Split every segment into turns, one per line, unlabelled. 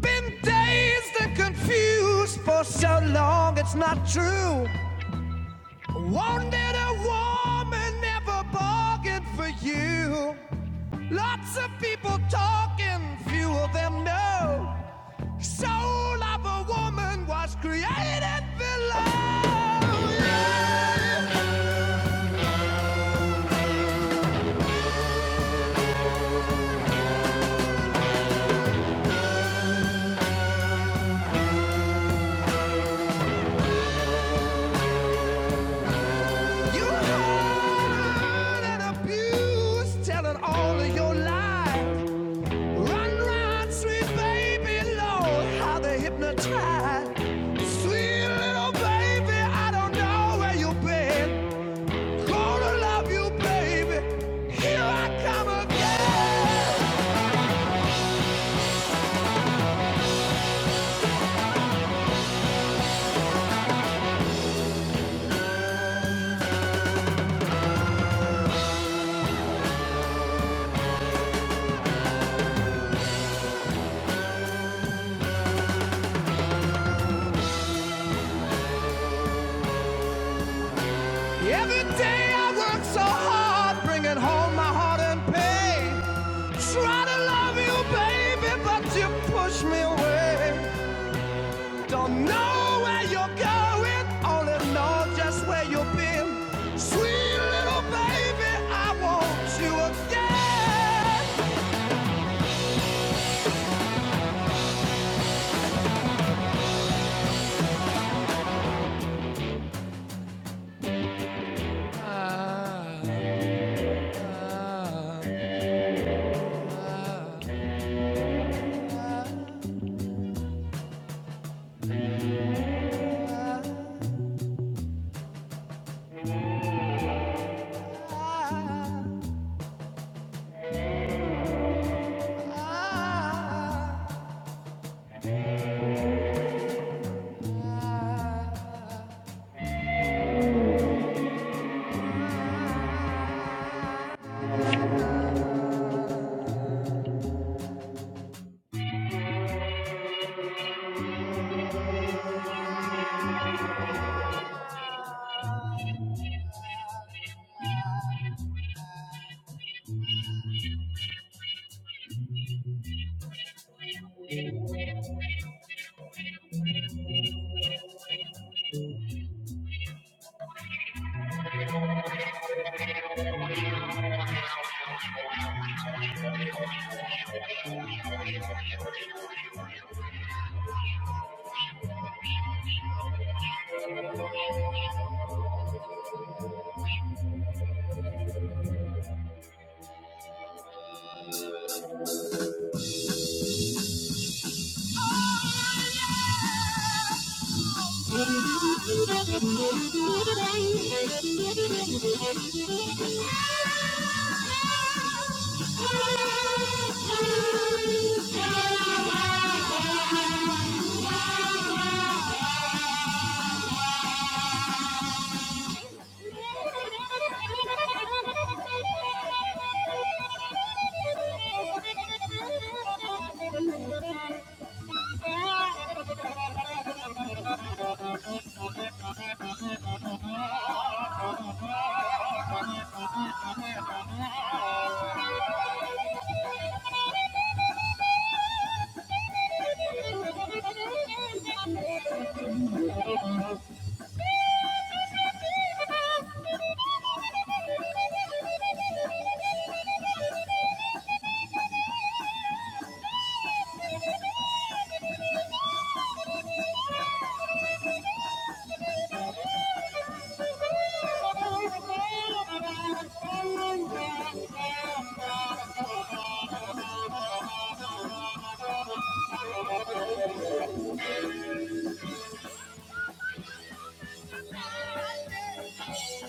Been dazed and confused for so long, it's not true. Wanted a woman, never bargained for you. Lots of people talking, few of them know. Soul of a woman was created below. You hurt and abused, telling all of your lies. Run, run, sweet baby, Lord, how they hypnotize. Sweet little baby, I don't know where you've been. Gonna love you, baby. Here I come again. Every day I work so hard, bringing home my heart in pain. Try to love you, baby, but you push me away. Don't know where you're going, all in all, just where you've been. Sweet little baby, I want you again. Thank you. Thank you.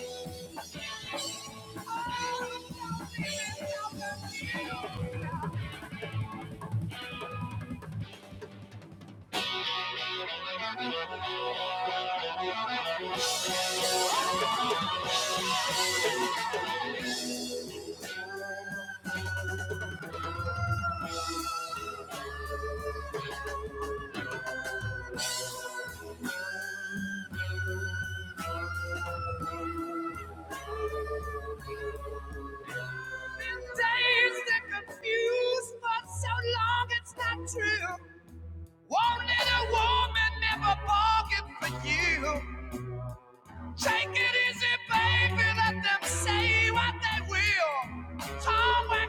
so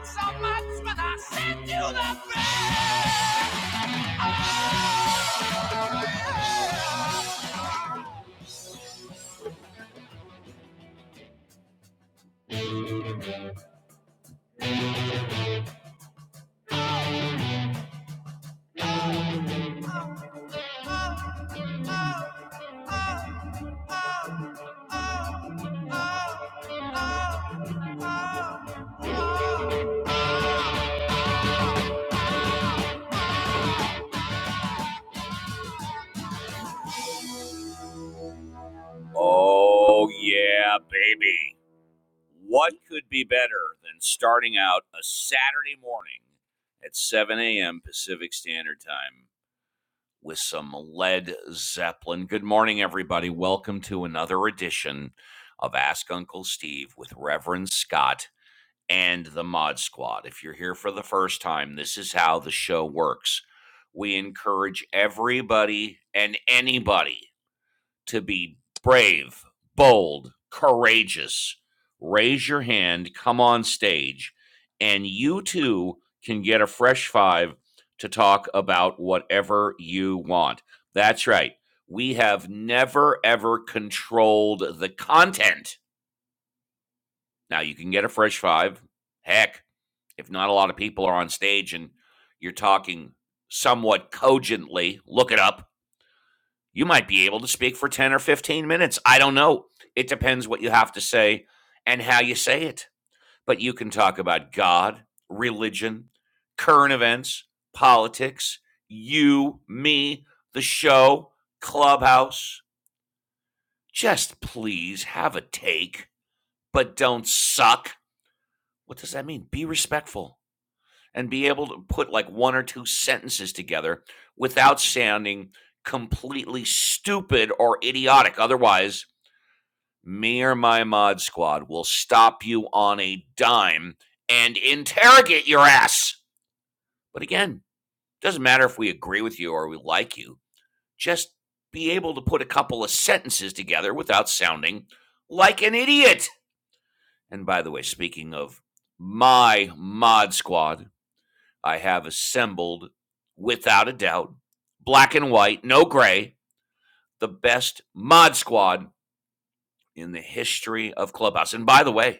so Oh, yeah, baby. What could be better than starting out a Saturday morning at 7 a.m. Pacific Standard Time with some Led Zeppelin? Good morning, everybody. Welcome to another edition of Ask Uncle Steve with Reverend Scott and the Mod Squad. If you're here for the first time, this is how the show works. We encourage everybody and anybody to be brave, bold, courageous, raise your hand, come on stage, and you too can get a fresh five to talk about whatever you want. That's right. We have never, ever controlled the content. Now you can get a fresh five. Heck, if not a lot of people are on stage and you're talking somewhat cogently, look it up you might be able to speak for 10 or 15 minutes. I don't know. It depends what you have to say and how you say it. But you can talk about God, religion, current events, politics, you, me, the show, clubhouse. Just please have a take, but don't suck. What does that mean? Be respectful and be able to put like one or two sentences together without sounding completely stupid or idiotic. Otherwise, me or my mod squad will stop you on a dime and interrogate your ass. But again, doesn't matter if we agree with you or we like you. Just be able to put a couple of sentences together without sounding like an idiot. And by the way, speaking of my mod squad, I have assembled, without a doubt, black and white, no gray, the best mod squad in the history of Clubhouse. And by the way,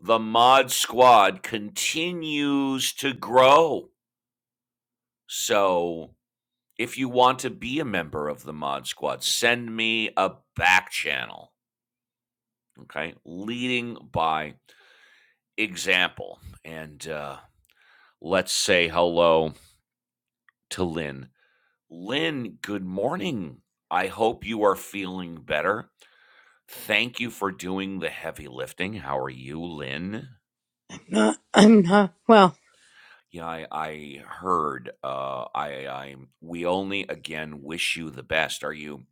the mod squad continues to grow. So if you want to be a member of the mod squad, send me a back channel. Okay. Leading by example. And uh, let's say hello to Lynn. Lynn, good morning. I hope you are feeling better. Thank you for doing the heavy lifting. How are you, Lynn?
Not, I'm not, well,
Yeah, I, I heard. Uh, I, I, we only again wish you the best. Are you,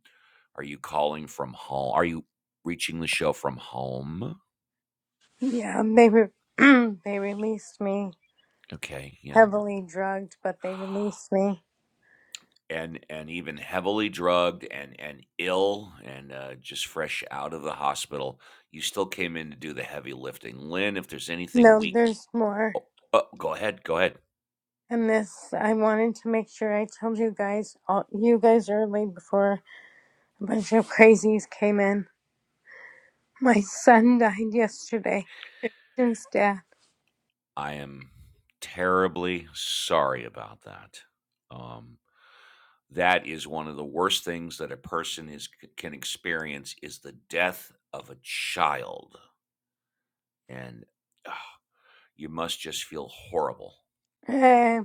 are you calling from home? Are you reaching the show from home?
yeah, they, re- they released me
Okay, yeah,
heavily drugged, but they released me.
and and even heavily drugged and and ill and uh, just fresh out of the hospital, you still came in to do the heavy lifting, Lynn. If there's anything
No,
weak,
there's more.
oh, oh, go ahead, go ahead.
And this, I wanted to make sure I told you guys, all, you guys early before a bunch of crazies came in. My son died yesterday. His dad.
I am terribly sorry about that. Um, That is one of the worst things that a person is can experience is the death of a child, and ugh, you must just feel horrible.
Eh,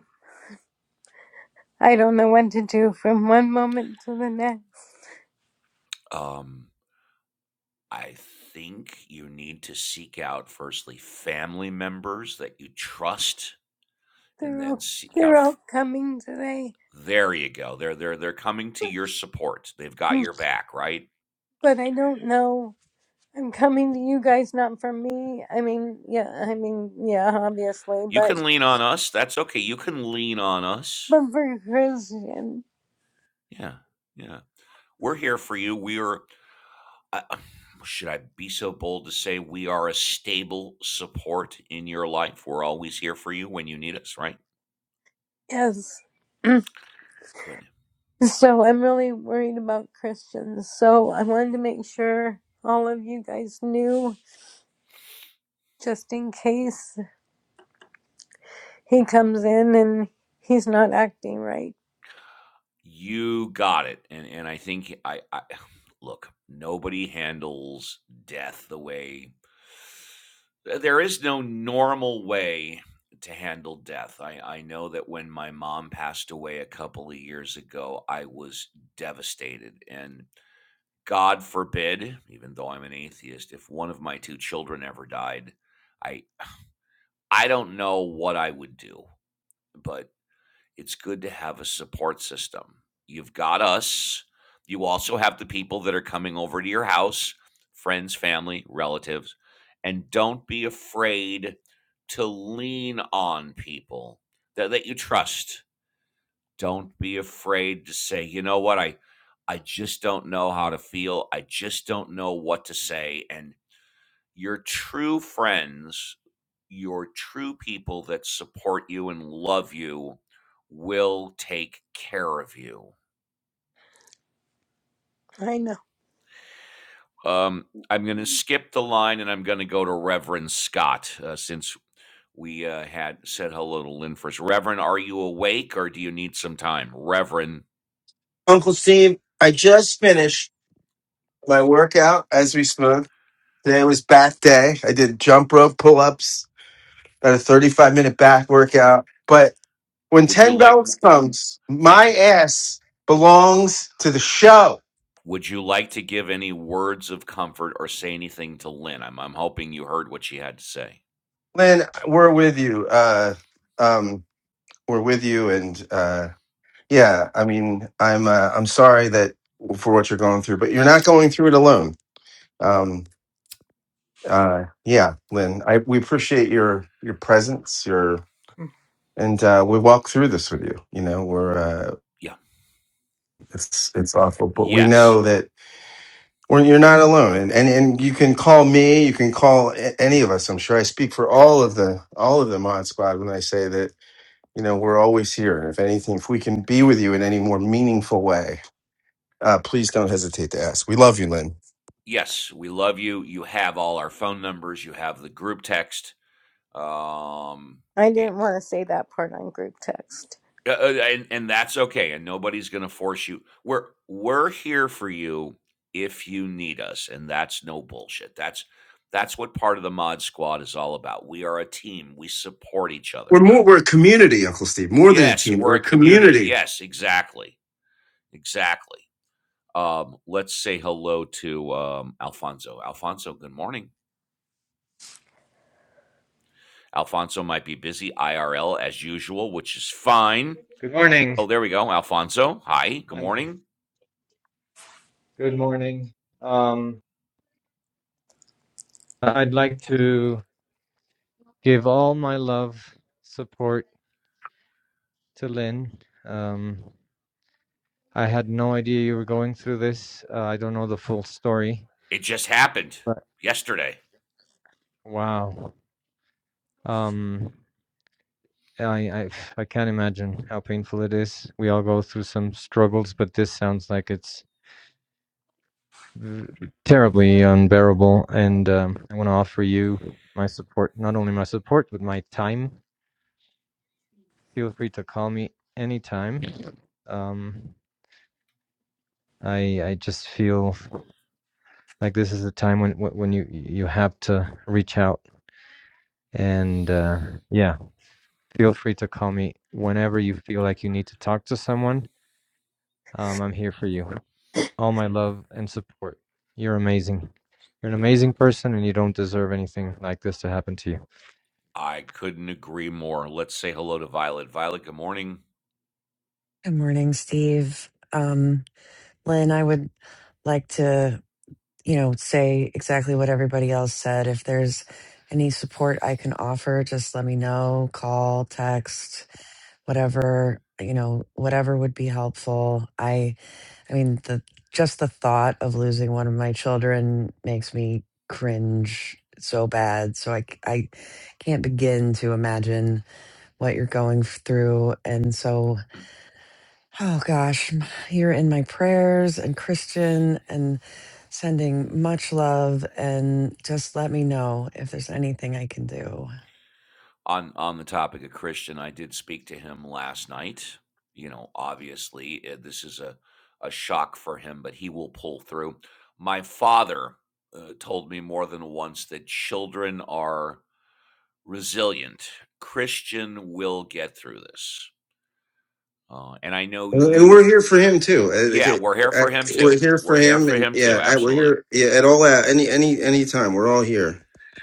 I don't know what to do from one moment to the next.
Um, I think you need to seek out firstly family members that you trust, and
They're
then
all,
seek out.
they're
f-
all coming today,
there you go. They're they're they're coming to your support. They've got
Hmm,
your back, right?
but I don't know. I'm coming to you guys, not from me. I mean, yeah, I mean, yeah, obviously,
You
but
can lean on us. That's okay. You can lean on us.
but for Christian,
Yeah, yeah. We're here for you. We are I, should I be so bold to say we are a stable support in your life? We're always here for you when you need us, right?
yes.
Good.
so I'm really worried about Christians. So I wanted to make sure all of you guys knew, just in case he comes in and he's not acting right.
You got it. And and I think I, I look, nobody handles death the way there is no normal way to handle death. I, I know that when my mom passed away a couple of years ago, I was devastated and God forbid, even though I'm an atheist, if one of my two children ever died, I I don't know what I would do, but it's good to have a support system. You've got us. You also have the people that are coming over to your house, friends, family, relatives, and don't be afraid to lean on people that, that you trust. Don't be afraid to say, "You know what? I I just don't know how to feel. I just don't know what to say." And your true friends, your true people that support you and love you will take care of you.
I know.
Um, I'm going to skip the line and I'm going to go to Reverend Scott uh, since we uh, had said hello to Lynn first. Reverend, are you awake or do you need some time? Reverend,
Uncle Steve, I just finished my workout as we spoke. Today was back day. I did jump rope pull ups, about a 35 minute back workout. But when
would you
10
like?
belts
w- w-
comes,
Thank
my
you.
ass belongs to the show.
Would you like to give any words of comfort or say anything to Lynn? I'm I'm hoping you heard what she had to say.
Lynn, we're with you. Uh, um, we're with you. And uh, yeah, I mean, I'm, uh, I'm sorry that for what you're going through, but you're not going through it alone. Um, uh, yeah, Lynn, I, we appreciate your, your presence, your and uh, we walk through this with you. You know, we're uh,
Yeah.
it's it's awful, but we
Yes.
know that we're, you're not alone, and, and and you can call me, you can call a- any of us. I'm sure I speak for all of the all of the Mod Squad when I say that you know we're always here, and if anything, if we can be with you in any more meaningful way, uh, please don't hesitate to ask. We love you, Lynn.
Yes, we love you. You have all our phone numbers. You have the group text. Um
I
and
didn't want to say that part on group text.
uh, uh, and, and that's okay. And nobody's going to force you. We're we're here for you if you need us, and that's no bullshit. That's that's what part of the mod squad is all about. We are a team. We support each
We're
other.
more we're a community, Uncle Steve, more than a
Yes,
team.
we're
We're
a
a
community.
community.
Yes, exactly. Exactly. Um, let's say hello to um, Alfonso. Alfonso, good morning. Alfonso might be busy IRL as usual, which is fine.
Good morning.
Oh, there we go. Alfonso, hi. Good
I'm here.
morning.
Good morning. Um, I'd like to give all my love, support to Lynn. Um, I had no idea you were going through this. Uh, I don't know the full story,
It just happened
but
yesterday.
wow. Um, I, I I can't imagine how painful it is. We all go through some struggles, but this sounds like it's v- terribly unbearable. And um, I want to offer you my support, not only my support, but my time feel free to call me anytime. Um, I I just feel like this is a time when when you you have to reach out and uh, yeah, feel free to call me whenever you feel like you need to talk to someone. Um, I'm here for you. All my love and support. You're amazing. You're an amazing person, and you don't deserve anything like this to happen to you.
I couldn't agree more. Let's say hello to Violet. Violet, good morning.
Good morning, Steve. Um, Lynn, I would like to, you know, say exactly what everybody else said. If there's any support I can offer, just let me know, call, text, whatever, you know, whatever would be helpful. I I mean, the just the thought of losing one of my children makes me cringe so bad. So I c- I can't begin to imagine what you're going through. And so Oh gosh, m- you're in my prayers and Christian and sending much love and just let me know if there's anything I can do.
on on the topic of Christian, I did speak to him last night. You know, obviously, uh, this is a a shock for him, but he will pull through. My father uh, told me more than once that children are resilient. Christian will get through this, uh, and I know
And and we're
you.
here for him too. I, think
Yeah, we're here
I,
for him too.
we're here for
We're here
him,
for
and
him
yeah,
too.
I, we're
Absolutely.
here. Yeah, at all out, any any any time, we're all here.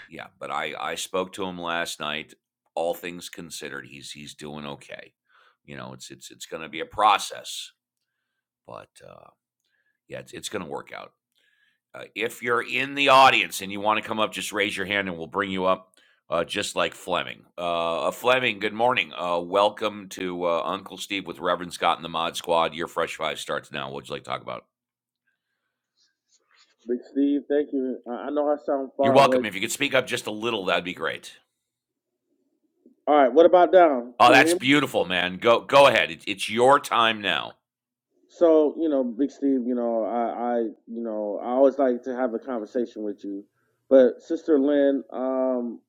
Yeah, but I I spoke to him last night. All things considered, he's he's doing okay. You know, it's it's it's going to be a process, but uh, yeah, it's it's going to work out. Uh, if you're in the audience and you want to come up, just raise your hand and we'll bring you up. Uh, just like Fleming. Uh, uh, Fleming, good morning. Uh, welcome to uh, Uncle Steve with Reverend Scott and the Mod Squad. Your Fresh Five starts now. What would you like to talk about?
Big Steve, thank you. I I know I sound
You're
far
welcome.
away.
If you could speak up just a little, that'd be great.
All right, what about down?
Oh,
Can you
that's
hear me?
beautiful, man. Go go ahead. It, it's your time now.
So, you know, Big Steve, you know, I, I, you know, I always like to have a conversation with you. But Sister Lynn, um,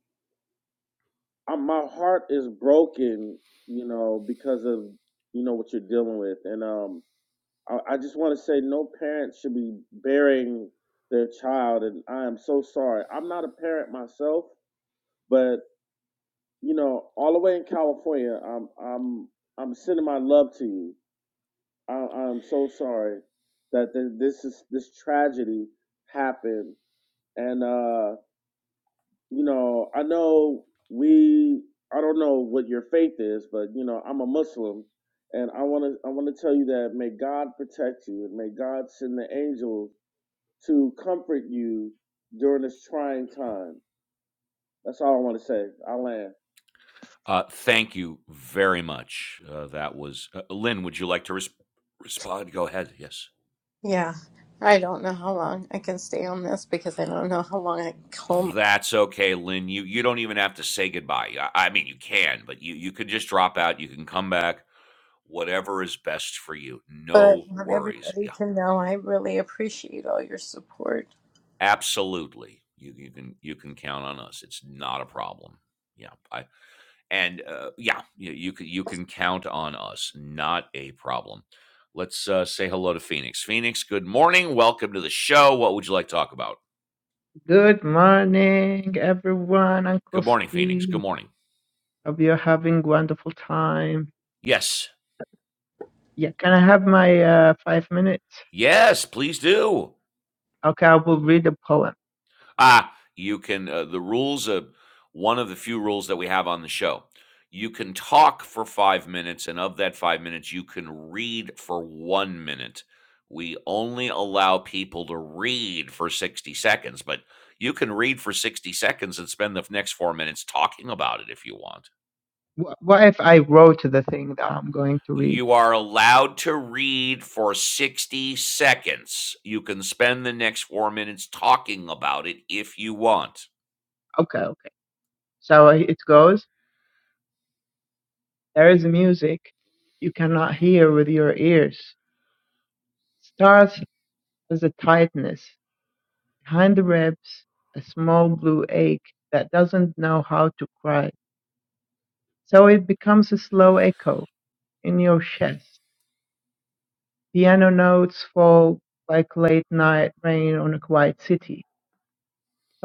I, my heart is broken, you know, because of, you know, what you're dealing with. And um, I, I just want to say no parent should be burying their child. And I am so sorry. I'm not a parent myself, but. you know, all the way in California, I'm I'm I'm sending my love to you. I, I'm so sorry that th- this is this tragedy happened, and uh, you know, I know we. I don't know what your faith is, but you know, I'm a Muslim, and I want to I want to tell you that may God protect you, and may God send the angels to comfort you during this trying time. That's all I want to say. I land.
Uh, thank you very much. Uh, that was uh, Lynn. Would you like to res- respond? Go ahead. Yes.
Yeah. I don't know how long I can stay on this because I don't know how long I can
That's okay, Lynn. You you don't even have to say goodbye. I, I mean, you can, but you you could just drop out. You can come back. Whatever is best for you.
But
No
I want
worries.
everybody
Yeah,
to know I really appreciate all your support.
absolutely. You you can you can count on us. It's not a problem. Yeah, I And, uh, yeah, you you can you can count on us. Not a problem. Let's, uh, say hello to Phoenix. Phoenix, good morning. Welcome to the show. What would you like to talk about?
Good morning, everyone. Uncle
Good morning, Phoenix.
Steve,
Good morning.
hope you're having wonderful time.
Yes.
Yeah, can I have my uh, five minutes?
Yes, please do.
Okay, I will read a poem.
Ah, you can uh, the rules of one of the few rules that we have on the show. You can talk for 5 minutes and of that 5 minutes you can read for 1 minute. We only allow people to read for 60 seconds, but you can read for 60 seconds and spend the next 4 minutes talking about it if you want.
Wh- What if I wrote the thing that I'm going to read?
You are allowed to read for 60 seconds. You can spend the next 4 minutes talking about it if you want.
Okay, okay. So uh, it goes. There is music you cannot hear with your ears. Starts as a tightness behind the ribs, a small blue ache that doesn't know how to cry. So it becomes a slow echo in your chest Piano notes fall like late-night rain on a quiet city,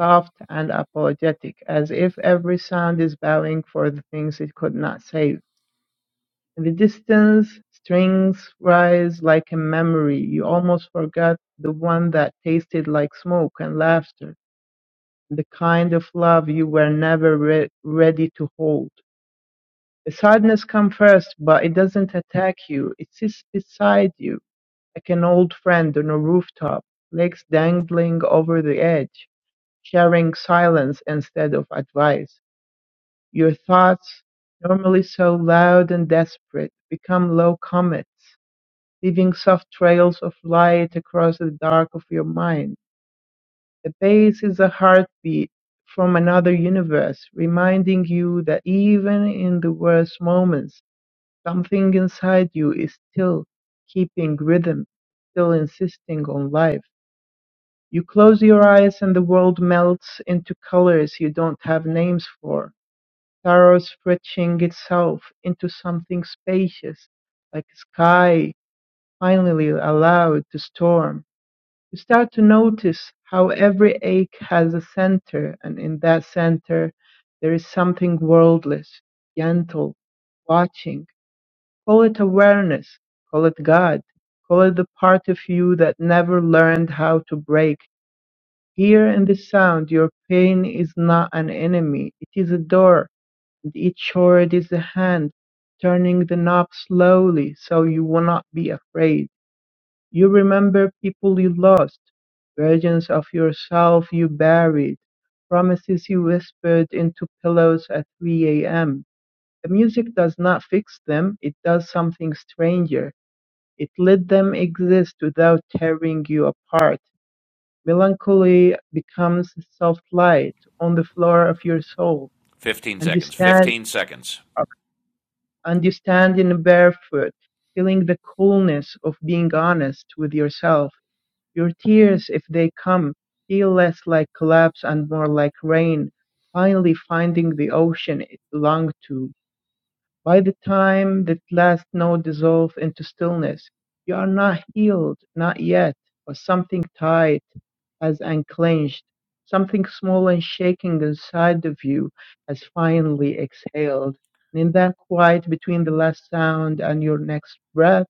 soft and apologetic, as if every sound is bowing for the things it could not save. In the distance, strings rise like a memory. You almost forgot the one that tasted like smoke and laughter, the kind of love you were never re- ready to hold. Sadness comes first, but it doesn't attack you. It sits beside you, like an old friend on a rooftop, legs dangling over the edge, sharing silence instead of advice. Your thoughts, normally so loud and desperate, become low comets, leaving soft trails of light across the dark of your mind. The bass is a heartbeat from another universe, reminding you that even in the worst moments, Something inside you is still keeping rhythm, still insisting on life. You close your eyes and the world melts into colors you don't have names for. Sorrow stretching itself into something spacious, like a sky finally allowed to storm. You start to notice how every ache has a center, and in that center there is something worldless, gentle, watching Call it awareness, call it God, call it the part of you that never learned how to break. Here in the sound, your pain is not an enemy, it is a door and each sword is a hand, turning the knob slowly so you will not be afraid. You remember people you lost, versions of yourself you buried, promises you whispered into pillows at 3 a.m. The music does not fix them, it does something stranger. It let them exist without tearing you apart. Melancholy becomes soft light on the floor of your soul,
15
and you
seconds.
stand
15 seconds.
and you stand in barefoot, feeling the coolness of being honest with yourself. Your tears, if they come, feel less like collapse and more like rain, finally finding the ocean it belonged to. By the time that last note dissolves into stillness, you are not healed, not yet, but something tight has unclenched, something small and shaking inside of you has finally exhaled. And in that quiet between the last sound and your next breath,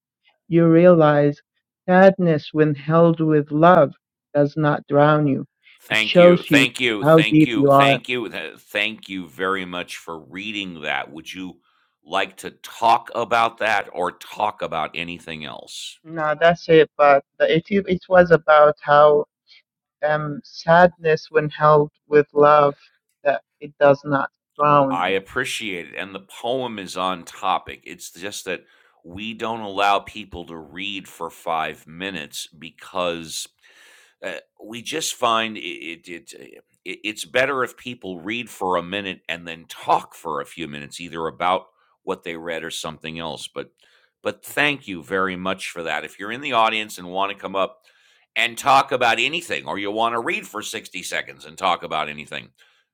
you realize sadness, when held with love, does not drown you. It
Thank
shows
you.
you
Thank you.
how
Thank
deep
you.
you are.
Thank you. Thank you very much for reading that. Would you like to talk about that or talk about anything else?
No, that's it. But the- it it was about how um, sadness when held with love that it does not drown
I
you.
appreciate it. And the poem is on topic. It's just that we don't allow people to read for five minutes because uh, we just find it, it, it uh, it- it's better if people read for a minute and then talk for a few minutes either about what they read or something else but but thank you very much for that if you're in the audience and want to come up and talk about anything or you want to read for 60 seconds and talk about anything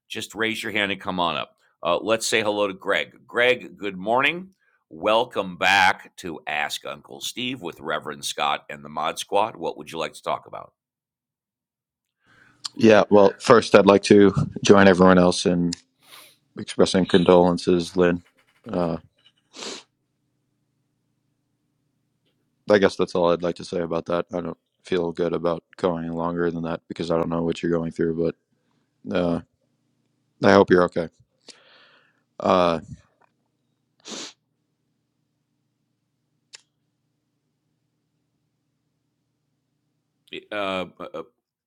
just raise your hand and come on up uh, let's say hello to greg greg good morning welcome back to ask uncle steve with reverend scott and the mod squad what would you like to talk about
Yeah, well, first, I'd like to join everyone else in expressing condolences, Lynn. Uh, I guess that's all I'd like to say about that. I don't feel good about going longer than that because I don't know what you're going through, but uh, I hope you're okay. Uh,
eh, Uh, uh, uh,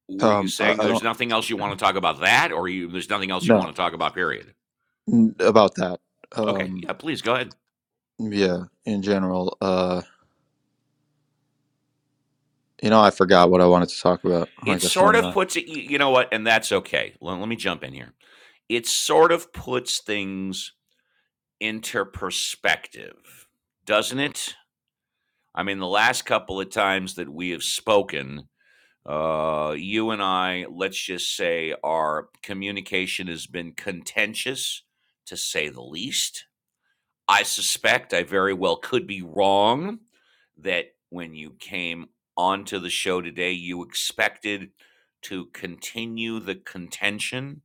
were you
um, I, I
saying there's
don't
nothing else you want to talk about that, or you there's nothing else you want to talk about? Period.
know about that.
Okay,
Um,
yeah, please go ahead.
yeah, in general, uh, you know, I forgot what I wanted to talk about.
It
Like, that's not
sort of
enough.
puts it. You you know what? And that's okay. Let, let me jump in here. It sort of puts things into perspective, doesn't it? I mean, the last couple of times that we have spoken, uh, you and I, let's just say, our communication has been contentious, to say the least I suspect I very well could be wrong that when you came onto the show today, you expected to continue the contention.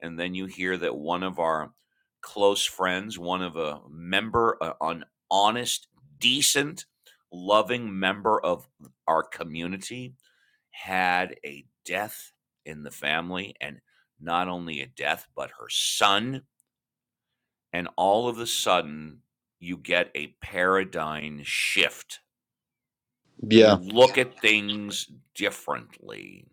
And then you hear that one of our close friends, one of a member, a- an honest, decent, loving member of our community, had a death in the family. And not only a death, but her son and all of a sudden you get a paradigm shift.
Yeah,
You look at things differently.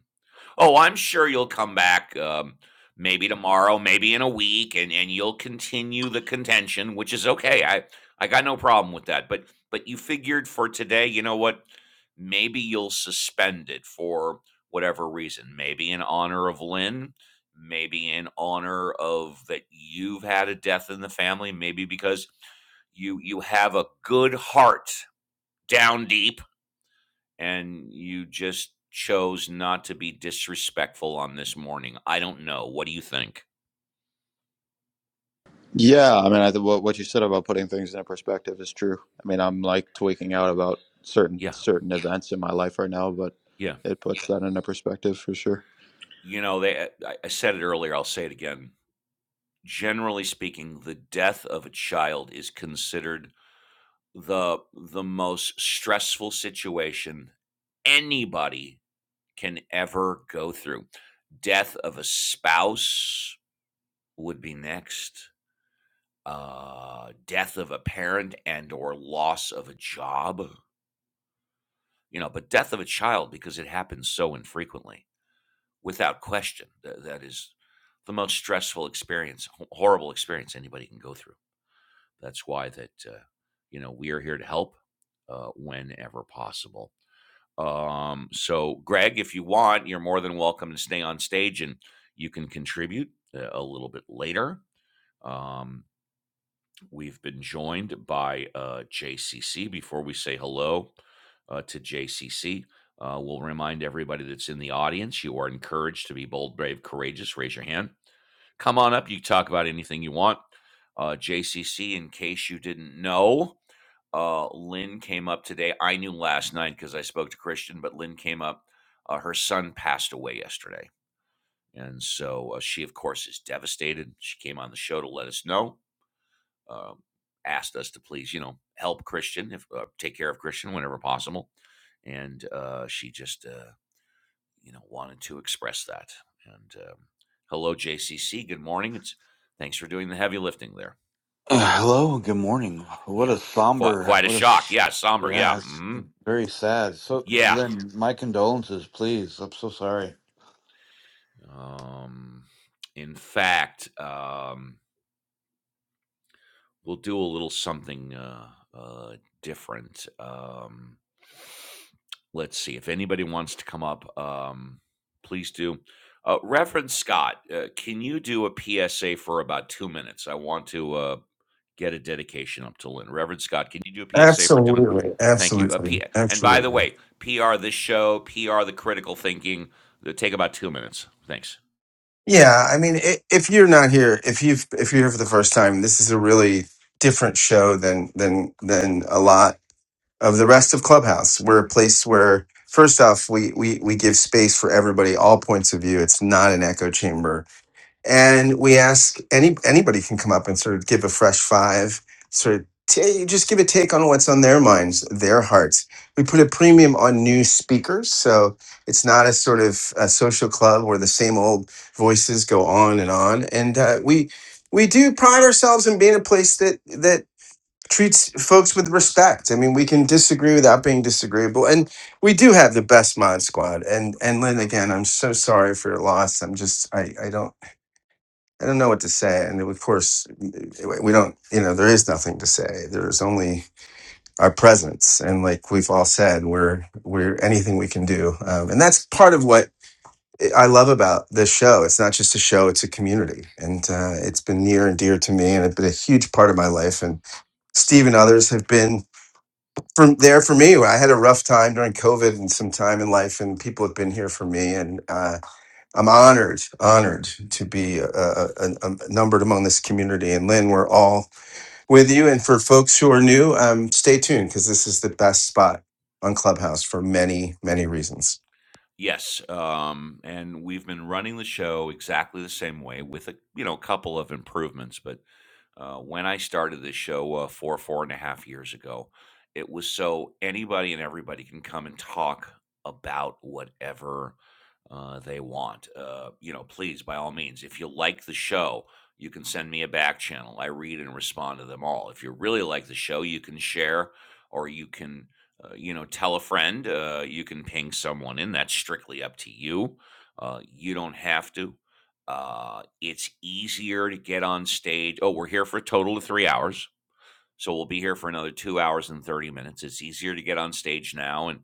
Oh, I'm sure you'll come back um, maybe tomorrow, maybe in a week, and, and you'll continue the contention, which is okay. I, I got no problem with that. But but you figured for today, you know what? Maybe you'll suspend it for whatever reason. Maybe in honor of Lynn, maybe in honor of that you've had a death in the family, maybe because you you have a good heart down deep and you just chose not to be disrespectful on this morning. I don't know. What do you think?
Yeah, I mean, I think what what you said about putting things into perspective is true. I mean, I'm like tweaking out about certain
Yeah.
certain events in my life right now, but
Yeah.
it puts that into perspective for sure.
You know, they I, said it earlier, I'll say it again. Generally speaking, the death of a child is considered the the most stressful situation anybody can ever go through. Death of a spouse would be next. uh, death of a parent and or loss of a job, you know, but death of a child because it happens so infrequently, without question, th- that is the most stressful experience, ho- horrible experience anybody can go through. That's why that uh, you know we are here to help uh, whenever possible. Um, so, Greg, if you want, you're more than welcome to stay on stage and you can contribute uh, a little bit later. Um, We've been joined by uh, JCC. Before we say hello uh, to JCC, uh, we'll remind everybody that's in the audience you are encouraged to be bold, brave, courageous. Raise your hand. Come on up. You can talk about anything you want. Uh, JCC, in case you didn't know, uh, Lynn came up today. I knew last night because I spoke to Christian, but Lynn came up. Uh, her son passed away yesterday. And so uh, she, of course, is devastated. She came on the show to let us know um, asked us to please, you know, help Christian, if uh, take care of Christian whenever possible, and uh, she just, uh, you know, wanted to express that. And um, hello, JCC. Good morning. It's thanks for doing the heavy lifting there.
Uh, hello, good morning. What
Yeah,
a
quite
somber,
quite a
what a,
shock. Yeah, somber. Yeah,
yeah, it's
hmm
very sad. So,
yeah.
Lynn, my condolences, please. I'm so sorry.
Um, in fact, um, We'll do a little something uh, uh, different. Um, let's see if anybody wants to come up. Um, please do. Uh, Reverend Scott, uh, can you do a PSA for about two minutes? I want to uh, get a dedication up to Lynn. Reverend Scott, can you do a PSA for two minutes?
Absolutely,
Thank you. Uh,
absolutely,
P- and by the
absolutely.
way, PR this show, PR the critical thinking. It'll take about two minutes. Thanks.
Yeah, I mean, i if you're not here, if you've if you're here for the first time, this is a really different show than than than a lot of the rest of Clubhouse. We're a place where, first off, we we we give space for everybody, all points of view. It's not an echo chamber and we ask any anybody can come up and sort of give a fresh five sort of ta just give a take on what's on their minds their hearts we put a premium on new speakers so it's not a sort of a social club where the same old voices go on and on and uh, we we do pride ourselves in being a place that that treats folks with respect i mean we can disagree without being disagreeable and we do have the best mod squad and and lynn again i'm so sorry for your loss i'm just i i don't I don't know what to say. And of course, we don't, you know, there is nothing to say. There's only our presence. And like we've all said, we're, we're anything we can do. Um, and that's part of what I love about this show. It's not just a show, it's a community. And uh, it's been near and dear to me and it's been a huge part of my life. And Steve and others have been from there for me. I had a rough time during COVID and some time in life, and people have been here for me. And, uh, I'm honored, honored to be uh, uh, uh, numbered among this community. And Lynn, we're all with you. And for folks who are new, um, stay tuned because this is the best spot on Clubhouse for many, many reasons.
Yes, um, and we've been running the show exactly the same way with a you know, a couple of improvements, but uh, when I started this show uh, four, four and a half years ago, it was so anybody and everybody can come and talk about whatever uh, they want. Uh, you know, please, by all means, if you like the show, you can send me a back channel. I read and respond to them all. If you really like the show, you can share or you can, uh, you know, tell a friend. Uh, you can ping someone in. That's strictly up to you. Uh, you don't have to. Uh, it's easier to get on stage. Oh, we're here for a total of three hours. So we'll be here for another two hours and 30 minutes. It's easier to get on stage now. And,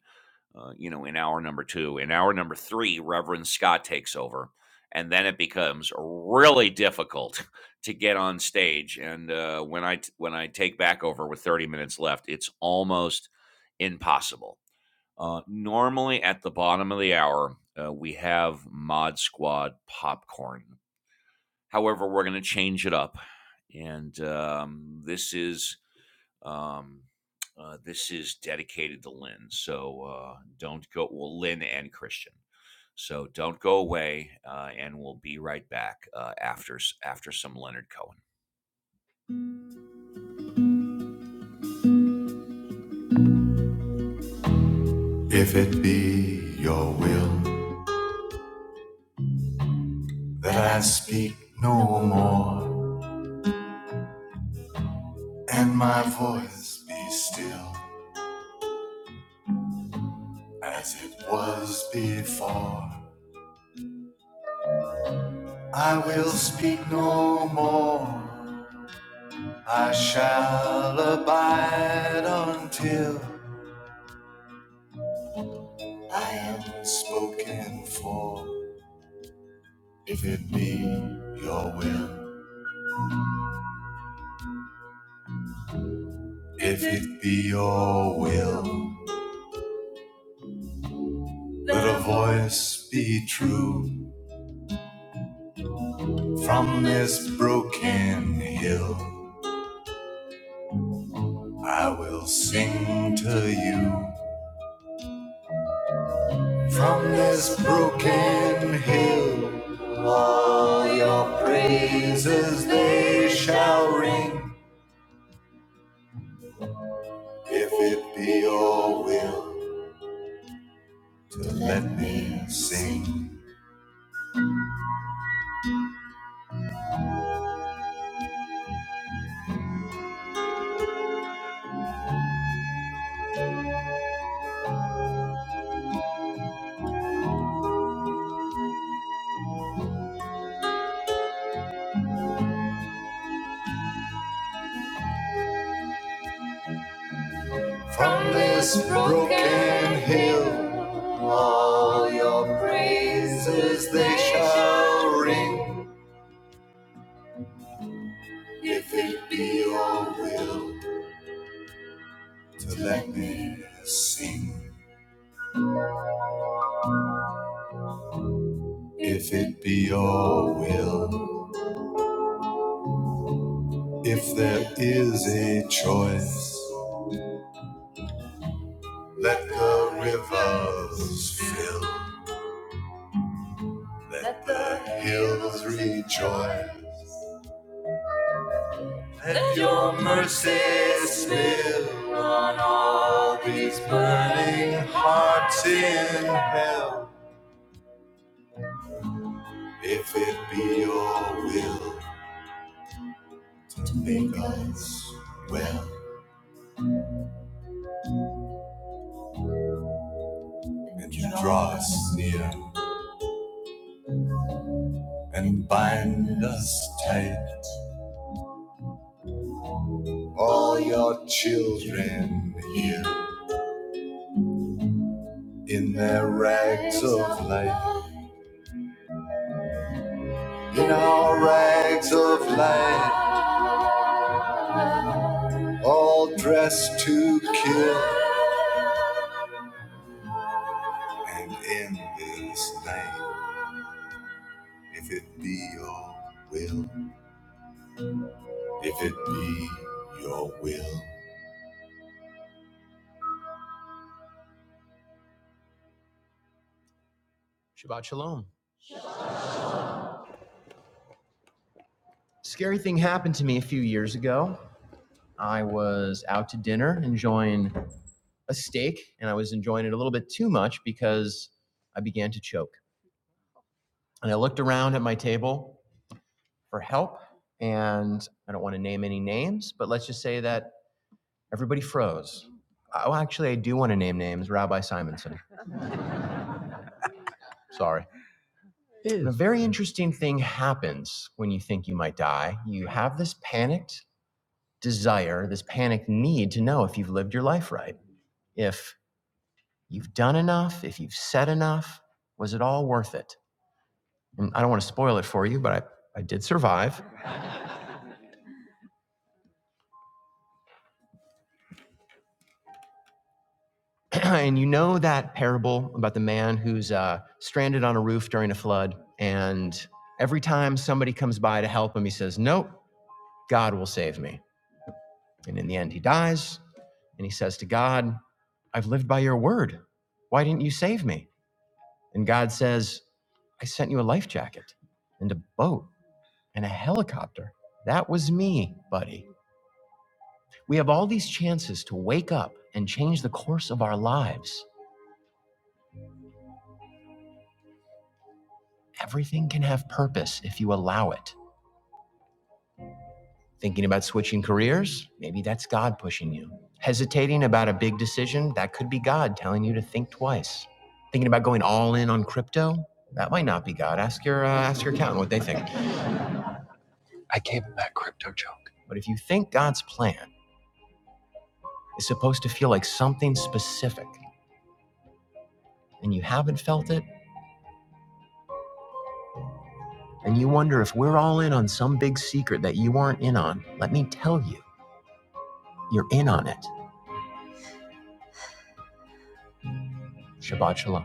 uh, you know, in hour number two, in hour number three, Reverend Scott takes over. And then it becomes really difficult to get on stage. And uh, when I when I take back over with 30 minutes left, it's almost impossible. Uh, normally at the bottom of the hour, uh, we have Mod Squad popcorn However, we're going to change it up, and um, this is um, uh, this is dedicated to Lynn. So uh, don't go. Well, Lynn and Christian. So don't go away, uh, and we'll be right back uh, after after some Leonard Cohen. If it be your will that I speak no more, and my voice be still as it was before, I will speak no more. I shall abide until I am spoken for. If it be your will, if it be your will, let a voice be true from this broken hill. I will sing to you from this broken hill. All your praises they shall ring. If it be your will to let me sing from this broken hill, all your praises they shall ring. If it be your will to let me sing, if it be your will, if there is a choice, let the rivers fill, let the hills rejoice. Let your mercy spill on all these burning hearts in hell. If it be your will to make us well and draw us near and bind us tight, all your children here in their rags of life, in our rags of light, all dressed to kill. and in this name, if it be your will, if it be your will. Shabbat Shalom. Scary thing happened to me a few years ago. I was out to dinner enjoying a steak, and I was enjoying it a little bit too much because I began to choke. And I looked around at my table for help, and I don't want to name any names, but let's just say that everybody froze. Oh, actually, I do want to name names Rabbi Simonson. Sorry. A very interesting thing happens when you think you might die. You have this panicked desire, this panicked need to know if you've lived your life right, if you've done enough, if you've said enough. Was it all worth it? And I don't want to spoil it for you, but I, I did survive. and you know that parable about the man who's uh, stranded on a roof during a flood. And every time somebody comes by to help him, he says, Nope, God will save me. And in the end, he dies and he says to God, I've lived by your word. Why didn't you save me? And God says, I sent you a life jacket and a boat and a helicopter. That was me, buddy. We have all these chances to wake up and change the course of our lives. Everything can have purpose if you allow it. Thinking about switching careers? Maybe that's God pushing you. Hesitating about a big decision? That could be God telling you to think twice. Thinking about going all in on crypto? That might not be God. Ask your uh, ask your accountant what they think. But if you think God's plan is supposed to feel like something specific and you haven't felt it and you wonder if we're all in on some big secret that you aren't in on, let me tell you, you're in on it. Shabbat shalom.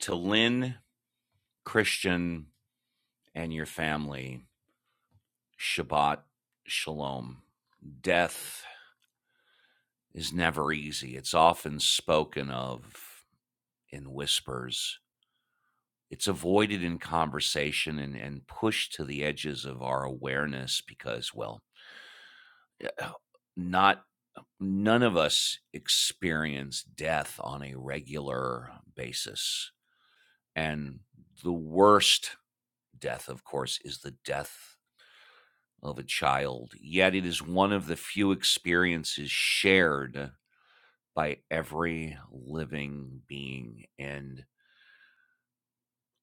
To Lynn, Christian, and your family, Shabbat Shalom. Death is never easy. It's often spoken of in whispers. It's avoided in conversation and, and pushed to the edges of our awareness because, well, not none of us experience death on a regular basis. And the worst death, of course, is the death of a child. Yet it is one of the few experiences shared by every living being and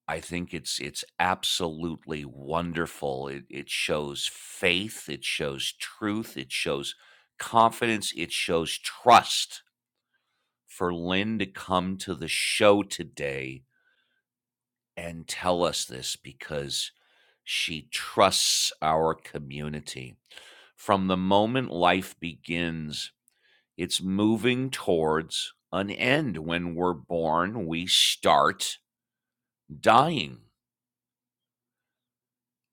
I think it's it's absolutely wonderful. It it shows faith, it shows truth, it shows confidence, it shows trust for Lynn to come to the show today and tell us this because she trusts our community. From the moment life begins, it's moving towards an end. When we're born, we start dying.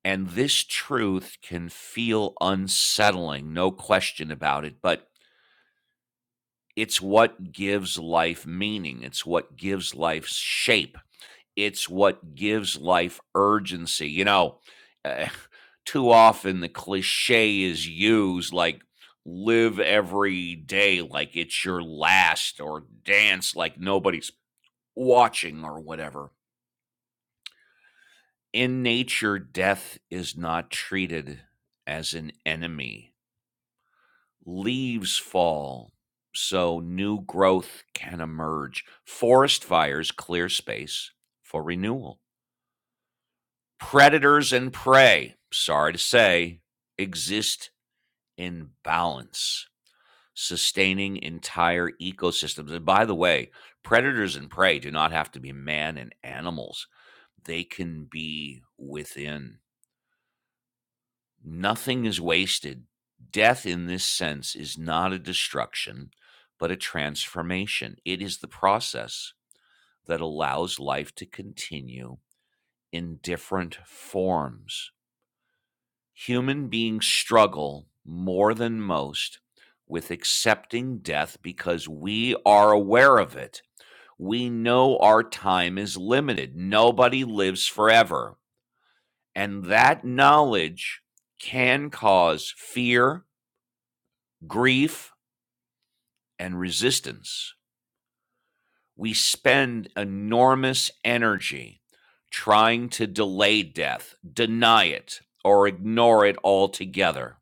And this truth can feel unsettling, no question about it, but it's what gives life meaning. It's what gives life shape. It's what gives life urgency. You know, eh, too often the cliche is used like live every day like it's your last or dance like nobody's watching or whatever. In nature, death is not treated as an enemy. Leaves fall, so new growth can emerge. Forest fires clear space for renewal. Predators and prey, sorry to say, exist in balance, sustaining entire ecosystems. And by the way, predators and prey do not have to be man and animals, they can be within Nothing is wasted. Death, in this sense, is not a destruction, but a transformation. It is the process that allows life to continue in different forms. Human beings struggle more than most with accepting death because we are aware of it. We know our time is limited. Nobody lives forever. And that knowledge can cause fear, grief, and resistance. We spend enormous energy trying to delay death, deny it, or ignore it altogether.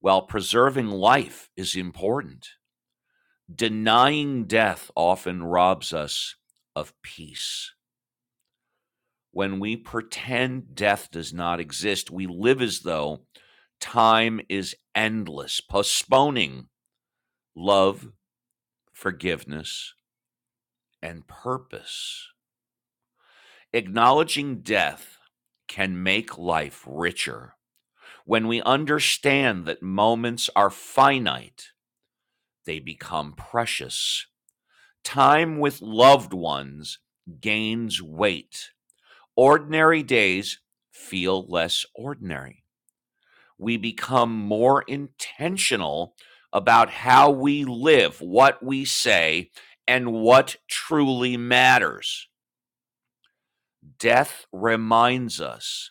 While preserving life is important, denying death often robs us of peace. When we pretend death does not exist, we live as though time is endless, postponing love, forgiveness, and purpose. Acknowledging death can make life richer. When we understand that moments are finite, they become precious. Time with loved ones gains weight. Ordinary days feel less ordinary. We become more intentional about how we live, what we say, and what truly matters. Death reminds us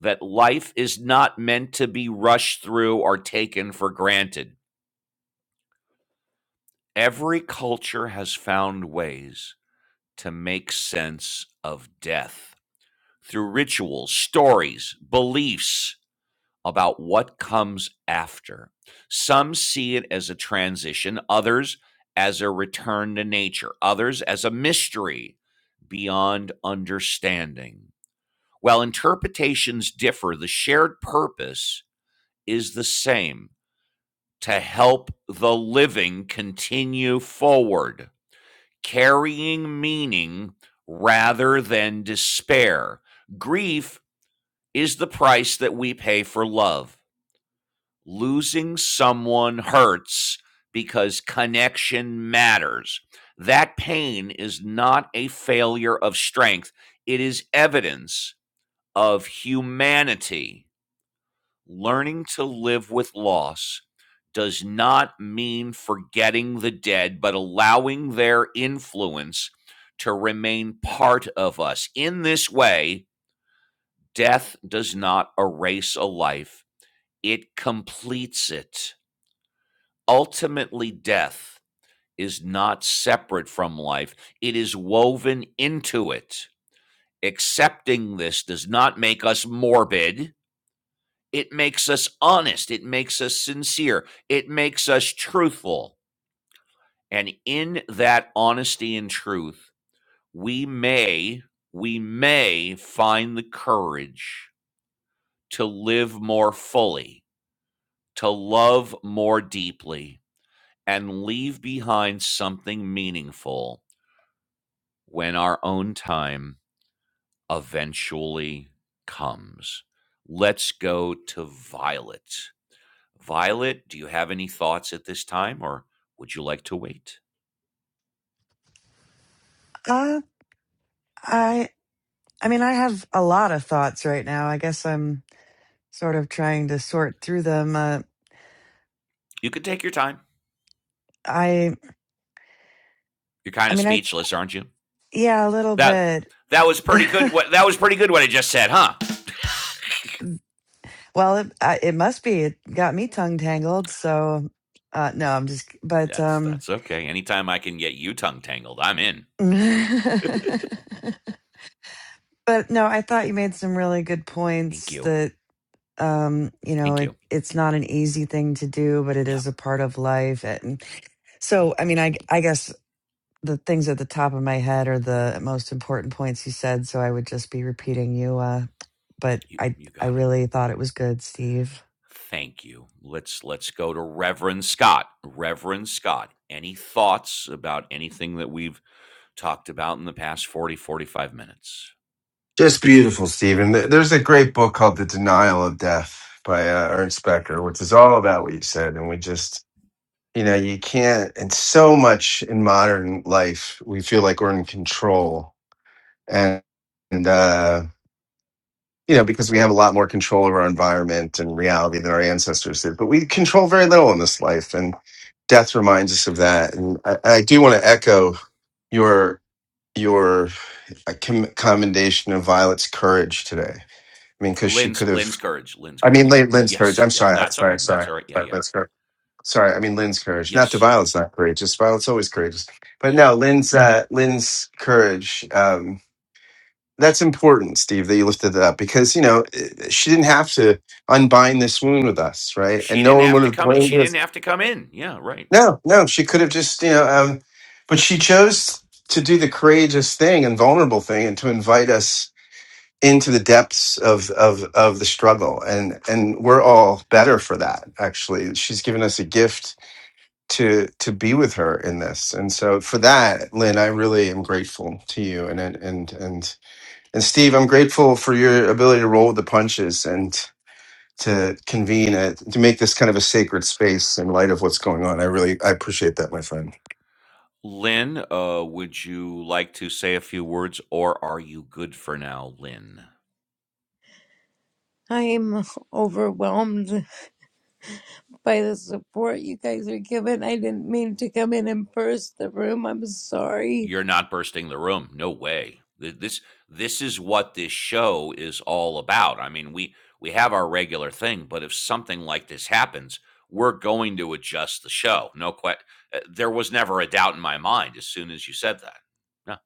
that life is not meant to be rushed through or taken for granted. Every culture has found ways to make sense of death through rituals, stories, beliefs about what comes after. Some see it as a transition, others as a return to nature, others as a mystery beyond understanding. While interpretations differ, the shared purpose is the same to help the living continue forward, carrying meaning rather than despair. Grief is the price that we pay for love. Losing someone hurts because connection matters. That pain is not a failure of strength, it is evidence of humanity. Learning to live with loss does not mean forgetting the dead, but allowing their influence to remain part of us. In this way, death does not erase a life, it completes it. Ultimately, death is not separate from life, it is woven into it. Accepting this does not make us morbid It makes us honest. It makes us sincere. It makes us truthful. And in that honesty and truth, we may, we may find the courage to live more fully, to love more deeply, and leave behind something meaningful when our own time eventually comes. Let's go to Violet. Violet, do you have any thoughts at this time or would you like to wait?
Uh I I mean I have a lot of thoughts right now. I guess I'm sort of trying to sort through them. Uh
You can take your time.
I
You're kind
I
of
mean I
speechless, aren't you?
yeah, a little
That
bit.
that was pretty good what that was pretty good what I just said, huh?
well, it I, it must be it got me tongue tangled, so uh no, I'm just but
That's
um
that's okay. Anytime I can get you tongue tangled, I'm in.
But no, I thought you made some really good
Thank
points
you.
that um, you know,
Thank
it
you.
it's not an easy thing to do, but it
Yeah,
is a part of life. And so, I mean, I I guess the things at the top of my head are the most important points you said, so I would just be repeating you uh but
you
I
you
I
got it.
really thought it was good, Steve.
Thank you. Let's let's go to Reverend Scott. Reverend Scott, any thoughts about anything that we've talked about in the past 40 45 minutes?
Just beautiful, Stephen. There- There's a great book called The Denial of Death by uh, Ernst Becker, which is all about what you said. And we just, you know, you can't, and so much in modern life, we feel like we're in control. And, and, uh, you know, because we have a lot more control over our environment and reality than our ancestors did. But we control very little in this life, and death reminds us of that. And I, I do want to echo your your uh, com- commendation of Violet's courage today. I mean, because she
Lynn's
could have.
Lynn's courage. Lynn's
I mean,
courage.
Lynn- Lynn's courage.
Yes.
I'm
Yeah.
sorry.
No,
I'm
that's
sorry. I'm
okay. That's
sorry.
all right. Yeah.
Sorry,
Yeah.
Lynn's courage. Sorry, I mean Lynn's courage. Not that
Yes.
Violet's not courageous. Violet's always courageous, but
Yeah.
no, Lynn's uh, Lynn's courage. Um, that's important, Steve, that you lifted that up because, you know, eh, eh, she didn't have to unbind this wound with us, right? And
She
no
didn't
one
have
would
to
have
come.
blamed
She
her.
didn't have to come in. Yeah. Right.
No, no, she could have just, you know, um, but she chose to do the courageous thing and vulnerable thing and to invite us into the depths of, of, of the struggle. And, and we're all better for that, actually. She's given us a gift to, to be with her in this. And so for that, Lynn, I really am grateful to you and, and, and, and and Steve, I'm grateful for your ability to roll with the punches and to convene it to make this kind of a sacred space in light of what's going on. I really I appreciate that, my friend.
Lynn, uh, would you like to say a few words, or are you good for now, Lynn?
I am overwhelmed by the support you guys are giving. I didn't mean to come in and burst the room. I'm sorry.
You're not bursting the room. No way. Th- This this is what this show is all about. I mean, we we have our regular thing, but if something like this happens, we're going to adjust the show. No question. There was never a doubt in my mind as soon as you said that. No.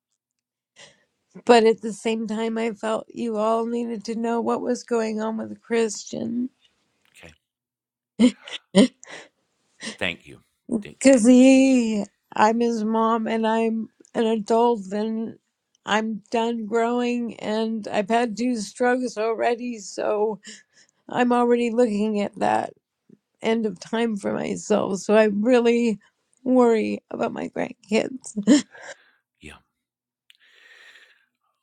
But at the same time, I felt you all needed to know what was going on with Christian.
Okay. Thank you. Thank-
Because he, I'm his mom, and I'm an adult, and I'm done growing, and I've had two strokes already, so I'm already looking at that. end of time for myself. So I really worry about my grandkids.
Yeah.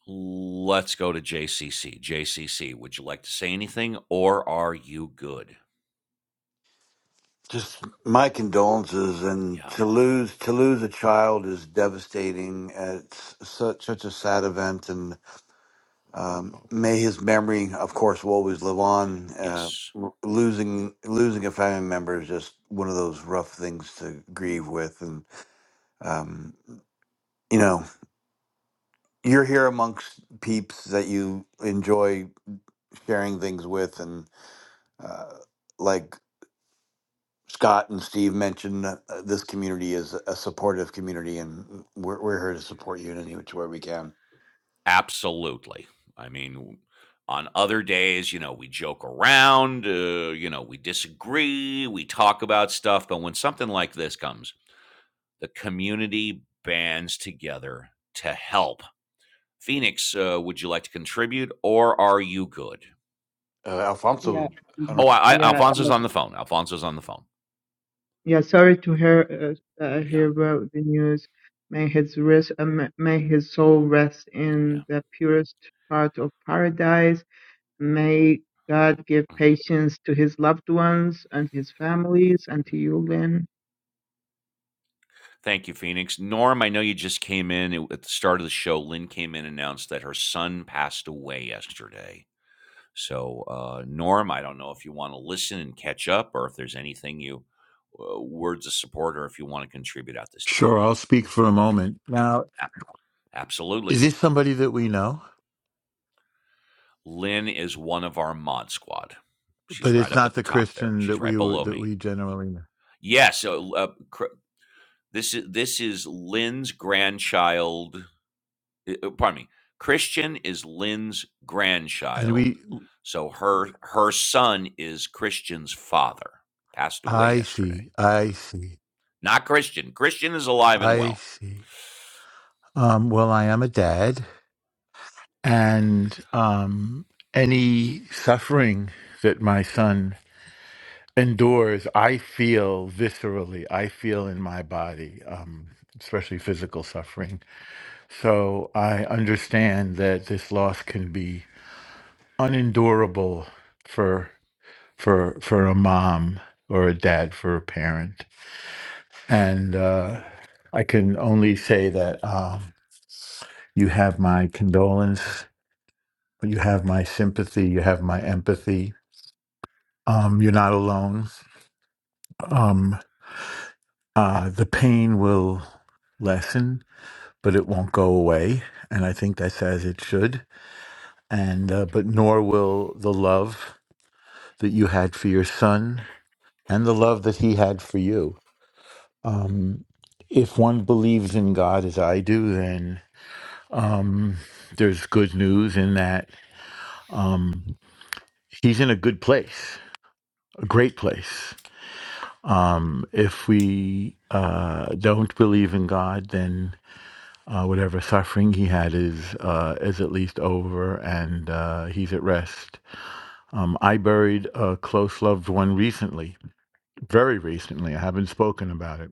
Let's go to JCC. JCC, would you like to say anything or are you good?
Just my condolences, and
Yeah.
to lose to lose a child is devastating. Uh, It's such such a sad event, and um, may his memory, of course, will always live on. Uh,
Yes.
l- losing losing a family member is just one of those rough things to grieve with, and um, you know. you're here amongst peeps that you enjoy sharing things with and uh, like scott and steve mentioned uh, this community is a supportive community and we're, we're here to support you in any which way we can
Absolutely. I mean, on other days, you know, we joke around, uh, you know, we disagree, we talk about stuff. But when something like this comes, the community bands together to help. Phoenix, uh, would you like to contribute or are you good?
uh,
Yeah,
alfonso i don't
mhm.
know.
Oh, I, I,
yeah,
Alfonso's
uh,
on the phone. Alfonso's on the phone.
yeah. Sorry to hear uh, uh,
Yeah,
hear about the news. May his rest, uh, ma- may his soul rest in the purest part of paradise. May God give
yeah.
patience to his loved ones and his families and to you, Lynn.
Thank you, Phoenix. Norm, I know you just came in It- at the start of the show. Lynn came in and announced that her son passed away yesterday. So, uh, Norm, I don't know if you want to listen and catch up or if there's anything you, uh, words of support, or if you want to contribute at this time.
Sure, I'll speak for a moment. Now, is
Absolutely.
this somebody that we know,
Lynn is one of our mod squad. She's
but
right
it's
up
not
at the
the
top there.
Christian that
She's right
we were-
below
that
me.
we generally know?
Yes. Yeah. So, uh, Cr- this is this is Lynn's grandchild. uh, uh, Pardon me. Christian is Lynn's
And
grandchild.
we,
So her her son is Christian's father. Passed away
I
yesterday.
see, I see,
Not Christian. Christian is alive and
I
well.
see. Um, well, I am a dad, and um, any suffering that my son endures, I feel viscerally. I feel in my body. Um, especially physical suffering. So I understand that this loss can be unendurable for for for a mom or a dad for a parent and uh i can only say that um you have my condolence you have my sympathy you have my empathy um you're not alone um uh the pain will lessen but it won't go away and i think that's as it should and uh, but nor will the love that you had for your son and the love that he had for you Um, if one believes in God as I do, then um, there's good news in that um, he's in a good place, a great place. Um, if we uh, don't believe in God, then uh, whatever suffering he had is uh, is at least over, and uh, he's at rest. Um, I buried a close loved one recently, very recently. I haven't spoken about it,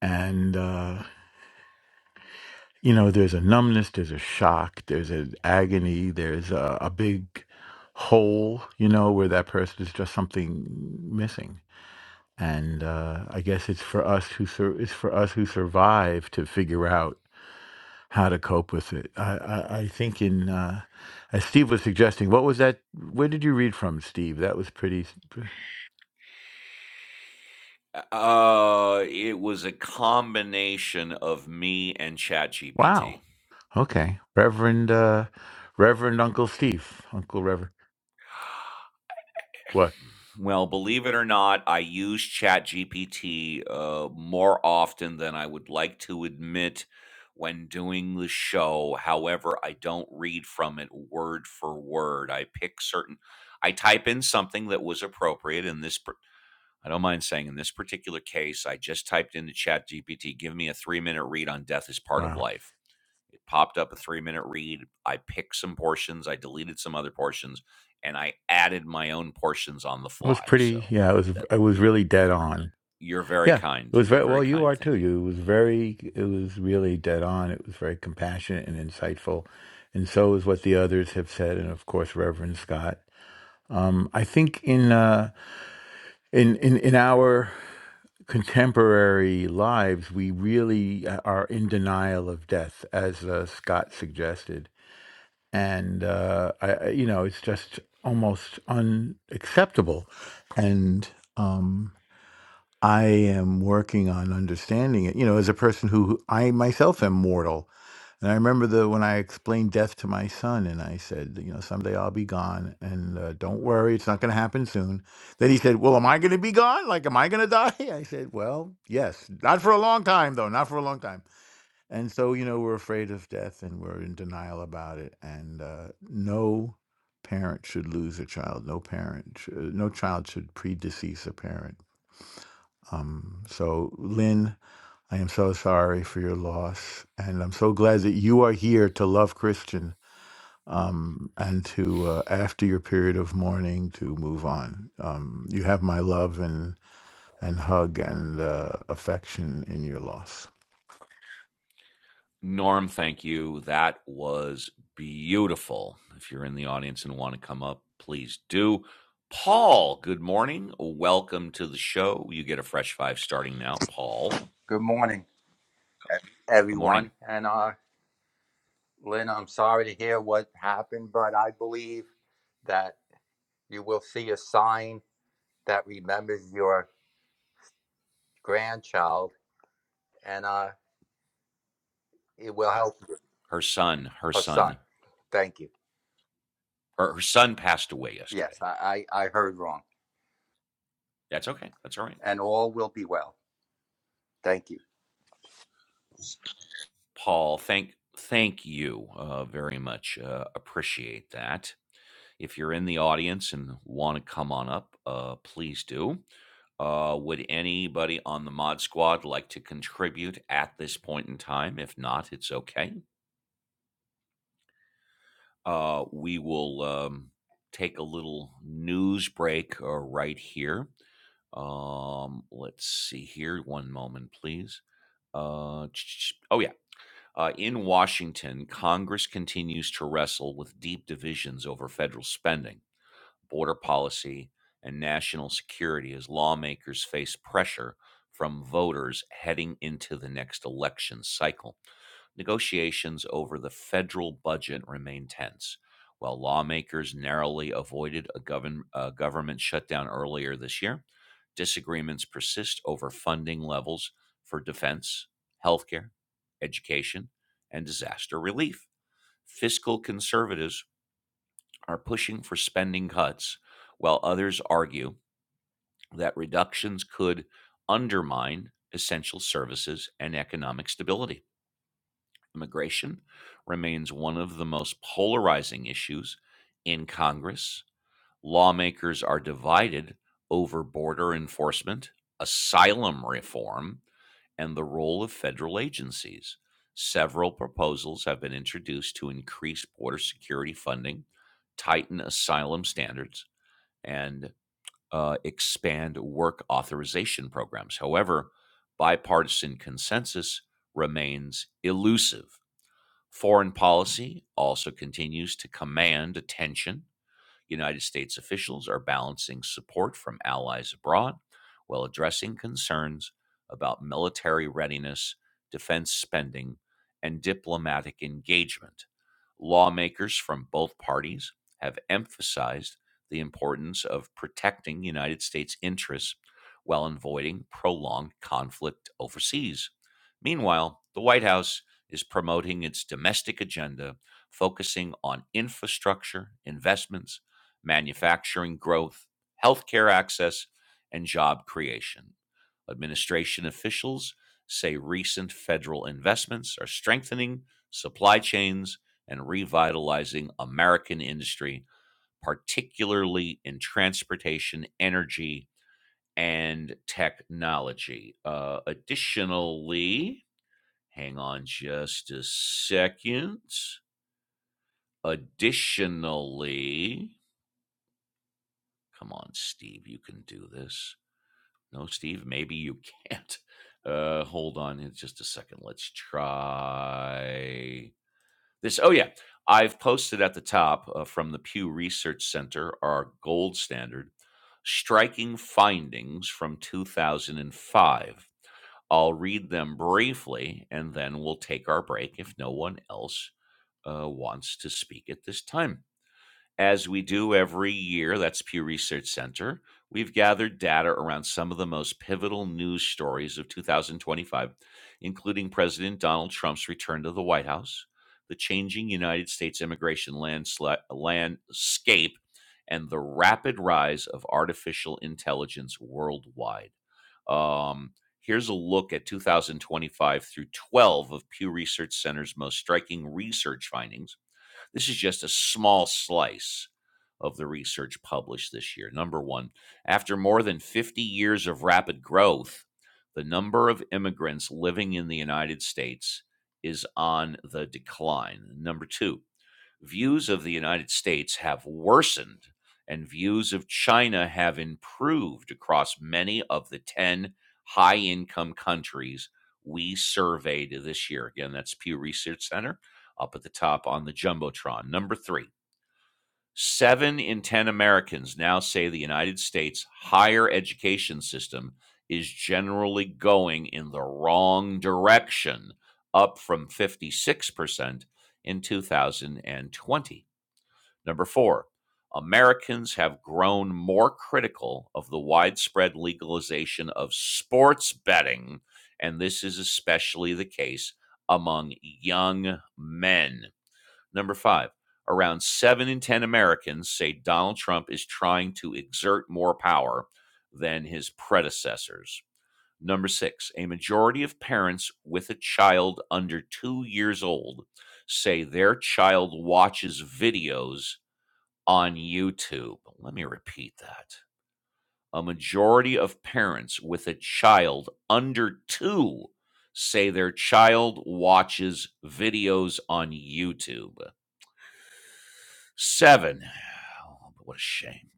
and. uh, you know there's a numbness there's a shock there's an agony there's a, a big hole you know where that person is just something missing and uh, i guess it's for us who sur- it's for us who survive to figure out how to cope with it i i, I think in uh, as steve was suggesting what was that where did you read from steve that was pretty
Uh, it was a combination of me and ChatGPT.
wow okay reverend uh reverend uncle steve uncle reverend what
Well, believe it or not, I use ChatGPT uh, more often than I would like to admit when doing the show. However, I don't read from it word for word. I pick certain, I type in something that was appropriate in this pr- I don't mind saying in this particular case, I just typed into Chat GPT, give me a three minute read on death is part of
wow
life. It popped up a three minute read. I picked some portions, I deleted some other portions, and I added my own portions on the
It was
fly.
pretty.
So
Yeah, it
that,
was.
that
It was really dead on.
you're very
Yeah, it
kind.
was
You're
very
very
well. You
kind.
are too.
Thank you.
You it was very. It was really dead on. It was very compassionate and insightful, and so is what the others have said, and of course Reverend Scott. Um, I think in uh, in in in our contemporary lives, we really uh, are in denial of death, as uh, Scott suggested, and uh, I, I- you know, it's just almost unacceptable, and. Um, I am working on understanding it. You know, as a person who I myself am mortal, and I remember the when I explained death to my son, and I said, you know, someday I'll be gone, and uh, don't worry, it's not going to happen soon. Then he said, well, am I going to be gone? Like, am I going to die? I said, well, yes, not for a long time though, not for a long time. And so, you know, we're afraid of death, and we're in denial about it, and uh, no parent should lose a child. No parent, sh- no child should predecease a parent um, so, Lynn, I am so sorry for your loss. And I'm so glad that you are here to love Christian um, and to, uh, after your period of mourning, to move on. Um, you have my love and, and hug and uh, affection in your loss.
Norm, thank you. That was beautiful. If you're in the audience and want to come up, please do. Paul, good morning. Welcome to the show. You get a fresh five starting now. Paul,
Good morning,
good morning.
everyone. And uh, Lynn, I'm sorry to hear what happened, but I believe that you will see a sign that remembers your grandchild and uh, it will help
Her son, her
her son.
son,
Thank you.
her, her son passed away
Yes,
yesterday.
I, I, I heard wrong.
That's okay. That's all right.
And all will be well. Thank you.
Paul, thank thank you uh, very much. Uh, appreciate that. If you're in the audience and want to come on up, uh, please do. Uh, would anybody on the mod squad like to contribute at this point in time? If not, it's okay. Uh, we will um, take a little news break uh, right here. Um, let's see here. One moment, please. Uh, ch- ch- oh, yeah. Uh, in Washington, Congress continues to wrestle with deep divisions over federal spending border policy, and national security as lawmakers face pressure from voters heading into the next election cycle. Negotiations over the federal budget remain tense. While lawmakers narrowly avoided a govern, uh, government shutdown earlier this year, disagreements persist over funding levels for defense, healthcare, education, and disaster relief. Fiscal conservatives are pushing for spending cuts, while others argue that reductions could undermine essential services and economic stability. Immigration remains one of the most polarizing issues in Congress. Lawmakers are divided over border enforcement, asylum reform, and the role of federal agencies. Several proposals have been introduced to increase border security funding, tighten asylum standards, and uh, expand work authorization programs. However, bipartisan consensus remains elusive. Foreign policy also continues to command attention United States officials are balancing support from allies abroad while addressing concerns about military readiness, defense spending, and diplomatic engagement. Lawmakers from both parties have emphasized the importance of protecting United States interests while avoiding prolonged conflict overseas. Meanwhile, the White House is promoting its domestic agenda, focusing on infrastructure, investments, manufacturing growth, healthcare access, and job creation. Administration officials say recent federal investments are strengthening supply chains and revitalizing American industry, particularly in transportation, energy, and technology. Uh, additionally, hang on just a second. Additionally, come on, Steve, you can do this. No, Steve, maybe you can't. Uh, hold on it's just a second. Let's try this. Oh, yeah. I've posted at the top uh, from the Pew Research Center, our gold standard, striking findings from 2005. I'll read them briefly and then we'll take our break if no one else uh, wants to speak at this time. As we do every year, that's Pew Research Center, we've gathered data around some of the most pivotal news stories of 2025, including President Donald Trump's return to the White House, the changing United States immigration landsla- landscape, and the rapid rise of artificial intelligence worldwide. Um, here's a look at 2025 through 12 of Pew Research Center's most striking research findings this is just a small slice of the research published this year. Number one, after more than 50 years of rapid growth, the number of immigrants living in the United States is on the decline. Number two, views of the United States have worsened and views of China have improved across many of the 10 high income countries we surveyed this year. Again, that's Pew Research Center up at the top on the Jumbotron. Number three, seven in 10 Americans now say the United States higher education system is generally going in the wrong direction, up from 56% in 2020. Number four, Americans have grown more critical of the widespread legalization of sports betting, and this is especially the case among young men. Number five, around seven in 10 Americans say Donald Trump is trying to exert more power than his predecessors. Number six, a majority of parents with a child under two years old say their child watches videos on YouTube. Let me repeat that. A majority of parents with a child under two say their child watches videos on YouTube. Seven. Oh, What a shame.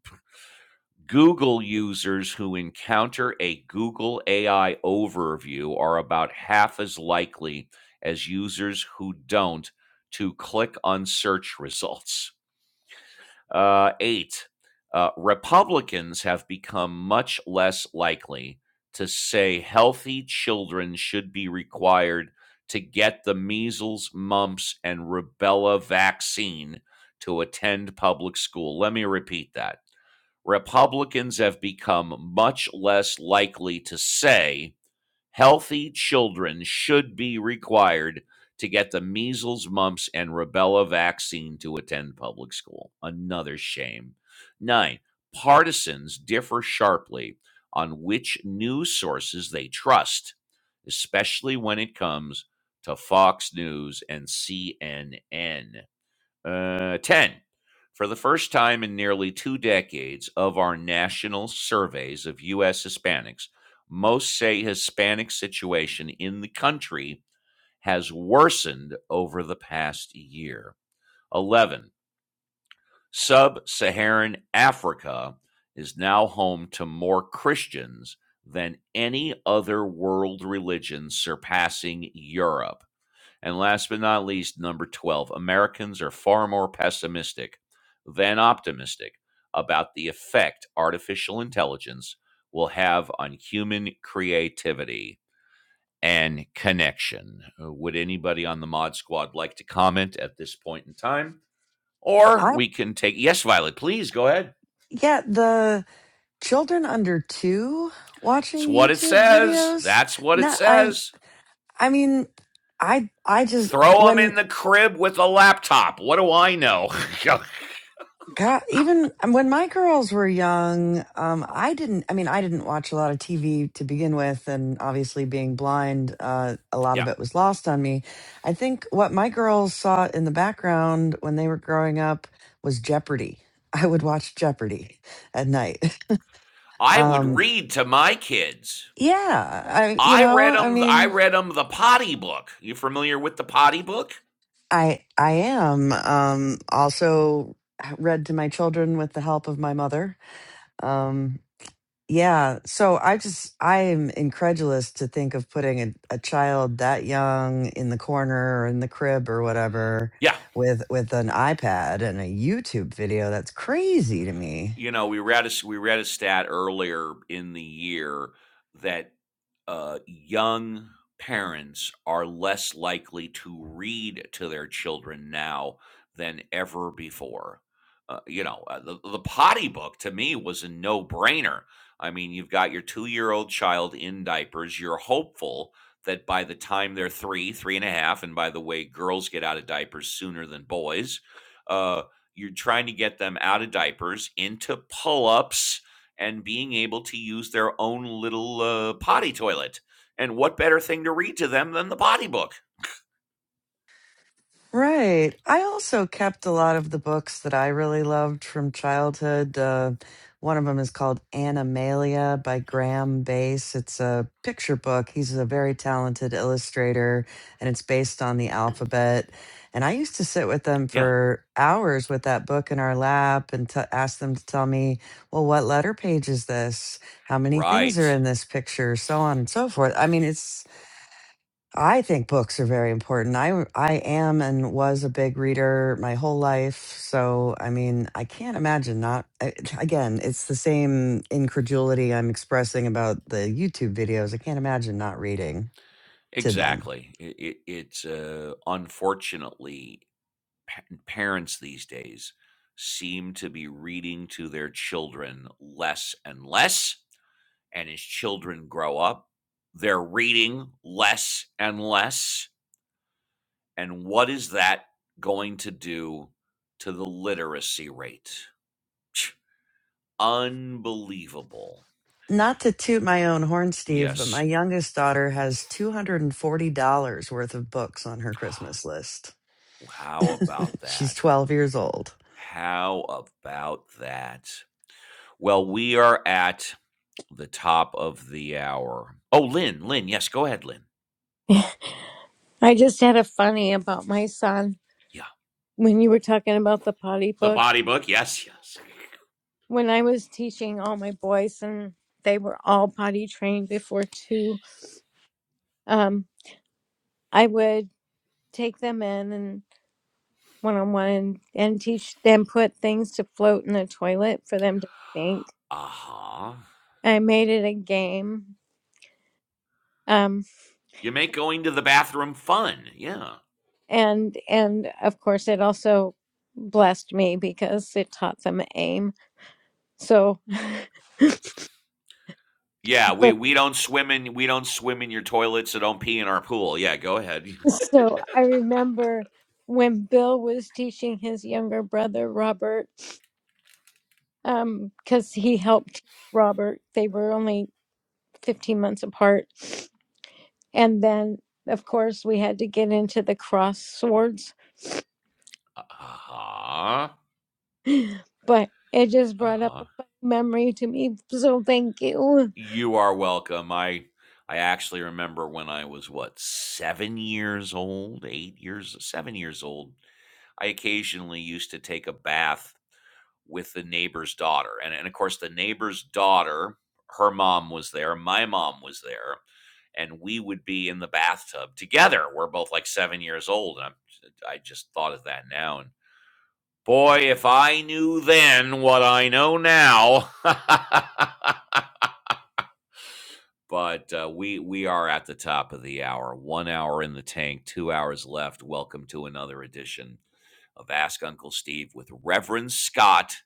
Google users who encounter a Google AI overview are about half as likely as users who don't to click on search results. Uh, eight, uh, Republicans have become much less likely to say healthy children should be required to get the measles, mumps, and rubella vaccine to attend public school. Let me repeat that. Republicans have become much less likely to say Healthy children should be required to get the measles, mumps, and rubella vaccine to attend public school. Another shame. Nine, partisans differ sharply on which news sources they trust, especially when it comes to Fox News and CNN. Uh, 10. For the first time in nearly two decades of our national surveys of U.S. Hispanics, most say Hispanic situation in the country has worsened over the past year. 11. Sub Saharan Africa is now home to more Christians than any other world religion, surpassing Europe. And last but not least, number 12, Americans are far more pessimistic than optimistic about the effect artificial intelligence will have on human creativity and connection. Uh, Would anybody on the Mod Squad like to comment at this point in time? Or
I
we can take, yes, Violet, please go ahead.
yeah, the children under 2
It's
watching
what it
YouTube
says.
videos.
That's what it
No, I
says.
I mean, I I just
Throw them
when
in the crib with a laptop. What do I know?
God, even when my girls were young, um, I didn't. I mean, I didn't watch a lot of TV to begin with, and obviously being blind, uh, a lot
yeah,
of it was lost on me. I think what my girls saw in the background when they were growing up was Jeopardy. I would watch Jeopardy at night.
I would
Um,
read to my kids.
yeah, I, you
I
know,
read
I
them. I
mean,
read them the Potty Book. You familiar with the Potty Book?
I, I am um, also read to my children with the help of my mother. Um, Yeah. So I just, I am incredulous to think of putting a, a child that young in the corner or in the crib or whatever
Yeah,
with with an iPad and a YouTube video. That's crazy to me.
You know, we read a we read a stat earlier in the year that uh, young parents are less likely to read to their children now than ever before. Uh, you know, uh, the, the potty book to me was a no brainer. I mean, you've got your two year old child in diapers. You're hopeful that by the time they're three, three and a half, and by the way, girls get out of diapers sooner than boys. Uh, you're trying to get them out of diapers into pull-ups and being able to use their own little uh, potty toilet. And what better thing to read to them than the potty book?
Right. I also kept a lot of the books that I really loved from childhood. Uh, one of them is called Animalia by Graham Base. It's a picture book. He's a very talented illustrator and it's based on the alphabet. And I used to sit with them
Yeah,
for hours with that book in our lap and t- ask them to tell me, well, what letter page is this? How many things are
right.
in this picture? So on and so forth. I mean, it's I think books are very important. I I am and was a big reader my whole life, so I mean, I can't imagine not. I, again, it's the same incredulity I'm expressing about the YouTube videos. I can't imagine not reading to them.
Exactly. It, it, it's uh, unfortunately pa- parents these days seem to be reading to their children less and less. And as children grow up, they're reading less and less And what is that going to do to the literacy rate? Unbelievable.
Not to toot my own horn, Steve, but my
Yes.
youngest daughter has $240 worth of books on her Christmas list.
How about
She's
that?
12 years old.
How about that? Well, we are at the top of the hour. Oh, Lynn, Lynn, yes, go ahead, Lynn.
I just had a funny about my son
Yeah.
when you were talking about the potty
The
book.
body book, yes, yes.
When I was teaching all my boys and they were all potty trained before two, um, I would take them in and one on one and and teach them put things to float in the toilet for them to think.
Uh huh.
I made it a game. Um,
You make going to the bathroom fun. Yeah.
and and of course it also blessed me because it taught them aim so
Yeah, we,
but
we don't swim in we don't swim in your toilet, so don't pee in our pool. Yeah, go ahead.
so i remember when bill was teaching his younger brother robert um because he helped robert they were only 15 months apart and then of course we had to get into the cross swords
Uh-huh.
but it just brought up
Uh-huh.
a funny memory to me so thank you
You are welcome. I I actually remember when I was what, 7 years old, 8 years, 7 years old, I occasionally used to take a bath with the neighbor's daughter. And and of course the neighbor's daughter, her mom was there, my mom was there, and we would be in the bathtub together. We're both like 7 years old. And I'm I just thought of that now and Boy, if I knew then what I know now. but uh, we we are at the top of the hour. One hour in the tank, two hours left. Welcome to another edition of Ask Uncle Steve with Reverend Scott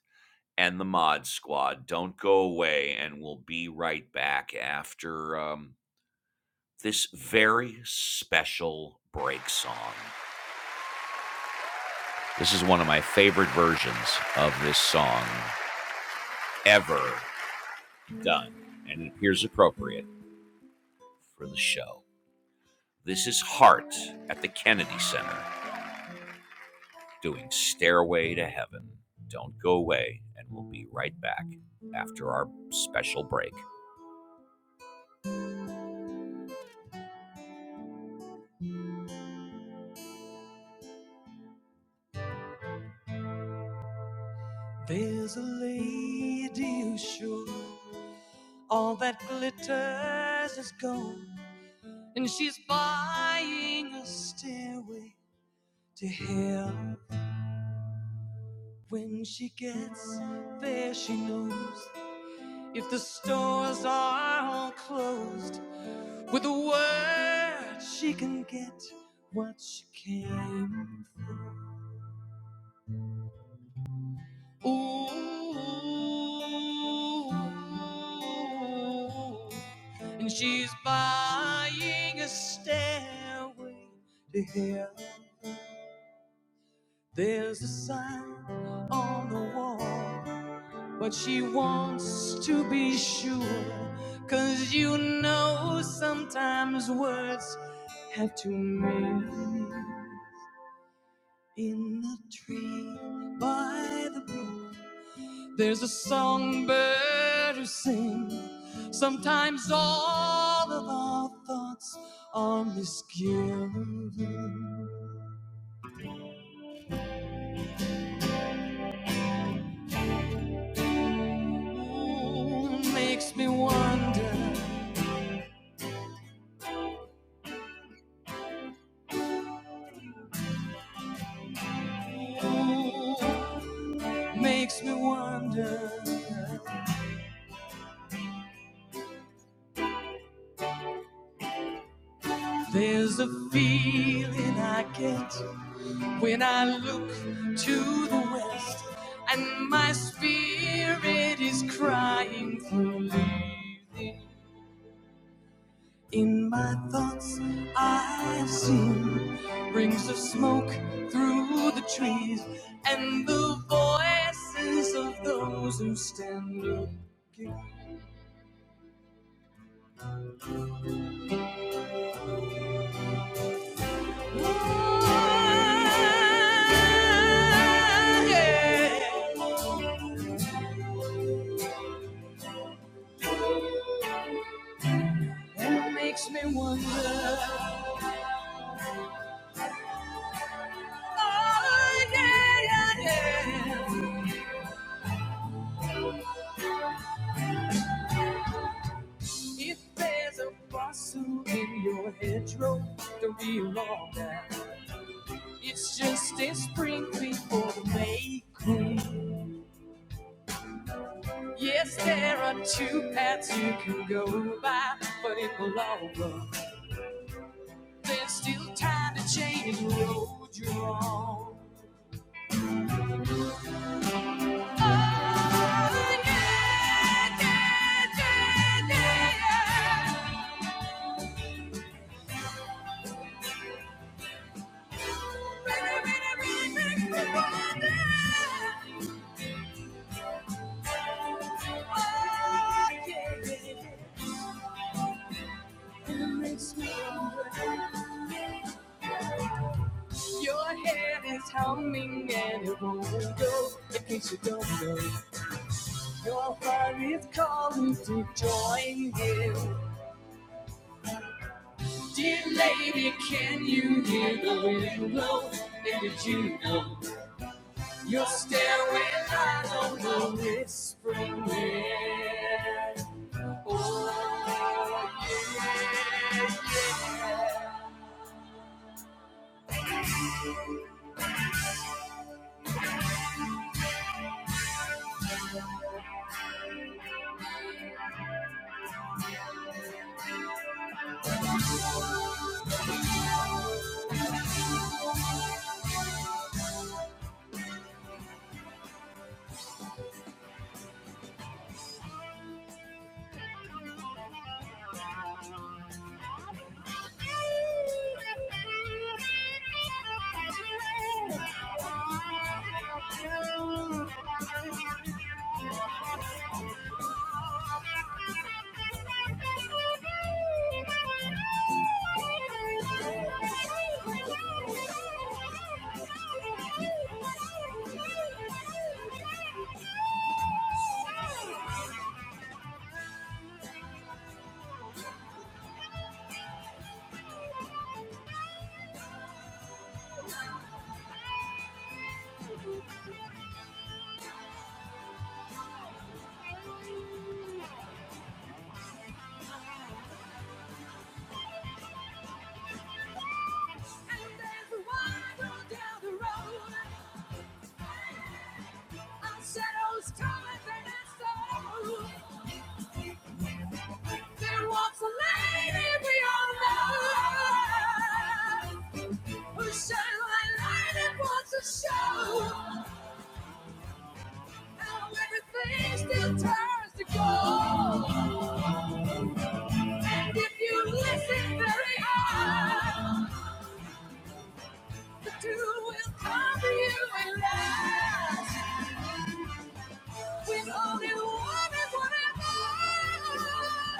and the Mod Squad. Don't go away, and we'll be right back after um, this very special break song. This is one of my favorite versions of this song ever. done and it appears appropriate for the show. This is Hart at the Kennedy Center doing Stairway to Heaven. Don't go away, and we'll be right back after our special break. There's a lady who's sure all that glitters is gold, and she's buying a stairway to hell. When she gets there, she knows if the stores are all closed, With a word, she can get what she came for. Ooh, and she's buying a stairway to hell. There's a sign on the wall, but she wants to be sure, 'cause you know sometimes words have to mean. In the tree by the brook, there's a songbird who sings. Sometimes all of our thoughts are misgiven. Ooh, makes me wonder. Ooh, makes me wonder. There's a feeling I get When I look to the west and my spirit is crying for leaving, in my thoughts I have seen rings of smoke through the trees and the voices of those who stand looking. Oh, yeah. And it makes me wonder. Oh, yeah, yeah, yeah. If there's a fossil in your hedgerow, don't be alarmed. It's just a spring clean for the May queen. Yes, there are two paths you can go by, but in the long run, there's still time to change the road you're on. Your head is humming and it won't go in case you don't know. Your heart is calling to join you. Dear lady, can you hear the wind blow? And did you know your stairway lies on the whispering wind? Oh, yeah. I'm dancing wild down the road. A shadow's coming, and it's so. There walks a lady we all know. Whose shadow and lightning wants to show. How everything still turns to gold. And if you listen very hard, the two will come to you at last. With only one is what I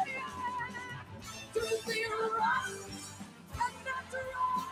want. to be rock and not to roll.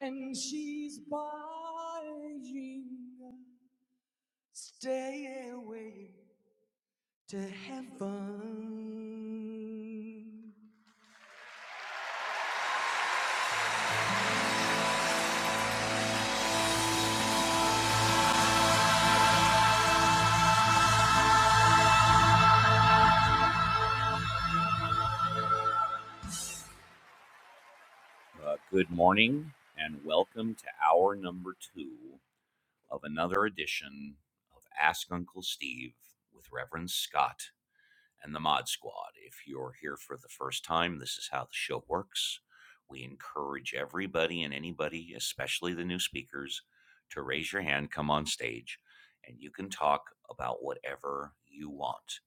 And she's buying stairway to heaven. Uh, good morning and welcome to hour number two of another edition of Ask Uncle Steve with Reverend Scott. and the Mod Squad. If you're here for the first time, this is how the show works. We encourage everybody and anybody, especially the new speakers, to raise your hand, come on stage, and you can talk about whatever you want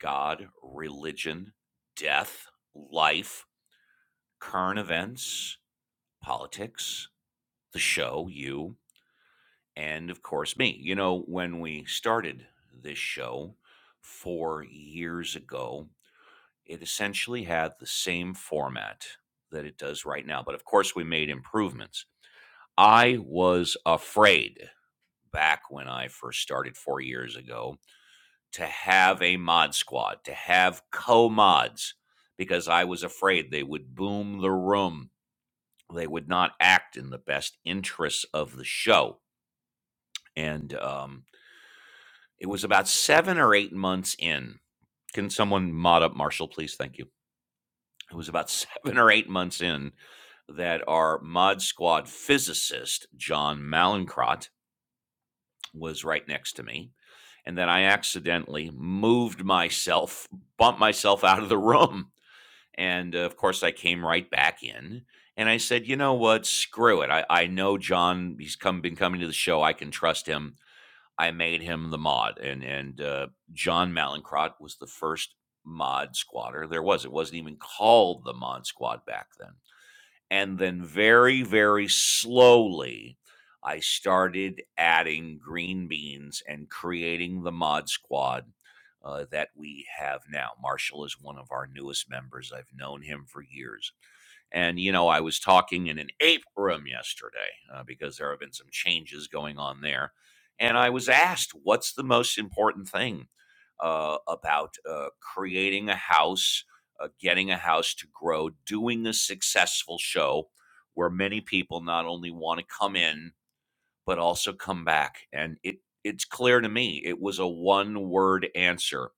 God, religion, death, life, current events, politics, the show, you, and of course, me. You know, when we started this show four years ago, It essentially had the same format that it does right now, but of course, we made improvements. I was afraid back when I first started four years ago to have a mod squad, to have co mods, because I was afraid they would boom the room. They would not act in the best interests of the show. And um, it was about seven or eight months in. Can someone mod up Marshall, please? Thank you. it was about seven or eight months in that our mod squad physicist john malencrot was right next to me and then i accidentally moved myself bumped myself out of the room and uh, of course i came right back in and i said you know what screw it i, I know john he's come been coming to the show i can trust him i made him the mod and and uh, john malencrot was the first mod squatter there was it wasn't even called the mod squad back then and then very, very slowly, I started adding green beans and creating the Mod Squad uh, that we have now. Marshall is one of our newest members. I've known him for years. And, you know, I was talking in an ape room yesterday uh, because there have been some changes going on there. And I was asked, what's the most important thing uh, about uh, creating a house, uh, getting a house to grow, doing a successful show where many people not only want to come in, but also come back? And it, it's clear to me it was a one word answer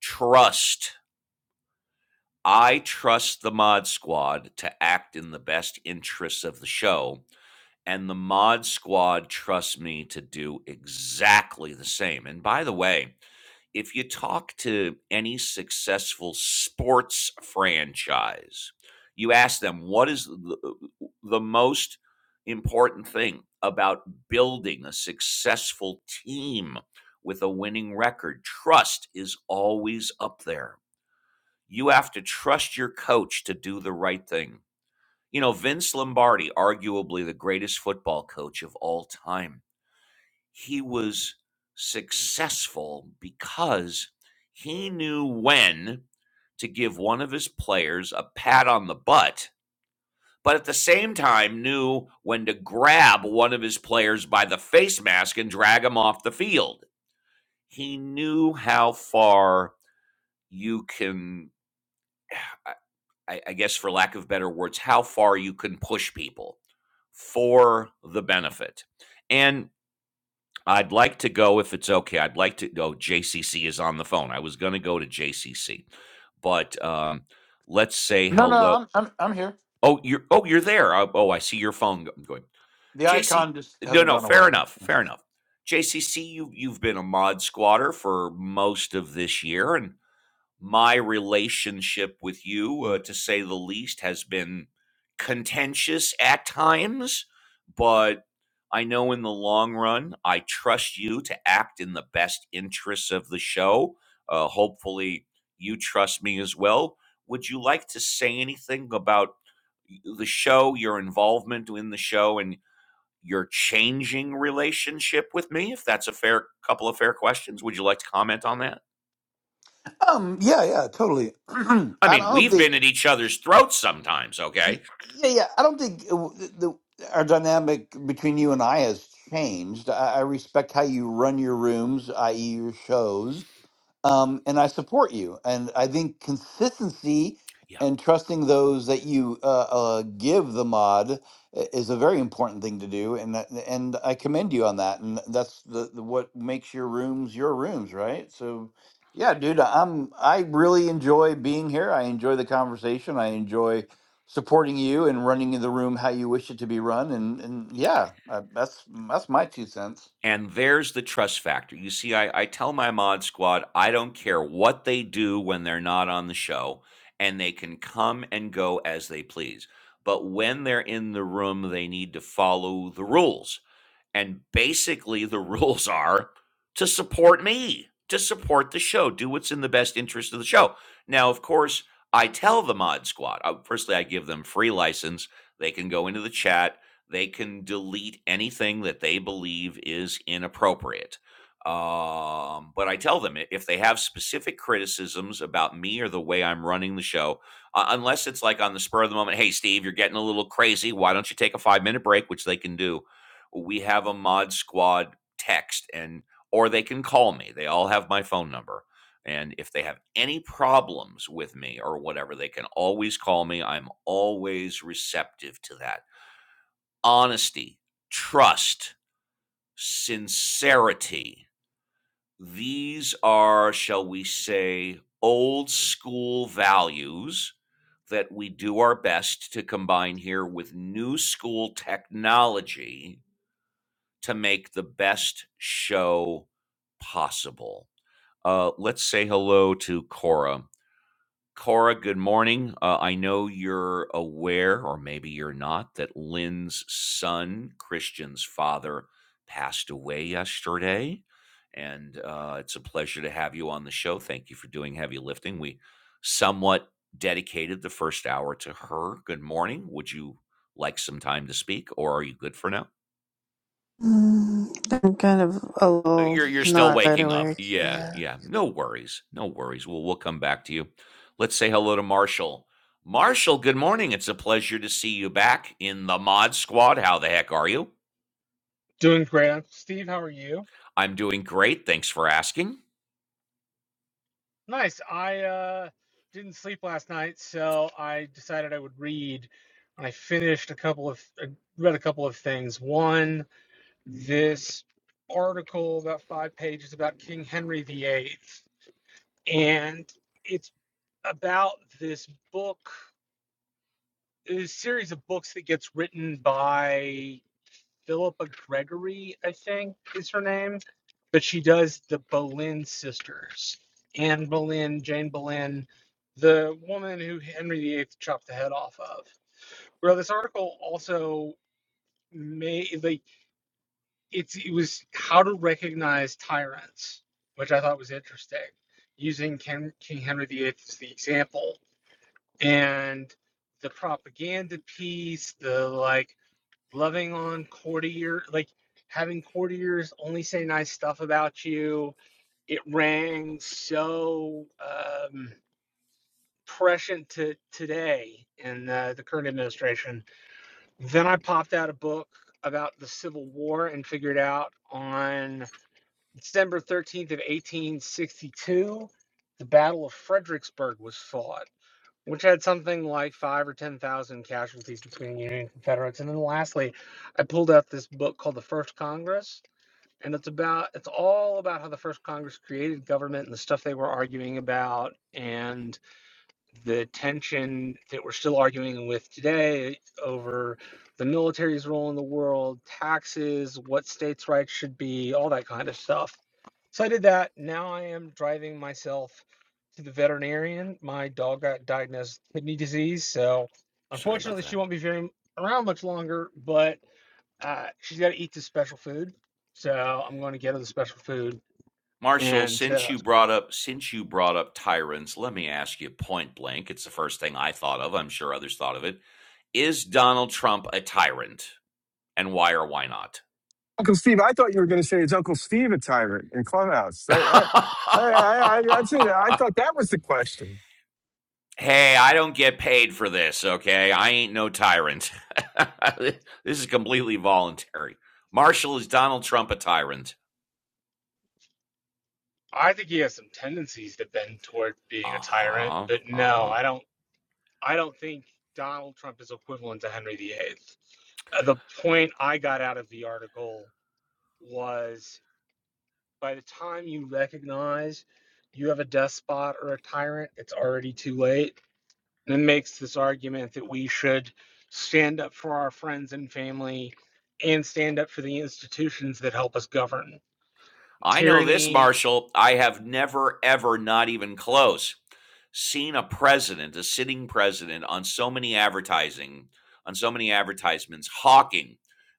trust I trust the Mod Squad to act in the best interests of the show, and the Mod Squad trusts me to do exactly the same. And by the way, if you talk to any successful sports franchise, you ask them what is the, the most important thing about building a successful team with a winning record? Trust is always up there. You have to trust your coach to do the right thing. You know, Vince Lombardi, arguably the greatest football coach of all time, he was successful because he knew when to give one of his players a pat on the butt, but at the same time knew when to grab one of his players by the face mask and drag him off the field. He knew how far you can I, I guess for lack of better words, how far you can push people for the benefit. And I'd like to go, if it's okay, I'd like to go. JCC is on the phone. I was going to go to JCC, but um, let's say
no no
hello.
I'm, I'm i'm here
Oh, you're oh you're there. Oh, oh, I see your phone going.
the
JC,
icon just
no,
hasn't
no,
gone
fair
away
enough, fair enough. JCC, you you've been a mod squatter for most of this year, and my relationship with you, uh, to say the least, has been contentious at times, but I know in the long run, I trust you to act in the best interests of the show. Uh, hopefully, you trust me as well. Would you like to say anything about the show, your involvement in the show, and your changing relationship with me? If that's a fair couple of fair questions, would you like to comment on that?
um yeah yeah totally i
I mean,
don't
we've
think
been at each other's throats sometimes, okay?
Yeah, yeah. I don't think uh, w- the, our dynamic between you and I has changed. I, I respect how you run your rooms, i.e., your shows um, and I support you. And I think consistency
Yeah.
and trusting those that you uh, uh, give the mod i- is a very important thing to do. And that- and I commend you on that. And that's the, the what makes your rooms your rooms, right? So, yeah, dude, I'm I really enjoy being here. I enjoy the conversation. I enjoy supporting you and running the room how you wish it to be run. And and yeah, uh, that's that's my two cents.
And there's the trust factor. You see, I, I tell my mod squad, I don't care what they do when they're not on the show, and they can come and go as they please. But when they're in the room, they need to follow the rules. And basically, the rules are to support me, to support the show, do what's in the best interest of the show. Now, of course, I tell the Mod Squad, uh, firstly, I give them free license. They can go into the chat, they can delete anything that they believe is inappropriate. Um, but I tell them if they have specific criticisms about me or the way I'm running the show, uh, unless it's like on the spur of the moment, hey, Steve, you're getting a little crazy. Why don't you take a five minute break, which they can do? we have a mod squad text and or they can call me. They all have my phone number. And if they have any problems with me or whatever, they can always call me. I'm always receptive to that. Honesty, trust, sincerity. These are, shall we say, old school values that we do our best to combine here with new school technology to make the best show possible. Uh, let's say hello to Cora. Cora, good morning. Uh, I know you're aware, or maybe you're not, that Lynn's son, Christian's father, passed away yesterday. And uh, it's a pleasure to have you on the show. Thank you for doing heavy lifting. We somewhat dedicated the first hour to her. Good morning. Would you like some time to speak, or are you good for now?
Mm, I'm kind of a little
You're you're still
not right
waking up.
awake.
Yeah,
Yeah.
yeah. No worries. No worries. Well, we'll come back to you. Let's say hello to Marshall. Marshall, good morning. It's a pleasure to see you back in the Mod Squad. How the heck are you?
Doing great. I'm- Steve, how are you?
I'm doing great. Thanks for asking.
Nice. I uh, didn't sleep last night, so I decided I would read. And I finished a couple of, I read a couple of things. One, this article, about five pages, about King Henry VIII. And it's about this book, this series of books that gets written by Philippa Gregory, I think is her name, but she does the Boleyn sisters. Anne Boleyn, Jane Boleyn, the woman who Henry VIII chopped the head off of. Well, this article also may like it's it was how to recognize tyrants, which I thought was interesting, using King, King Henry VIII as the example and the propaganda piece, the like loving on courtier like having courtiers only say nice stuff about you it rang so um prescient to today in uh, the current administration then i popped out a book about the civil war and figured out on december 13th of 1862 the battle of fredericksburg was fought which had something like five or ten thousand casualties between Union and Confederates. And then lastly, I pulled out this book called The First Congress, and it's about it's all about how the first Congress created government and the stuff they were arguing about and the tension that we're still arguing with today over the military's role in the world, taxes, what states' rights should be, all that kind of stuff. So I did that. Now I am driving myself to the veterinarian. My dog got diagnosed with kidney disease, so
Sorry about
unfortunately she
that.
won't be very around much longer. But uh, she's got to eat this special food, so I'm going to get her the special food
Marshall,
and.
since
Uh,
you brought up since you brought up tyrants, let me ask you point blank. It's the first thing I thought of. I'm sure others thought of it. Is Donald Trump a tyrant? And why or why not?
Uncle Steve, I thought you were going to say it's Uncle Steve a tyrant in Clubhouse. I, I, I, I, I'd say that. I thought that was the question.
Hey, I don't get paid for this, okay? I ain't no tyrant. this is completely voluntary. Marshall, is Donald Trump a tyrant?
I think he has some tendencies to bend toward
Uh
being a tyrant,
huh.
but
Uh
no,
huh.
I don't. I don't think Donald Trump is equivalent to Henry VIII. Uh, The point I got out of the article was by the time you recognize you have a despot or a tyrant, it's already too late. And it makes this argument that we should stand up for our friends and family and stand up for the institutions that help us govern.
I know this,
Tyranny
Marshall. I have never, ever, not even close, seen a president, a sitting president, on so many advertising, on so many advertisements, hawking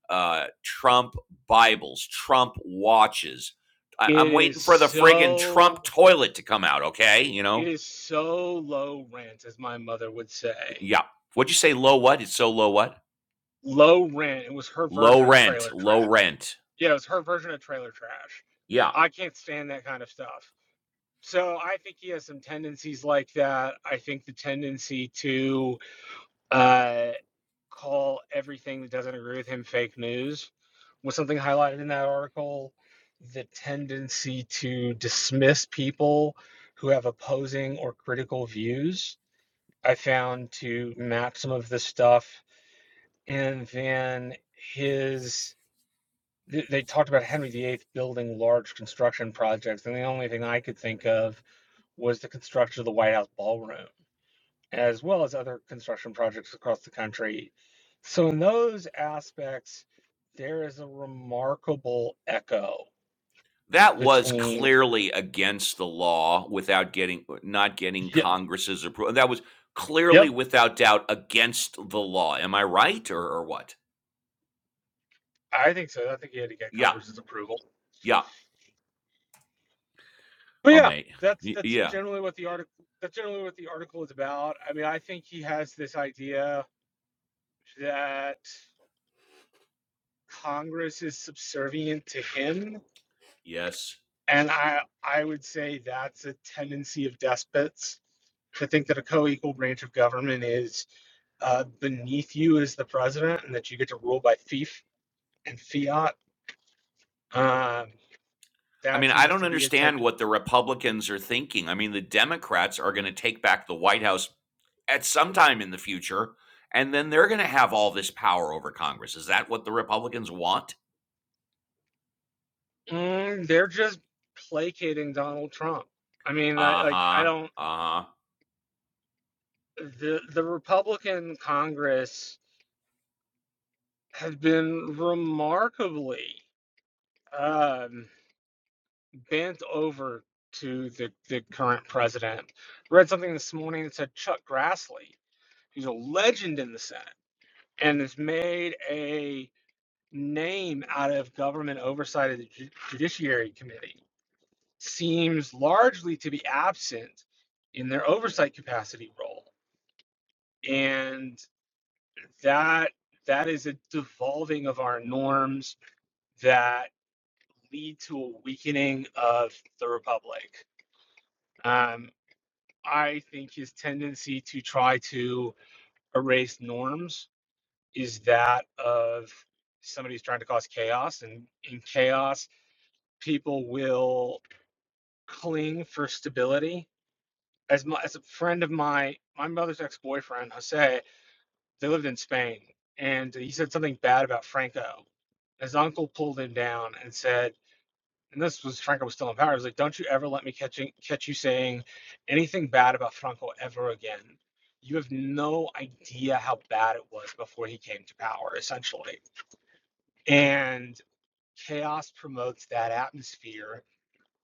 uh, Trump Bibles, Trump watches. I- I'm
it
waiting
is
for the friggin'
so
Trump toilet to come out, okay? You
It
know?
is so low rent, as my mother would say.
Yeah. What'd you say? Low what? It's so low what?
Low rent. It was her
Low
version of
rent.
trailer
Low
trash.
rent.
Yeah, it was her version of trailer trash.
Yeah.
I can't stand that kind of stuff. So I think he has some tendencies like that. I think the tendency to uh, call everything that doesn't agree with him fake news was something highlighted in that article. The tendency to dismiss people who have opposing or critical views I found to map some of this stuff. And then his, th- they talked about Henry VIII building large construction projects. And the only thing I could think of was the construction of the White House ballroom, as well as other construction projects across the country. So, in those aspects, there is a remarkable echo
That was
between.
clearly against the law without getting not getting
Yep.
Congress's approval. That was clearly
Yep.
without doubt against the law. Am I right or, or what?
I think so. I think he had to get
Yeah.
Congress's approval.
Yeah.
But
Oh,
yeah,
mate.
that's that's
Yeah.
generally what the article that's generally what the article is about. I mean, I think he has this idea that Congress is subservient to him,
Yes.
and I I would say that's a tendency of despots to think that a co-equal branch of government is uh, beneath you as the president, and that you get to rule by fief and fiat. Um,
I
that
mean, I
seems
don't
to be a
understand
tendency.
what the Republicans are thinking. I mean, the Democrats are going to take back the White House at some time in the future, and then they're going to have all this power over Congress. Is that what the Republicans want?
Mm, they're just placating Donald Trump. I mean, I,
Uh
like I
huh.
don't.
Uh huh.
the the Republican Congress have been remarkably um, bent over to the, the current president. Read something this morning that said Chuck Grassley, who's a legend in the Senate and has made a name out of government oversight of the Ju- Judiciary Committee, seems largely to be absent in their oversight capacity role. and. that that is a devolving of our norms that lead to a weakening of the republic. Um, I think his tendency to try to erase norms is that of somebody who's trying to cause chaos, and in chaos, people will cling for stability. As my, as a friend of my my mother's ex boyfriend Jose They lived in Spain, and he said something bad about Franco. His uncle pulled him down and said, and this was Franco was still in power. He was like, "Don't you ever let me catch you, catch you saying anything bad about Franco ever again. You have no idea how bad it was before he came to power, essentially." And chaos promotes that atmosphere,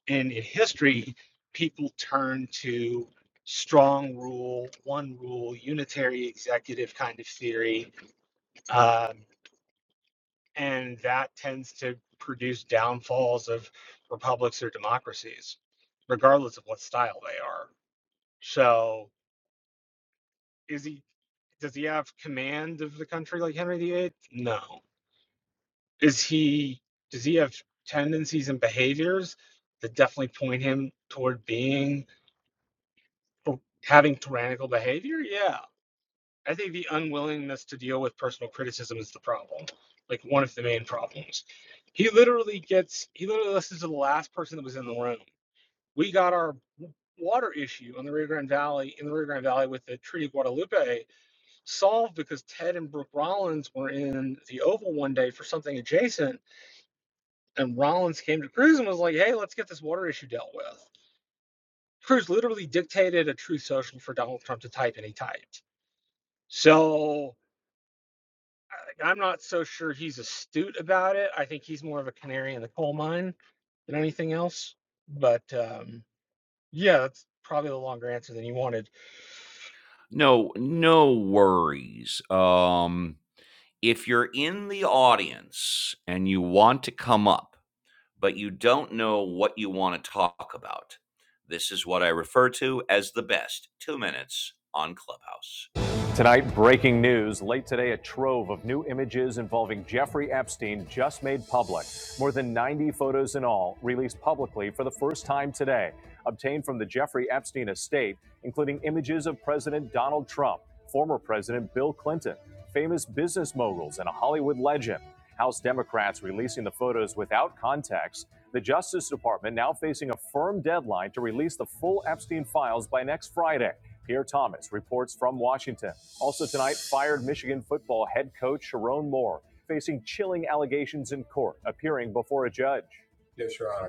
and in history, people turn to strong rule, one rule, unitary executive kind of theory um, and that tends to produce downfalls of republics or democracies regardless of what style they are so is he does he have command of the country like henry viii no is he does he have tendencies and behaviors that definitely point him toward being having tyrannical behavior yeah I think the unwillingness to deal with personal criticism is the problem, like one of the main problems. He literally gets, he literally listens to the last person that was in the room. We got our water issue on the Rio Grande Valley, in the Rio Grande Valley with the Treaty of Guadalupe solved because Ted and Brooke Rollins were in the Oval one day for something adjacent. And Rollins came to Cruz and was like, hey, let's get this water issue dealt with. Cruz literally dictated a truth social for Donald Trump to type, and he typed. So I- I'm not so sure he's astute about it. I think he's more of a canary in the coal mine than anything else. But um, yeah, that's probably the longer answer than you wanted.
No, no worries. Um, if you're in the audience and you want to come up, but you don't know what you want to talk about. This is what I refer to as the best two minutes on Clubhouse. Tonight, breaking news. Late today, a trove of new images involving Jeffrey Epstein just made public. More than 90 photos in all, released publicly for the first time today, obtained from the Jeffrey Epstein estate, including images of President Donald Trump, former President Bill Clinton, famous business moguls, and a Hollywood legend. House Democrats releasing the photos without context. The Justice Department now facing a firm deadline to release the full Epstein files by next Friday. Pierre Thomas reports from Washington. Also tonight, fired Michigan football head coach Sharon Moore facing chilling allegations in court, appearing before a judge. Yes, Your Honor.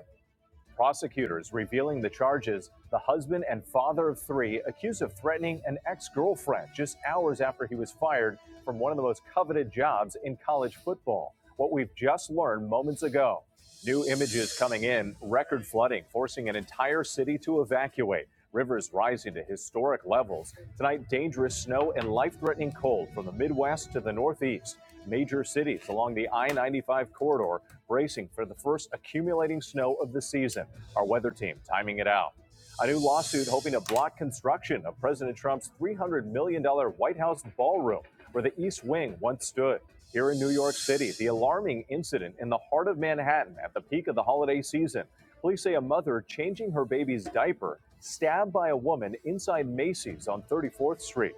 Prosecutors revealing the charges the husband and father of three accused of threatening an ex girlfriend just hours after he was fired from one of the most coveted jobs in college football. What we've just learned moments ago. New images coming in, record flooding forcing an entire city to evacuate, rivers rising to historic levels. Tonight, dangerous snow and life threatening cold from the Midwest to the Northeast. Major cities along the I 95 corridor bracing for the first accumulating snow of the season. Our weather team timing it out. A new lawsuit hoping to block construction of President Trump's $300 million dollars White House ballroom, where the East Wing once stood. Here in New York City, the alarming incident in the heart of Manhattan at the peak of the holiday season. Police say a mother changing her baby's diaper stabbed by a woman inside Macy's on 34th Street.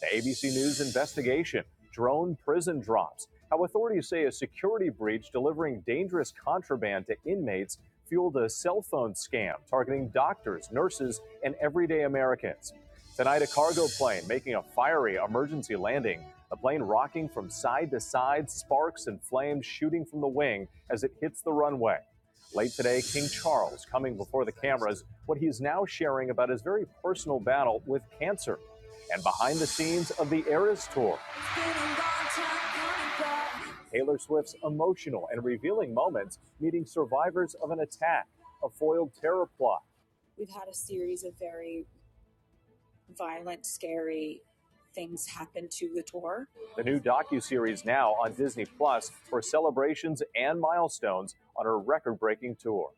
The ABC News investigation, drone prison drops, how authorities say a security breach delivering dangerous contraband to inmates fueled a cell phone scam targeting doctors, nurses, and everyday Americans. Tonight, a cargo plane making a fiery emergency landing. The plane rocking from side to side, sparks and flames shooting from the wing as it hits the runway. Late today, King Charles coming before the cameras, what he's now sharing about his very personal battle with cancer. And behind the scenes of the Eras Tour, Taylor Swift's emotional and revealing moments meeting survivors of an attack, a foiled terror plot. We've had a series of very violent, scary things happen to the tour. The new docuseries now on Disney Plus for celebrations and milestones on her record-breaking tour.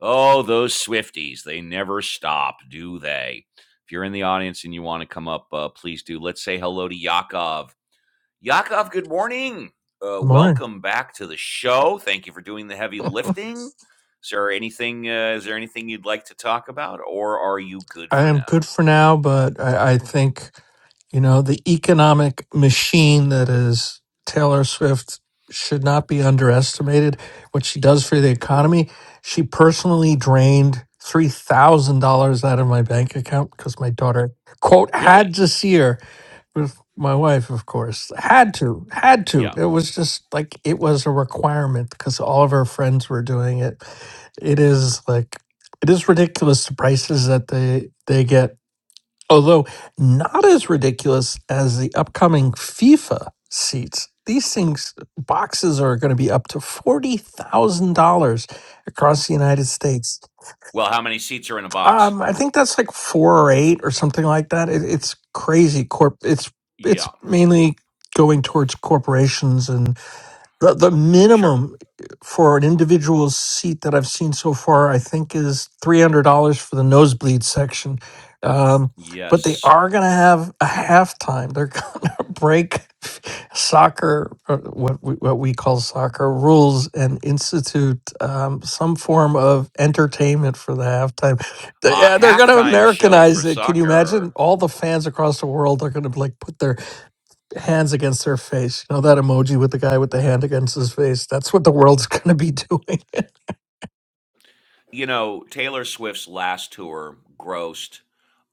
Oh, those Swifties, they never stop, do they? If you're in the audience and you want to come up, uh, please do. Let's say hello to Yakov Yakov, good morning. Uh,
Good morning.
welcome back to the show. Thank you for doing the heavy lifting. Is there anything? Uh, is there anything you'd like to talk about, or are you good
I
for
am
now?
good for now, but I, I think, you know, the economic machine that is Taylor Swift should not be underestimated. What she does for the
Oh,
economy, she personally drained $3,000 out of my bank account because my daughter, quote, had
really?
to see her. with my wife, of course. Had to, had to.
Yeah.
It was just like it was a requirement because all of our friends were doing it. It is like it is ridiculous the prices that they they get, although not as ridiculous as the upcoming FIFA seats. These things boxes are going to be up to forty thousand dollars across the United States.
Well, how many seats are in a box?
Um, I think that's like four or eight or something like that. It, it's crazy. Corp. It's it's
Yeah.
mainly going towards corporations the, the
Sure.
minimum for an individual seat that I've seen so far, I think, is $300 for the nosebleed section. Um, but they
Yes.
are going to have a halftime. They're going to break soccer, or what we, what we call soccer rules, and institute um, some form of entertainment for the halftime. They-
A
Yeah, they're going to
halftime show for
Americanize it. Can you imagine?
soccer.
All the fans across the world are going to like put their hands against their face. You know that emoji with the guy with the hand against his face? That's what the world's going to be doing.
You know, Taylor Swift's last tour grossed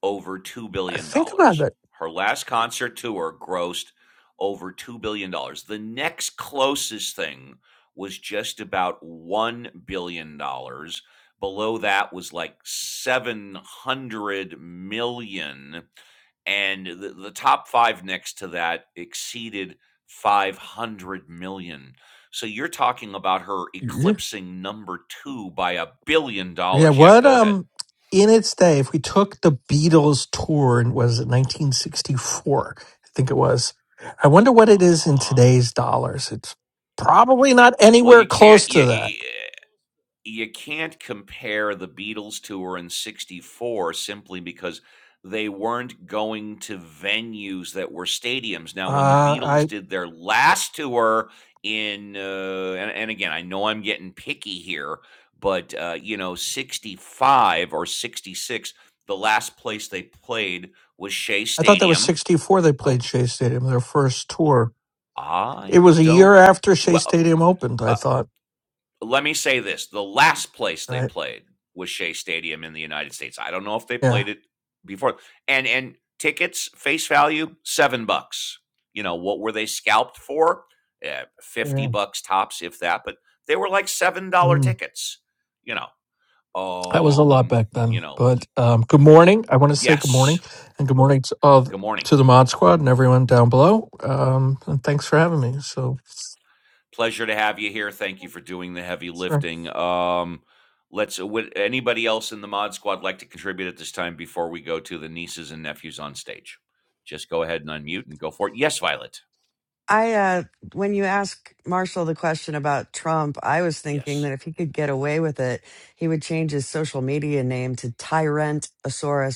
over $2
I
billion.
think about
dollars.
that.
Her last concert tour grossed over $2 billion. dollars. The next closest thing was just about $1 billion. dollars. Below that was like 700 million dollars. and the, the top 5 next to that exceeded 500 million. dollars. So you're talking about her
Yeah.
eclipsing number 2 by
Yeah.
$1,000,000,000. Yeah,
What,
go ahead.
um, in its day, if we took the Beatles tour and was it 1964? I think it was. I wonder what it is in
Uh-huh.
today's dollars. It's probably not
Well,
anywhere
you
close
can't
to that.
you you can't compare the Beatles tour in 64 simply because they weren't going to venues that were stadiums. Now, when the
Uh,
Beatles did their last tour in, uh, and, and again, I know I'm getting picky here, but, uh, you know, 65 or 66, the last place they played was Shea
I thought that was
Stadium.
64 they
I,
played Shea Stadium, their first tour. It
I
was a
don't,
year after Shea
well,
Stadium opened,
uh,
I thought,
let me say this the last place they
right?
played was Shea Stadium in the United States. I don't know if they
Yeah.
played it before. And and tickets face value 7 bucks. You know, what were they scalped for? Eh, 50
Yeah.
bucks tops if that, but they were like $7
Mm.
tickets. You know,
That was a lot
um,
back
you
then.
know,
But um, good morning. I want to say good
yes.
morning and good morning to, of,
Good morning.
to the Mod Squad and everyone down below. Um, and thanks for having me. So,
Pleasure to have you here. Thank you for doing the heavy
Sure.
lifting. Um, let's. Would anybody else in the mod squad like to contribute at this time before we go to the nieces and nephews on stage? Just go ahead and unmute and go for it. Yes, Violet.
I uh when you ask Marshall the question about Trump, I was thinking
Yes.
that if he could get away with it, he would change his social media name to Tyrantosaurus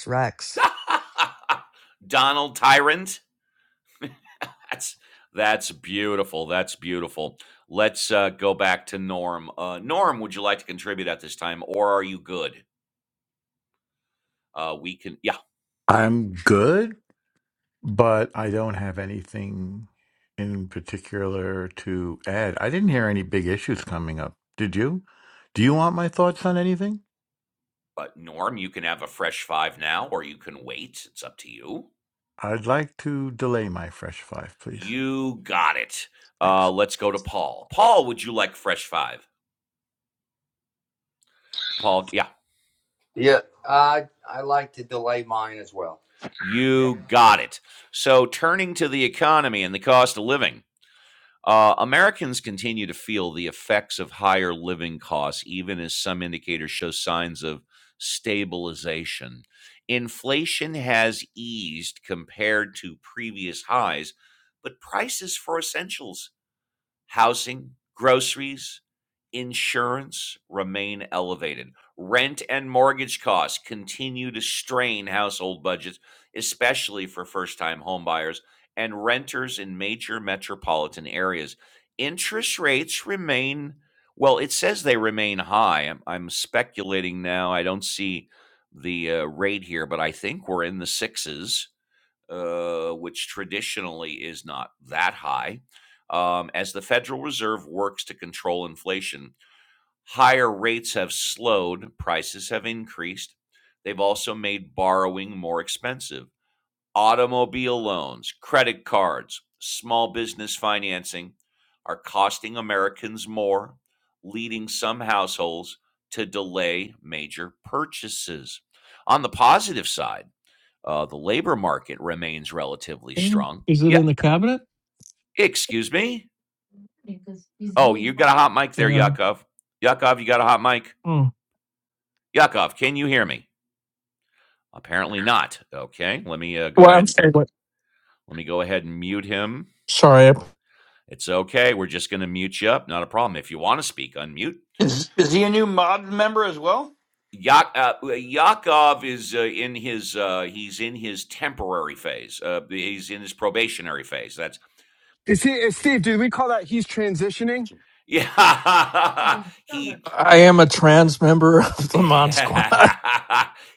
Rex.
Donald Tyrant. That's that's beautiful. That's beautiful. Let's uh, go back to Norm. Uh, Norm, would you like to contribute at this time, or are you good? Uh, we can. Yeah.
I'm good, but I don't have anything in particular to add. I didn't hear any big issues coming up. Did you? Do you want my thoughts on anything?
But Norm, you can have a fresh five now, or you can wait. It's up to you.
I'd like to delay my fresh five, please.
You got it. Uh,
Thanks.
let's go to Paul. Paul, would you like fresh five? Paul, yeah,
Yeah, I, I like to delay mine as well.
you got it. So, turning to the economy and the cost of living, uh, Americans continue to feel the effects of higher living costs, even as some indicators show signs of stabilization. Inflation has eased compared to previous highs, but prices for essentials Housing, groceries, insurance remain elevated. Rent and mortgage costs continue to strain household budgets, especially for first time homebuyers and renters in major metropolitan areas. Interest rates remain, well, it says they remain high. I'm, I'm speculating now. I don't see the uh, rate here, but I think we're in the sixes uh, which traditionally is not that high. Um, as the Federal Reserve works to control inflation, higher rates have slowed, prices have increased. They've also made borrowing more expensive. Automobile loans, credit cards, small business financing are costing Americans more, leading some households to delay major purchases. On the positive side, uh, the labor market remains relatively
Mm.
strong.
is it
Yeah,
in the cabinet?
excuse me.
Yeah.
Oh, you got a hot mic there,
Mm.
Yakov. Yakov, you got a hot mic?
Well,
Yakov, can you hear me? Apparently not. Okay, let me uh, go ahead
I'm
and
sorry. What?
let me go ahead and mute him.
Sorry. I
It's okay. We're just going to mute you up. Not a problem. If you want to speak, unmute.
Is is he a new mod member as well?
Yak- uh, uh, Yakov is uh, in his uh, he's in his temporary phase. Uh, he's in his probationary phase. That's
Is he, is Steve, do we call that he's transitioning?
yeah. he
I am a trans member of the Mod Squad.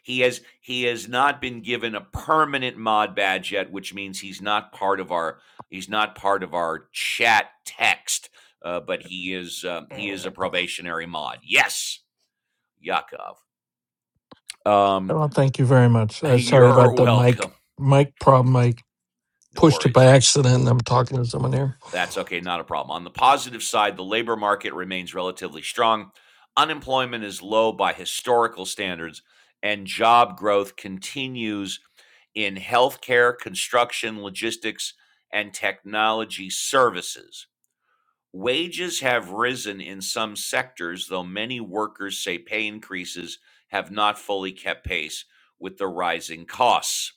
he has he has not been given a permanent mod badge yet, which means he's not part of our he's not part of our chat text. Uh, but he is um, he is a probationary mod. Yes, Yakov. Um,
Oh, thank you very much. Uh, sorry
you're
about the
welcome.
mic mic problem. I
No
pushed it by
worries.
accident. and I'm talking to someone here.
That's okay, not a problem. On the positive side, the labor market remains relatively strong. Unemployment is low by historical standards, and job growth continues in healthcare, construction, logistics, and technology services. Wages have risen in some sectors, though many workers say pay increases have not fully kept pace with the rising costs.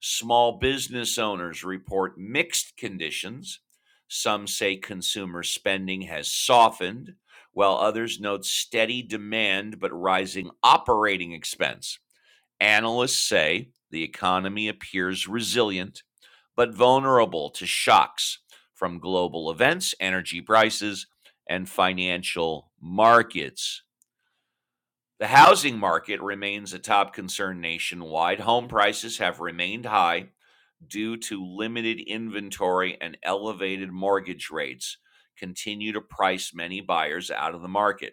Small business owners report mixed conditions. Some say consumer spending has softened, while others note steady demand but rising operating expense. Analysts say the economy appears resilient, but vulnerable to shocks from global events, energy prices, and financial markets. The housing market remains a top concern nationwide. Home prices have remained high due to limited inventory and elevated mortgage rates, continue to price many buyers out of the market.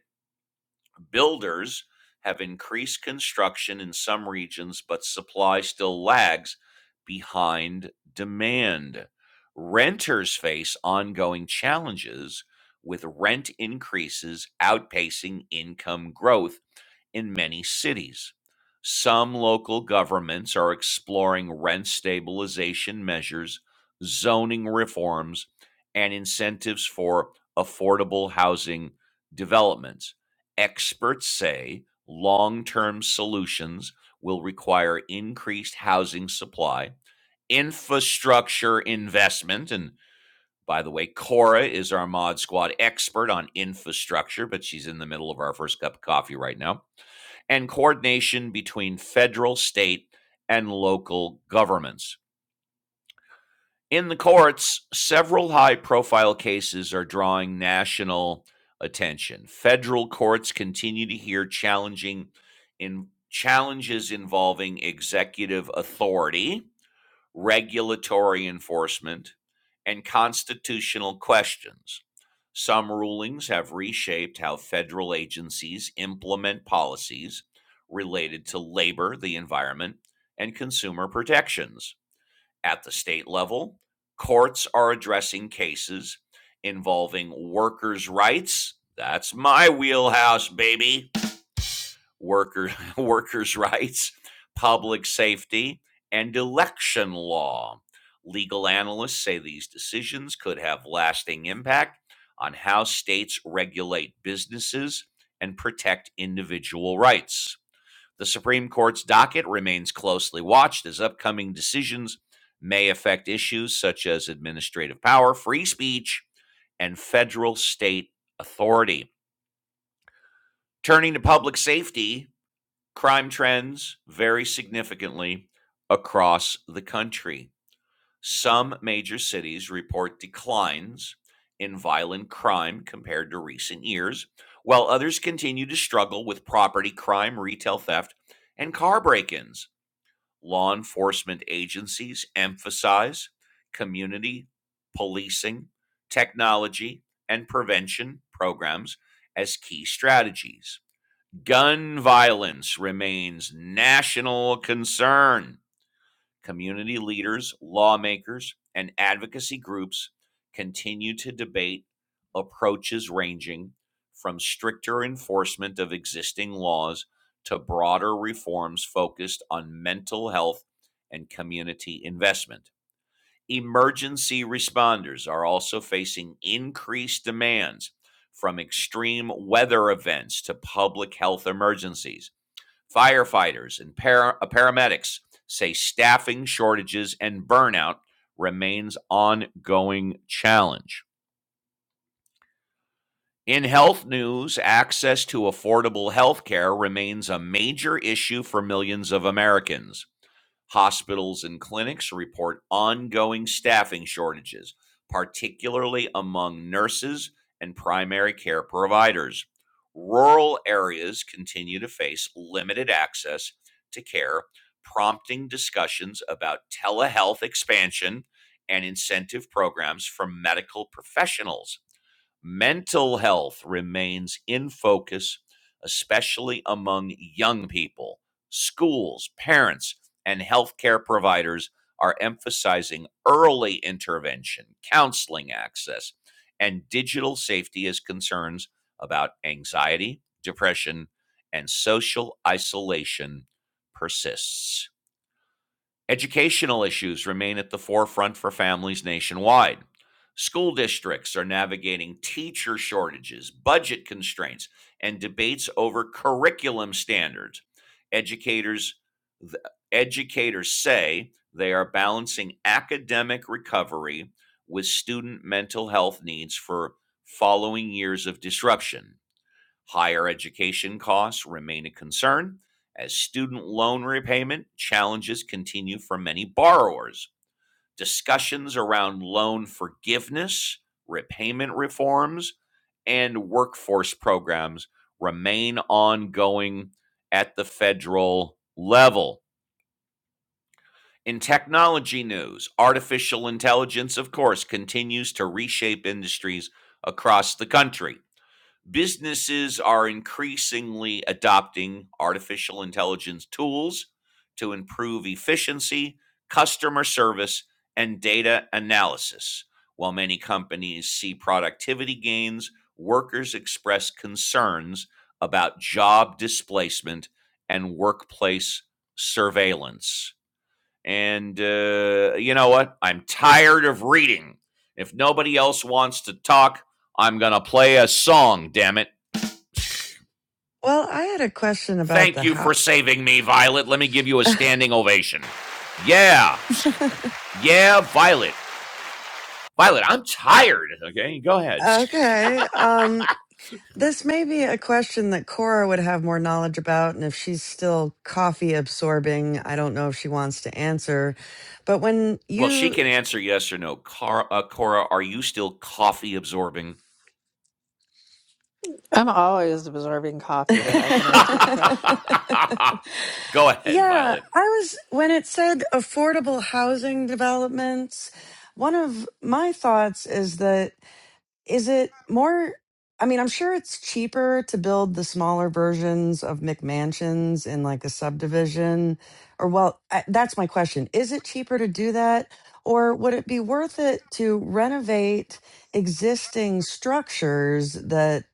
Builders have increased construction in some regions, but supply still lags behind demand. Renters face ongoing challenges with rent increases outpacing income growth in many cities. Some local governments are exploring rent stabilization measures, zoning reforms, and incentives for affordable housing developments. Experts say long term solutions will require increased housing supply, infrastructure investment, and by the way, Cora is our Mod Squad expert on infrastructure, but she's in the middle of our first cup of coffee right now and coordination between federal, state, and local governments. In the courts, several high profile cases are drawing national attention. Federal courts continue to hear challenging in challenges involving executive authority regulatory enforcement, and constitutional questions. Some rulings have reshaped how federal agencies implement policies related to labor, the environment, and consumer protections. At the state level, courts are addressing cases involving workers' rights. That's my wheelhouse, baby worker, workers' rights, public safety, and election law. Legal analysts say these decisions could have lasting impact on how states regulate businesses and protect individual rights. The Supreme Court's docket remains closely watched as upcoming decisions may affect issues such as administrative power, free speech, and federal state authority. Turning to public safety, Crime trends vary significantly across the country. Some major cities report declines in violent crime compared to recent years, while others continue to struggle with property crime, retail theft, and car break ins. Law enforcement agencies emphasize community policing, technology, and prevention programs as key strategies. Gun violence remains national concern. Community leaders, lawmakers, and advocacy groups continue to debate approaches ranging from stricter enforcement of existing laws to broader reforms focused on mental health and community investment. Emergency responders are also facing increased demands from extreme weather events to public health emergencies Firefighters and para- uh, paramedics say staffing shortages and burnout remains an ongoing challenge. In health news, access to affordable health care remains a major issue for millions of Americans. Hospitals and clinics report ongoing staffing shortages, particularly among nurses and primary care providers. Rural areas continue to face limited access to care, prompting discussions about telehealth expansion and incentive programs for medical professionals. Mental health remains in focus, especially among young people. Schools, parents, and healthcare providers are emphasizing early intervention, counseling access, and digital safety as concerns about anxiety, depression, and social isolation persists. Educational issues remain at the forefront for families nationwide. School districts are navigating teacher shortages, budget constraints, and debates over curriculum standards. Educators educators say they are balancing academic recovery with student mental health needs for following years of disruption. Higher education costs remain a concern as student loan repayment challenges continue for many borrowers. Discussions around loan forgiveness, repayment reforms, and workforce programs remain ongoing at the federal level. In technology news, artificial intelligence, of course, continues to reshape industries across the country businesses are increasingly adopting artificial intelligence tools to improve efficiency, customer service, and data analysis. While many companies see productivity gains, workers express concerns about job displacement and workplace surveillance. And uh, you know what? I'm tired of reading. If nobody else wants to talk, I'm going to play a song, damn it.
Well, I had a question about
Thank
the
you
how
for saving me, Violet. Let me give you a standing ovation. Yeah. Yeah, Violet. Violet, I'm tired. Okay, go ahead.
Okay. Um this may be a question that Cora would have more knowledge about and if she's still coffee absorbing, I don't know if she wants to answer. But when
Well, she
you
can answer yes or no. Car- uh, Cora, are you still coffee absorbing?
I'm always observing coffee, but I can answer the question.
go ahead,
Yeah,
Violet.
I was when it said affordable housing developments, one of my thoughts is that is it more? I mean, I'm sure it's cheaper to build the smaller versions of McMansions in like a subdivision. Or, well, I, that's my question. Is it cheaper to do that? Or would it be worth it to renovate existing structures that,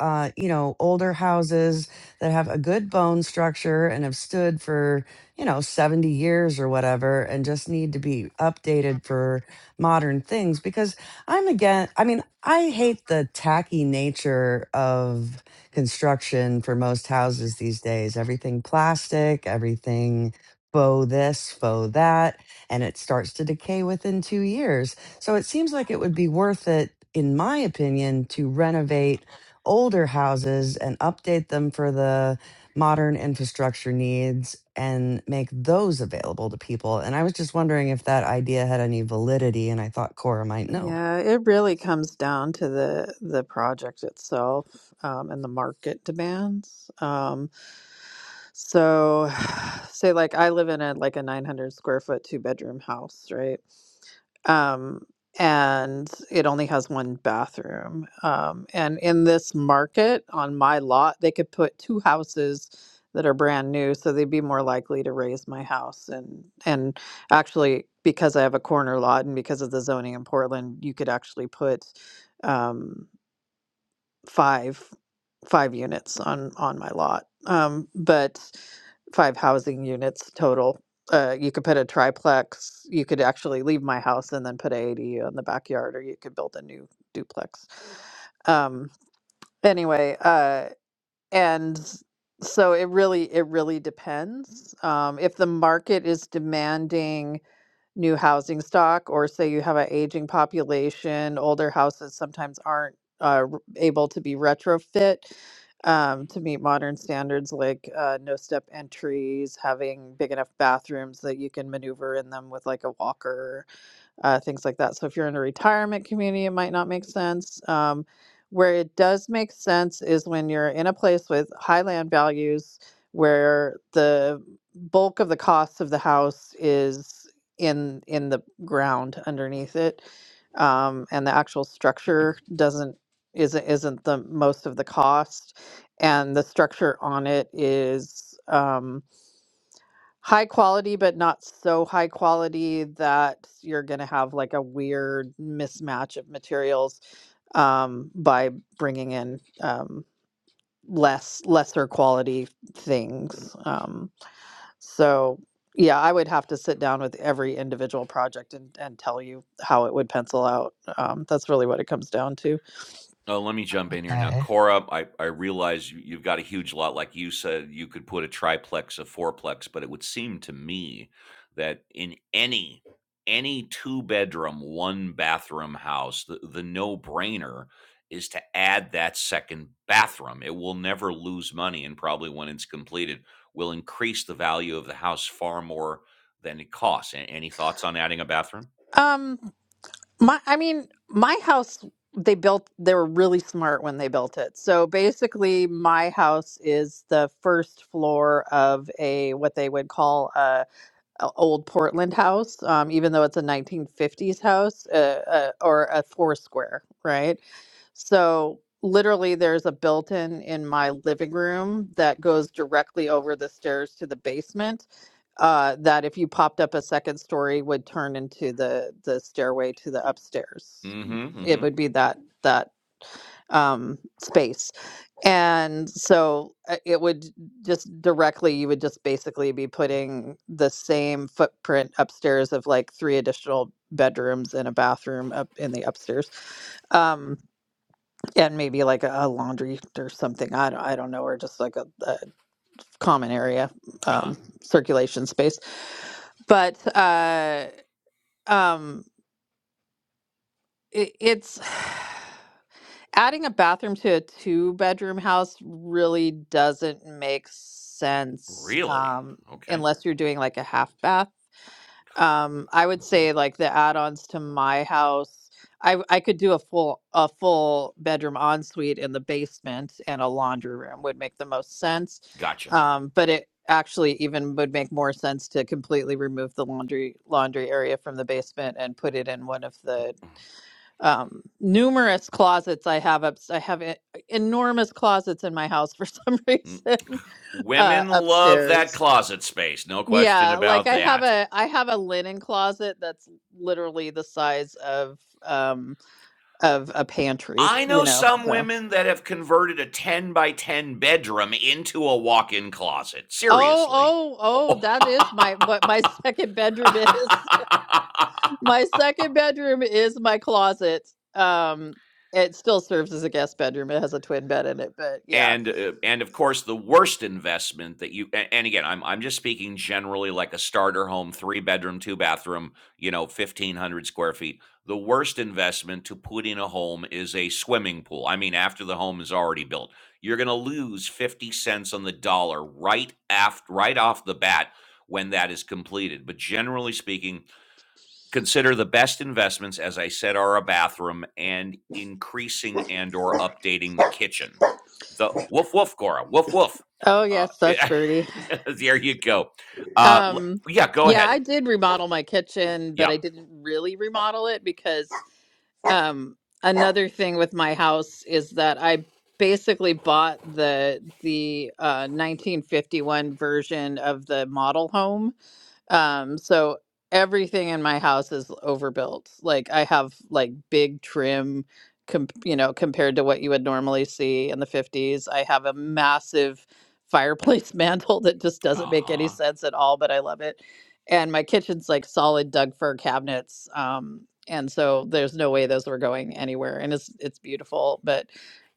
uh, you know, older houses that have a good bone structure and have stood for, you know, 70 years or whatever and just need to be updated for modern things? Because I'm again. I mean, I hate the tacky nature of construction for most houses these days. Everything plastic, everything faux this, faux that, and it starts to decay within two years. So it seems like it would be worth it, in my opinion, to renovate older houses and update them for the modern infrastructure needs and make those available to people. And I was just wondering if that idea had any validity, and I thought Cora might know.
Yeah, it really comes down to the the project itself um, and the market demands. Um, so, say like I live in a like a 900 square foot two bedroom house, right? um, and it only has one bathroom. Um, and in this market on my lot, they could put two houses that are brand new, so they'd be more likely to raise my house. And and actually, because I have a corner lot, and because of the zoning in Portland, you could actually put. um five five units on on my lot um but five housing units total uh you could put a triplex you could actually leave my house and then put a ADU in the backyard or you could build a new duplex um anyway uh and so it really it really depends um if the market is demanding new housing stock, or say you have an aging population, older houses sometimes aren't uh, r- able to be retrofit um, to meet modern standards like uh, no step entries, having big enough bathrooms that you can maneuver in them with like a walker uh, things like that. So if you're in a retirement community, it might not make sense. Um, where it does make sense is when you're in a place with high land values where the bulk of the cost of the house is in in the ground underneath it um, and the actual structure doesn't isn't isn't the most of the cost and the structure on it is um, High quality, but not so high quality that you're going to have like a weird mismatch of materials um, by bringing in um, less lesser quality things. Um, so yeah, I would have to sit down with every individual project and, and tell you how it would pencil out. Um, that's really what it comes down to.
Oh, let me jump in here now.
Okay.
Cora, I, I realize you, you've got a huge lot. Like you said, you could put a triplex, a fourplex, but it would seem to me that in any any two bedroom, one bathroom house, the, the no brainer is to add that second bathroom. It will never lose money and probably when it's completed will increase the value of the house far more than it costs. A- any thoughts on adding a bathroom?
Um, My, I mean, my house, they built, they were really smart when they built it. So basically, my house is the first floor of a what they would call a o- old Portland house, um, even though it's a 1950s house uh, uh, or a four square, right? So literally, there's a built-in in my living room that goes directly over the stairs to the basement. Uh, that if you popped up a second story would turn into the the stairway to the upstairs.
Mm-hmm.
It
Mm-hmm.
would be that that um, space. And so uh, it would just directly, you would just basically be putting the same footprint upstairs of like three additional bedrooms and a bathroom up in the upstairs. Um, and maybe like a, a laundry or something. I don't, I don't know, or just like a, a common area,
Uh-huh.
um, circulation space. But, uh, um, it, it's, adding a bathroom to a two bedroom house really doesn't make sense
Really?
um,
Okay.
unless you're doing like a half bath. Um, I would
Mm-hmm.
say like the add-ons to my house, I I could do a full a full bedroom ensuite in the basement and a laundry room would make the most sense.
Gotcha.
Um, but it actually even would make more sense to completely remove the laundry laundry area from the basement and put it in one of the um numerous closets i have up i have e- enormous closets in my house for some
Mm,
reason uh
Women love that
upstairs
closet space, no question
yeah like
about
i have
that.
a i have a linen closet that's literally the size of um of a pantry
I
you
know
know
some
so
women that have converted a 10 by 10 bedroom into a walk in closet.
oh
Seriously.
oh oh
Oh.
that is my what my second bedroom is my second bedroom is my closet um it still serves as a guest bedroom it has a twin bed in it but yeah
and uh, and of course the worst investment that you a- and again I'm I'm just speaking generally like a starter home 3 bedroom 2 bathroom you know 1500 square feet the worst investment to put in a home is a swimming pool I mean after the home is already built you're going to lose 50 cents on the dollar right aft right off the bat when that is completed but generally speaking consider the best investments as i said are a bathroom and increasing and or updating the kitchen the woof woof cora woof woof
oh
uh,
yes that's birdie
there you go uh,
Um,
yeah go
yeah,
ahead
I did remodel my kitchen, but
yeah
I didn't really remodel it because um, another thing with my house is that I basically bought the the uh, 1951 version of the model home. Um, so everything in my house is overbuilt. Like I have like big trim, com- you know, compared to what you would normally see in the 50s. I have a massive fireplace mantle that just doesn't make any
uh-huh
sense at all, but I love it. And my kitchen's like solid Doug fir cabinets. Um, and so there's no way those were going anywhere. And it's it's beautiful, but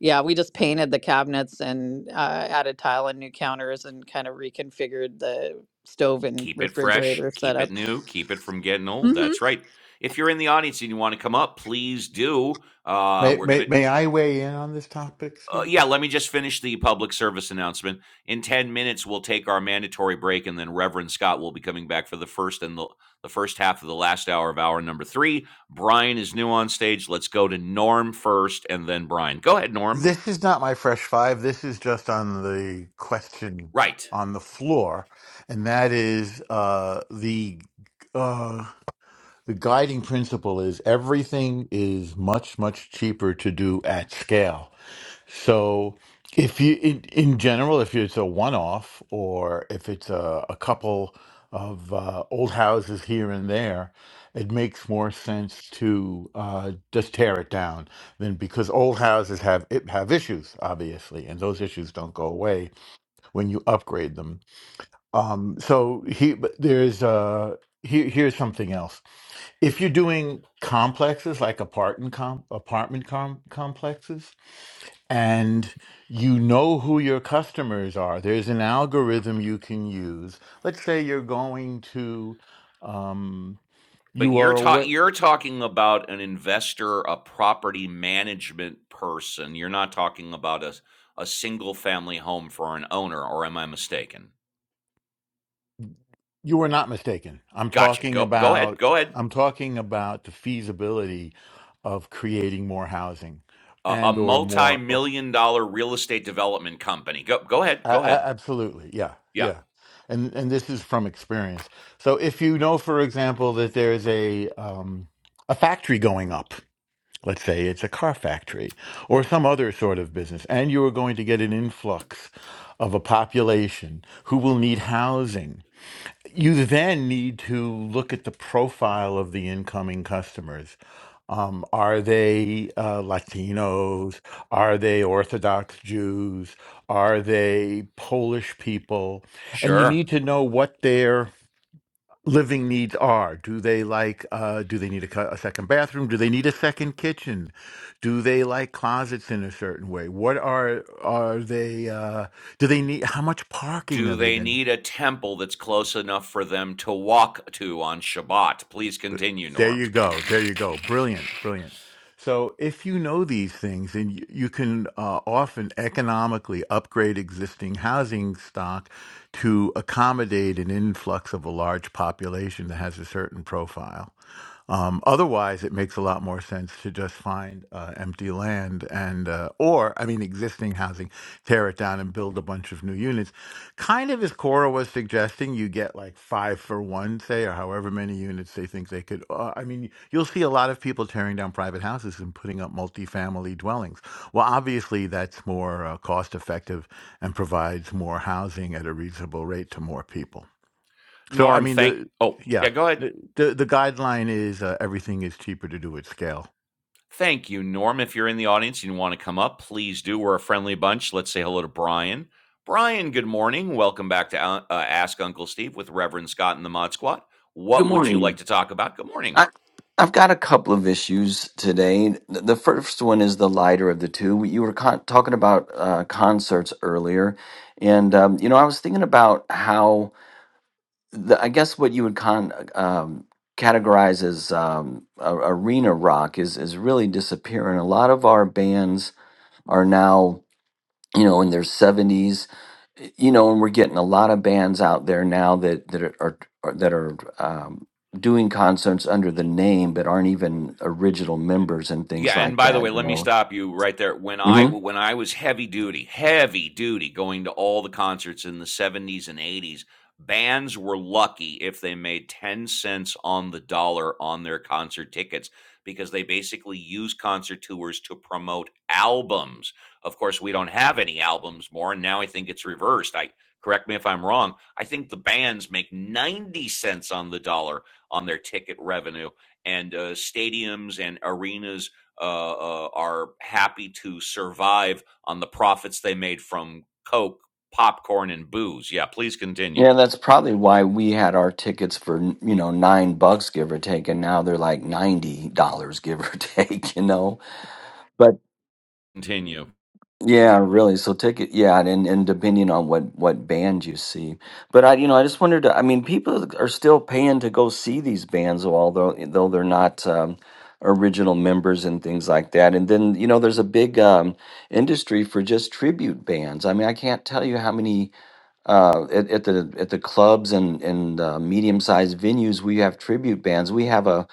yeah, we just painted the cabinets and uh, added tile and new counters and kind of reconfigured the stove and
keep it fresh
refrigerator
keep
setup.
it new keep it from getting old
Mm-hmm.
that's right if you're in the audience and you want to come up please do uh,
May,
we're gonna
may, may I weigh in on this topic,
Uh,
Steve?
yeah, let me just finish the public service announcement. In 10 minutes, we'll take our mandatory break, and then Reverend Scott will be coming back for the first and the, the first half of the last hour of hour number three. Brian is new on stage. Let's go to Norm first, and then Brian. Go ahead, Norm.
This is not my fresh five. This is just on the question
Right.
on the floor, and that is uh, the uh, the guiding principle is everything is much much cheaper to do at scale so if you in, in general if it's a one-off or if it's a, a couple of uh, old houses here and there it makes more sense to uh, just tear it down than because old houses have it have issues obviously and those issues don't go away when you upgrade them um, so he but there's uh, here, here's something else if you're doing complexes like apartment com- apartment com- complexes and you know who your customers are there's an algorithm you can use let's say you're going to um,
But
you
you're
are
ta-
away
you're talking about an investor, a property management person. You're not talking about a a single family home for an owner, or am I mistaken?
you are not mistaken i'm
Gotcha.
talking
Go go ahead.
about
Go ahead.
i'm talking about the feasibility of creating more housing
A a
and or more
multi-million dollar real estate development company. Go go ahead,
A-
go ahead.
a- absolutely. Yeah.
Yeah,
Yeah. And and this is from experience. So if you know, for example, that there's a um, a factory going up, let's say it's a car factory or some other sort of business, and you are going to get an influx of a population who will need housing you then need to look at the profile of the incoming customers. Um, are they uh, Latinos? Are they Orthodox Jews? Are they Polish people? And you
sure.
need to know what their living needs are. Do they like? Uh, do they need a, cu- a second bathroom? Do they need a second kitchen? Do they like closets in a certain way? What are are they? Uh, do they need? How much parking
Do
are they
they
going?
need a temple that's close enough for them to walk to on Shabbat? Please continue,
There
Norm.
you go. There you go. Brilliant. Brilliant. So, if you know these things, and you, you can uh, often economically upgrade existing housing stock to accommodate an influx of a large population that has a certain profile. Um, otherwise, it makes a lot more sense to just find uh, empty land and uh, or i mean existing housing tear it down and build a bunch of new units kind of as cora was suggesting you get like five for one say or however many units they think they could uh, i mean you'll see a lot of people tearing down private houses and putting up multifamily dwellings well obviously that's more uh, cost effective and provides more housing at a reasonable rate to more people so i
Norm,
mean the
thank. Oh,
yeah
yeah, go ahead.
the the, the guideline is uh, everything is cheaper to do at scale
Thank you, Norm. If you're in the audience and you want to come up, please do. We're a friendly bunch. Let's say hello to Brian. Brian, good morning. Welcome back to uh, uh, Ask Uncle Steve with Reverend Scott and the Mod Squad.
Good
What would you like
morning.
to talk about? Good morning.
I, I've got a couple of issues today. The the first one is the lighter of the two. You were con- talking about uh, concerts earlier, and um, you know I was thinking about how the, I guess what you would con- um, categorize as um, a- arena rock is is really disappearing. A lot of our bands are now you know, in their 70s, you know, and we're getting a lot of bands out there now that that are, are that are um, doing concerts under the name but aren't even original members and
Yeah,
things
and
like
by the
that.
way,
You
let me
know.
stop you right there. When I
hmm
when I was heavy duty, heavy duty, going to all the concerts in the seventies and eighties, bands were lucky if they made ten cents on the dollar on their concert tickets because they basically use concert tours to promote albums. Of course, we don't have any albums more, and now I think it's reversed. I correct me if I'm wrong. I think the bands make ninety cents on the dollar on their ticket revenue, and uh, stadiums and arenas uh, uh, are happy to survive on the profits they made from coke, popcorn, and booze. Yeah, please continue.
Yeah, that's probably why we had our tickets for you know nine bucks give or take, and now they're like ninety dollars give or take. You know.
Continue.
Yeah, really. So take it, yeah, and and depending on what what band you see, but I, you know, I just wondered. I mean, people are still paying to go see these bands, although though they're not um, original members and things like that. And then you know, there's a big um, industry for just tribute bands. I mean, I can't tell you how many uh, at, at the at the clubs and and uh, medium sized venues, we have tribute bands. We have a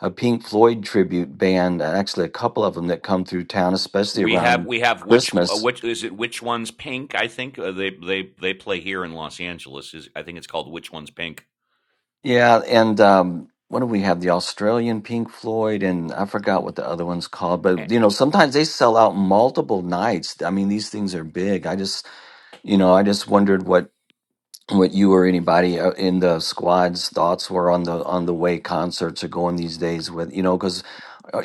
a Pink Floyd tribute band, uh, actually a couple of them that come through town, especially
We have
around
we have which uh,
Christmas.
which is it? Which one's pink? I think uh, they they they play here in Los Angeles. Is I think it's called Which One's Pink.
Yeah, and um, what do we have? The Australian Pink Floyd, and I forgot what the other one's called. But you know, sometimes they sell out multiple nights. I mean, these things are big. I just you know, I just wondered what what you or anybody uh, in the squad's thoughts were on the on the way concerts are going these days with you know because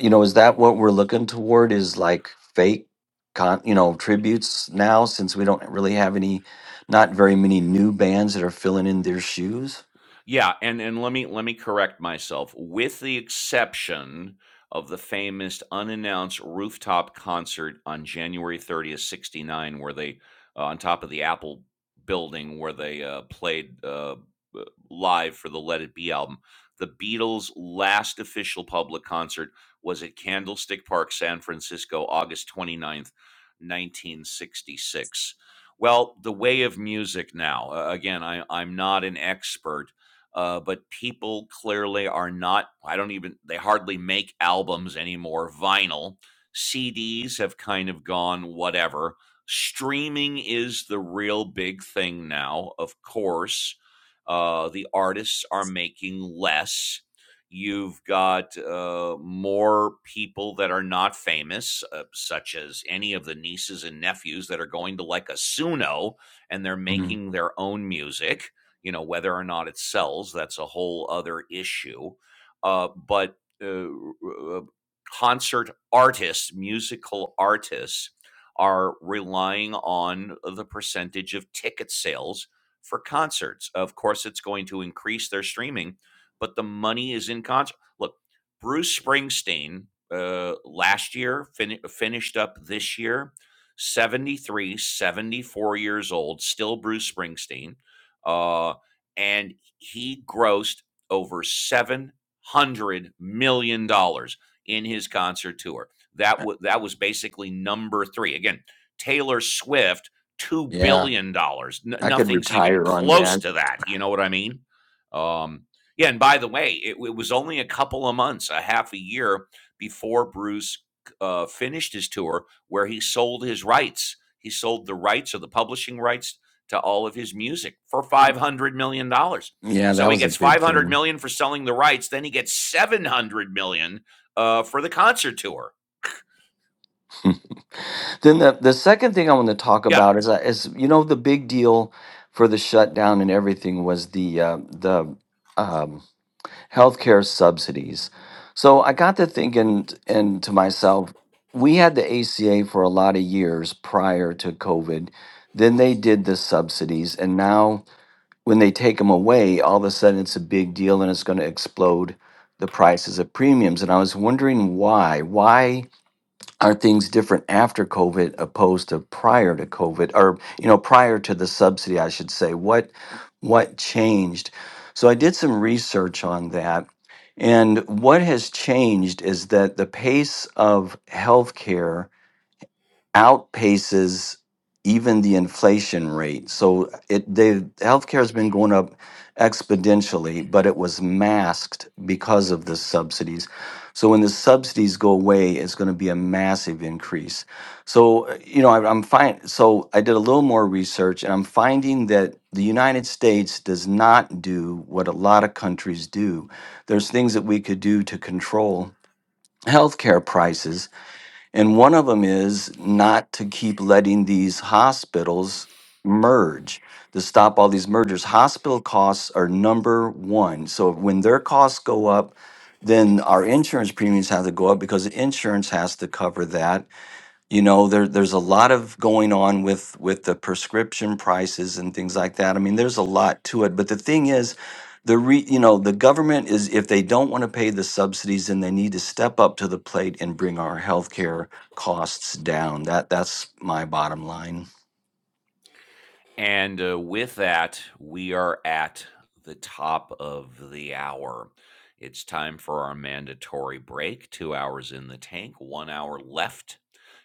you know is that what we're looking toward is like fake con you know tributes now since we don't really have any not very many new bands that are filling in their shoes
Yeah, and and let me let me correct myself. With the exception of the famous unannounced rooftop concert on January 30th, 69, where they uh, on top of the Apple building where they uh, played uh, b- live for the Let It Be album. The Beatles' last official public concert was at Candlestick Park, San Francisco, August 29th, 1966. Well, the way of music now. uh, again, I, I'm not an expert uh, but people clearly are not i don't even they hardly make albums anymore vinyl cds have kind of gone whatever streaming is the real big thing now of course uh, the artists are making less you've got uh, more people that are not famous uh, such as any of the nieces and nephews that are going to like a suno and they're
Mhm.
making their own music you know, whether or not it sells, that's a whole other issue. Uh, but uh, uh, concert artists, musical artists, are relying on the percentage of ticket sales for concerts. Of course, it's going to increase their streaming, but the money is in concert. Look, Bruce Springsteen uh, last year fin- finished up this year 73, 74 years old, still Bruce Springsteen. Uh, and he grossed over seven hundred million dollars in his concert tour. That was that was basically number three. Again, Taylor Swift, two
yeah
billion dollars. N-
i could
nothing's even
retire on
close
that
to that. You know what I mean? Um, yeah. And by the way, it, it was only a couple of months, a half a year before Bruce uh, finished his tour, where he sold his rights. He sold the rights or the publishing rights to all of his music for 500 million dollars.
yeah that
So he
was a
gets
big
500
thing
million dollars for selling the rights, then he gets 700 million dollars uh, for the concert tour.
then the, the second thing i want to talk
Yeah.
about is uh, is you know the big deal for the shutdown and everything was the uh, the um healthcare subsidies. So I got to thinking t- and to myself, we had the ACA for a lot of years prior to COVID. Then they did the subsidies. And now when they take them away, all of a sudden it's a big deal and it's going to explode the prices of premiums. And I was wondering why. Why? are things different after COVID opposed to prior to COVID or you know prior to the subsidy I should say what what changed so I did some research on that and what has changed is that the pace of healthcare outpaces even the inflation rate. So it the healthcare has been going up exponentially, but it was masked because of the subsidies. So when the subsidies go away, it's going to be a massive increase. So uh, you know, I, I'm fine. So I did a little more research, and I'm finding that the United States does not do what a lot of countries do. There's things that we could do to control healthcare prices and one of them is not to keep letting these hospitals merge, to stop all these mergers. Hospital costs are number one. So when their costs go up, then our insurance premiums have to go up because insurance has to cover that you know there there's a lot of going on with with the prescription prices and things like that i mean there's a lot to it but the thing is the re, you know the government is if they don't want to pay the subsidies then they need to step up to the plate and bring our healthcare costs down that that's my bottom line
And uh, with that, we are at the top of the hour. It's time for our mandatory break. Two hours in the tank, one hour left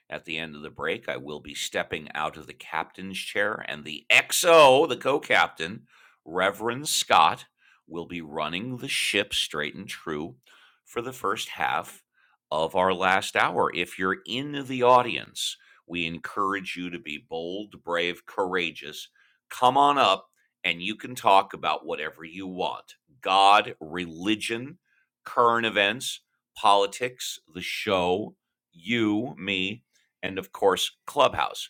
At the end of the break, I will be stepping out of the captain's chair, and the XO, the co captain, Reverend Scott, will be running the ship straight and true for the first half of our last hour. If you're in the audience, we encourage you to be bold, brave, courageous. Come on up and you can talk about whatever you want God, religion, current events, politics, the show, you, me, and of course Clubhouse.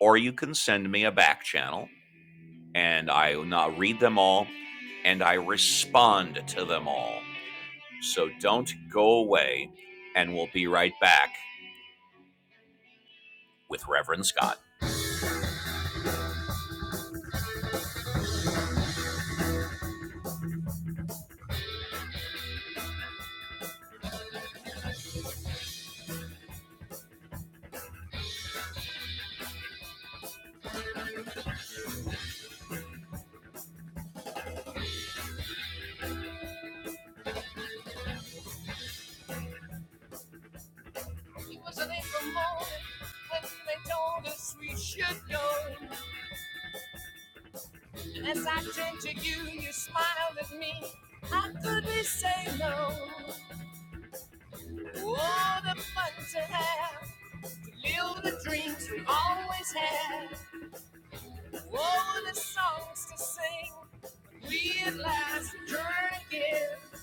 Or you can send me a back channel and I will read them all and I respond to them all. So don't go away and we'll be right back with Reverend Scott. He was an angel Lord, and they told us we should go. As I turned to you, you smiled at me. How could we say no? What a fun to have. Live the dreams we always had. Oh, the songs to sing. we'd Realize the journey is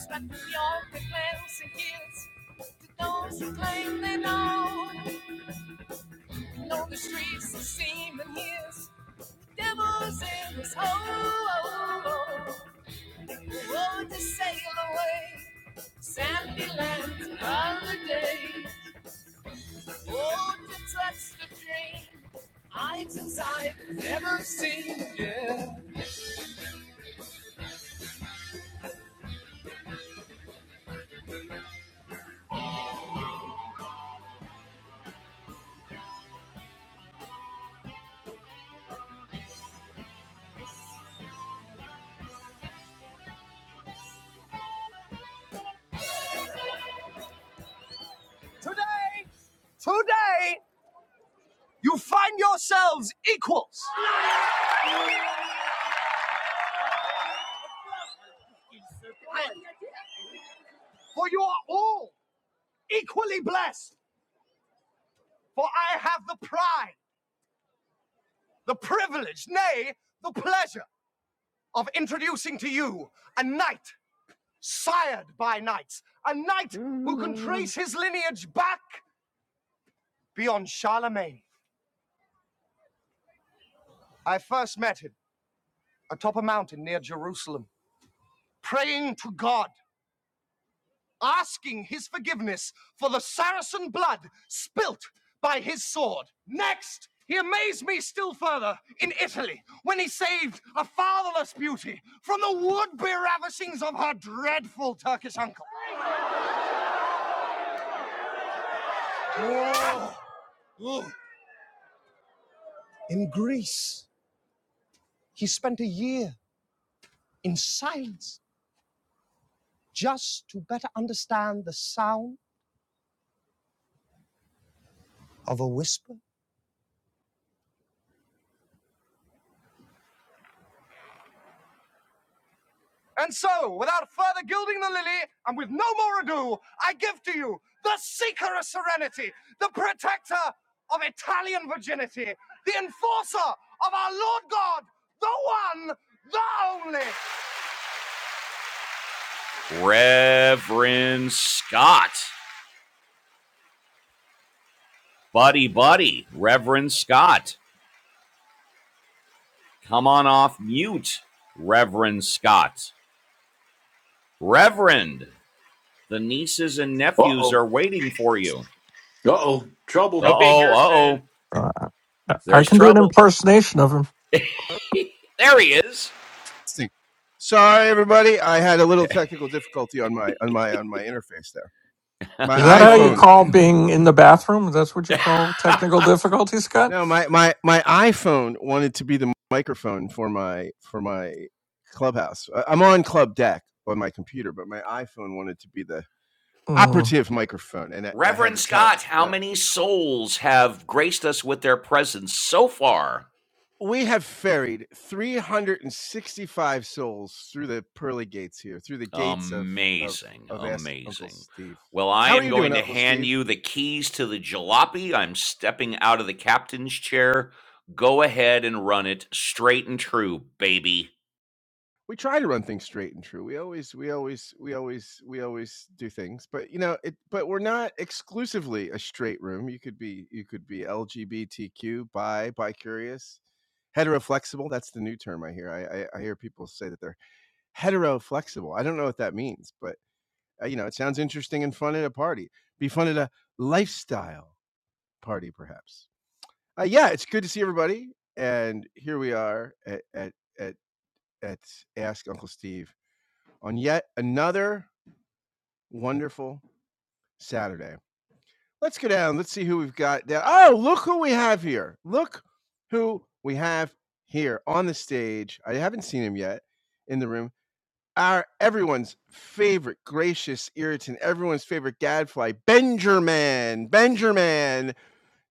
stuck beyond the glance and kids. To those who claim they know, know the streets are seeming his. Devils in his hole. Oh, to sail away. Sandy lands another day. Oh, to touch the dream. Eyes inside, never seen. Yeah. Today, today. You find yourselves equals, for you are all equally blessed. For I have the pride, the privilege, nay, the pleasure of introducing to you a knight sired by knights, a knight who can trace his lineage back beyond Charlemagne. I first met him atop a mountain near Jerusalem, praying to God asking his forgiveness for the Saracen blood spilt by his sword. Next, he amazed me still further in Italy when he saved a fatherless beauty from the would be ravishings of her dreadful Turkish uncle. In Greece, he spent a year in silence just to better understand the sound of a whisper And so, without further gilding the lily, and with no more ado, I give to you the seeker of serenity, the protector of Italian virginity, the enforcer. Reverend Scott. Buddy, buddy, Reverend Scott. Come on off mute, Reverend Scott. Reverend, the nieces and nephews are waiting for you.
Uh oh,
Uh
trouble.
Don't be
oh,
here
uh
saying
oh,
Uh, I
there's
can do an
trouble.
impersonation of him.
There he is.
Sorry, everybody. I had a little technical difficulty on my on my on my interface there. My
Is that how you
iPhone.
no.
call being in the bathroom? That's what you call technical difficulty, Scott?
No, my my my iPhone wanted to be the microphone for my for my clubhouse. I- I'm on Club Deck on my computer, but my iPhone wanted to be the
Mm,
operative microphone, and I, I had
Reverend
to tell it.
Scott, how
no.
many souls have graced us with their presence so far?
we have ferried 365 souls through the pearly gates here, through the gates of of
Amazing,
of Ask Uncle
amazing.
Steve.
Well, I
How are
am
you doing,
going to
Uncle
hand
Steve?
you the keys to the jalopy. I'm stepping out of the captain's chair. Go ahead and run it straight and true, baby.
We try to run things straight and true. We always, we always, we always, we always do things, but you know, it. But we're not exclusively a straight room. You could be, you could be LGBTQ, bi, bi curious, heteroflexible. That's the new term I hear. I, I, I hear people say that they're heteroflexible. I don't know what that means, but Uh, you know, it sounds interesting and fun at a party. Be fun at a lifestyle party, perhaps. Uh, yeah, it's good to see everybody, and here we are at at at, at Ask Uncle Steve on yet another wonderful Saturday. Let's go down. Let's see who we've got down. Oh, look who we have here. Look who we have here on the stage. I haven't seen him yet in the room. our everyone's favorite gracious irritant, everyone's favorite gadfly, Benjerman, Benjerman.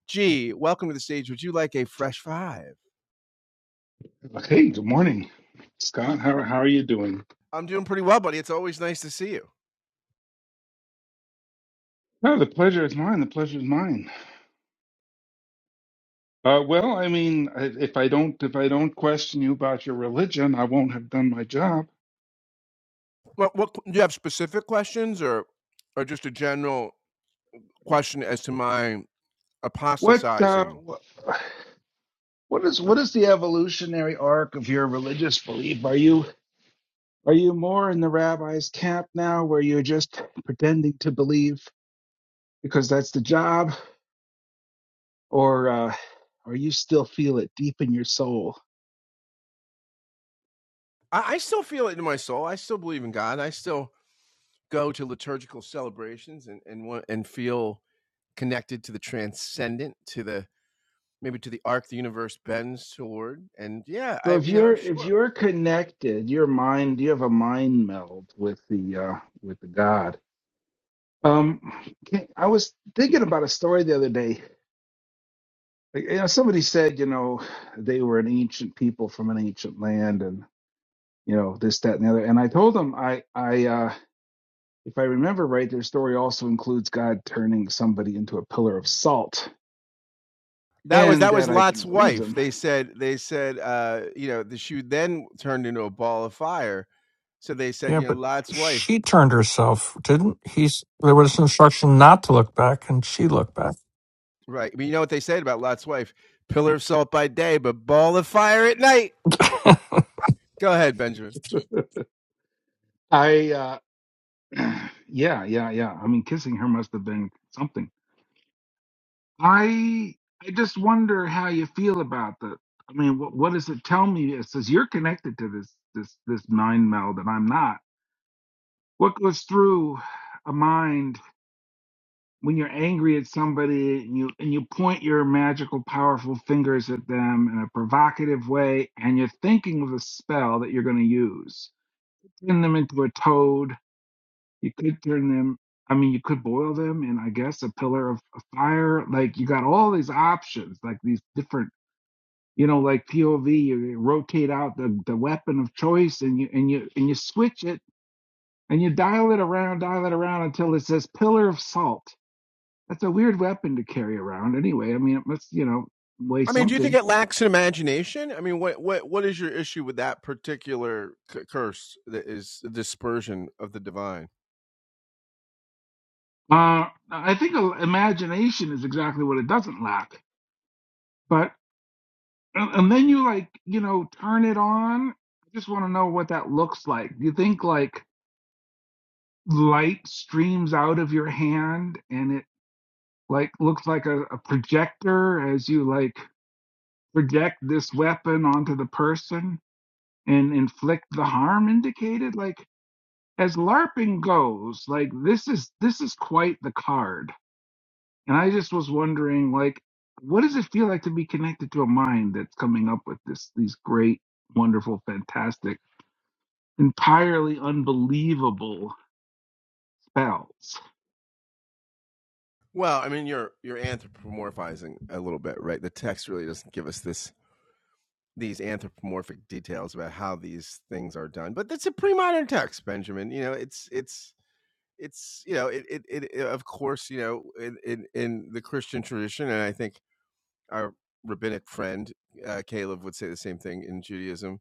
G, welcome to the stage. Would you like a fresh five?
Hey, good morning, Scott. How how are you doing? No, the pleasure is mine. The pleasure is mine. Uh, well, I mean, I- if I don't if I don't question you about your religion, I won't have done my job. What uh, wh- what is what is the evolutionary arc of your religious belief? Are you are you more in the rabbi's camp now, where you're just pretending to believe because that's the job, or uh, or you still feel it deep in your soul?
Connected to the transcendent, to the maybe to the arc the universe bends toward, and yeah,
So
I
if
you know
you're if
sure.
you're connected, your mind you have a mind meld with the uh, with the God. Um, can- I was thinking about a story the other day. Like, You know, somebody said you know they were an ancient people from an ancient land, and you know this, that, and the other. And I told them I I uh, if I remember right, their story also includes God turning somebody into a pillar of salt, and that I didn't believe them.
I
yeah, but she turned herself, didn't he? There was instruction not to look back, and she looked back.
I uh, yeah yeah yeah. I mean, kissing her must have been something I I just wonder how you feel about that. I mean, what what does it tell me? It says you're connected to this this this mind meld, and I'm not. What goes through a mind when you're angry at somebody and you and you point your magical, powerful fingers at them in a provocative way, and you're thinking of a spell that you're going to use. Turn them into a toad. You could turn them. I mean, you could boil them in, I guess, a pillar of, of fire. Like you got all these options, like these different you know, like POV, you rotate out the, the weapon of choice and you and you and you switch it and you dial it around, dial it around until it says pillar of salt. That's a weird weapon to carry around anyway. I mean, it must, you know, weigh
mean, do you think
something.
it lacks in imagination? I mean, what what what is your issue with that particular c- curse that is the dispersion of the divine?
Uh, I think imagination is exactly what it doesn't lack. But and then you like, you know, turn it on. I just want to know what that looks like. Do you think like light streams out of your hand and it. like looks like a, a projector as you like project this weapon onto the person and inflict the harm indicated like as larping goes like this is this is quite the card and i just was wondering like what does it feel like to be connected to a mind that's coming up with this these great wonderful fantastic entirely unbelievable spells
Well, I mean, you're you're anthropomorphizing a little bit, right? The text really doesn't give us this these anthropomorphic details about how these things are done but that's a pre-modern text benjamin you know it's it's it's you know it it, it of course you know in, in in the christian tradition and i think our rabbinic friend uh, caleb would say the same thing in judaism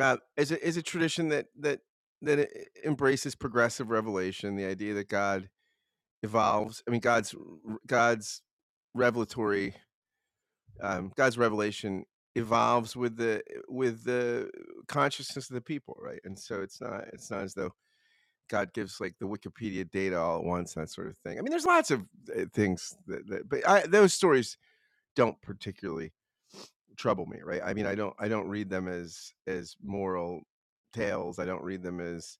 uh, is a is a tradition that that that e- e, embraces progressive revelation the idea that god evolves i mean god's god's revelatory um, God's revelation evolves with the eh, with the consciousness of the people, right? And so it's not it's not as though God gives like the Wikipedia data all at once that sort of thing. I mean, there's lots of uh, things that, that but I, those stories don't particularly trouble me, right? I mean, I don't I don't read them as as moral tales. I don't read them as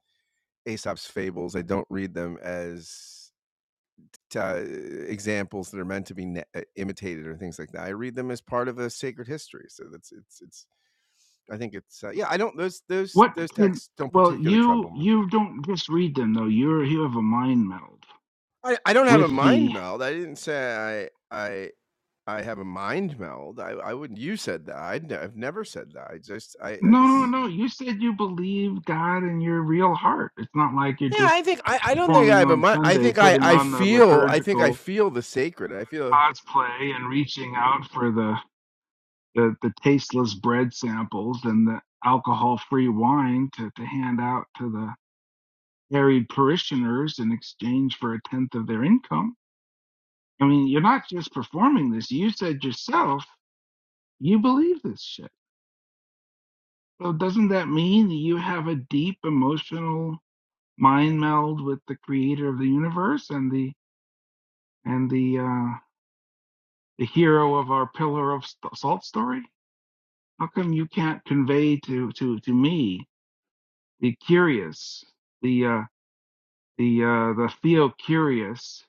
Aesop's fables. I don't read them as uh, examples that are meant to be ne- uh, imitated or things like that. I read them as part of a sacred history. So that's it's it's. I think it's uh, yeah. I don't those those
what
those
can
texts don't
well
particularly
you
trouble me.
you don't just read them though you're you have a mind meld
I, I don't have a
with the
mind meld. I didn't say I I I have a mind meld. I, I wouldn't. You said that. i have never said that. I just I, I
no no
just.
no you said you believe god in your real heart it's not like you're
Yeah,
just
I think I, I don't think I
performing
have a
on
mind. I
sunday
think I,
putting
I
on the
feel I think I
liturgical
feel the sacred. I feel
cosplay and reaching out for the the, the tasteless bread samples and the alcohol free wine to, to hand out to the harried parishioners in exchange for a tenth of their income i mean you're not just performing this you said yourself you believe this shit so doesn't that mean that you have a deep emotional mind meld with the creator of the universe and the and the uh, the hero of our pillar of salt story? How come you can't convey to to to me the curious, the uh, the uh, the theo curious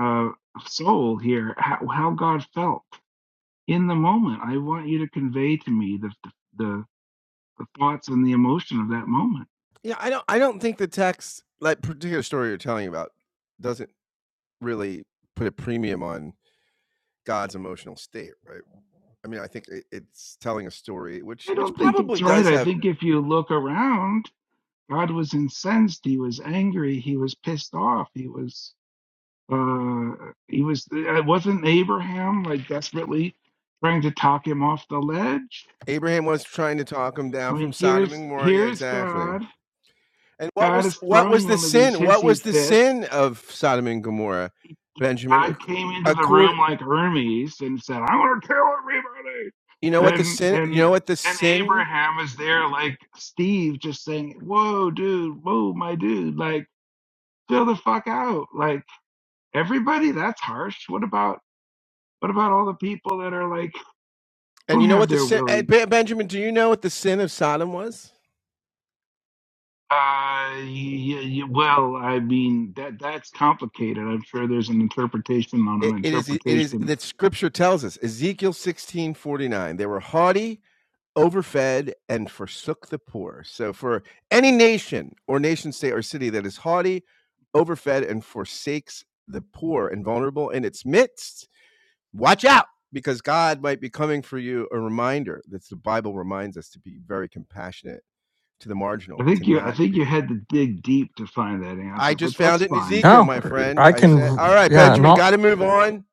uh, soul here? How, how God felt in the moment? I want you to convey to me the the the thoughts and the emotion of that moment.
yeah. I don't I don't think the text like particular story you're telling about doesn't really put a premium on God's emotional state, right? I mean, I think it, it's telling a story, which
I
which
don't think
probably
that's right.
does
I
have
think if you look around God was incensed. He was angry. He was pissed off. He was, uh, he was, it wasn't Abraham like desperately trying to talk him off the ledge.
Abraham was trying to talk him
I
down from
mean,
Sodom and
here's,
Gomorrah. Yeah,
here's
exactly.
God.
And what
God
was
is
what was
throwing
the
one of these
sin? What
hissy
was the
fits.
sin of Sodom and Gomorrah, Benjamin?
God came into the
Accord
room like Hermes and said, I'm going to kill everybody.
You know what the
And,
sin? You
and,
know what the
and
sin?
Abraham is there like Steve just saying, whoa, dude, whoa, my dude, like, chill the fuck out. Like, Everybody? That's harsh. What about what about all the people that are like
And
don't
you know
have
what the
their
sin? eh,
willing?
Ben- Benjamin, do you know what the sin of Sodom was?
Uh, y y well, I mean that that's complicated. I'm sure there's an interpretation on
It,
an
it is. It is
interpretation.
that Scripture tells us Ezekiel sixteen forty nine. They were haughty, overfed, and forsook the poor. So, for any nation or nation state or city that is haughty, overfed, and forsakes the poor and vulnerable in its midst, watch out because God might be coming for you. A reminder that the Bible reminds us to be very compassionate to the marginal
I
and to
think you I
not
think you
be.
had to dig deep to find that
I
answer, but
just
that's
found it in
fine.
Ezekiel,
No,
my friend.
I
I said, all
can.
right,
Yeah,
Benjamin,
no,
got to move on.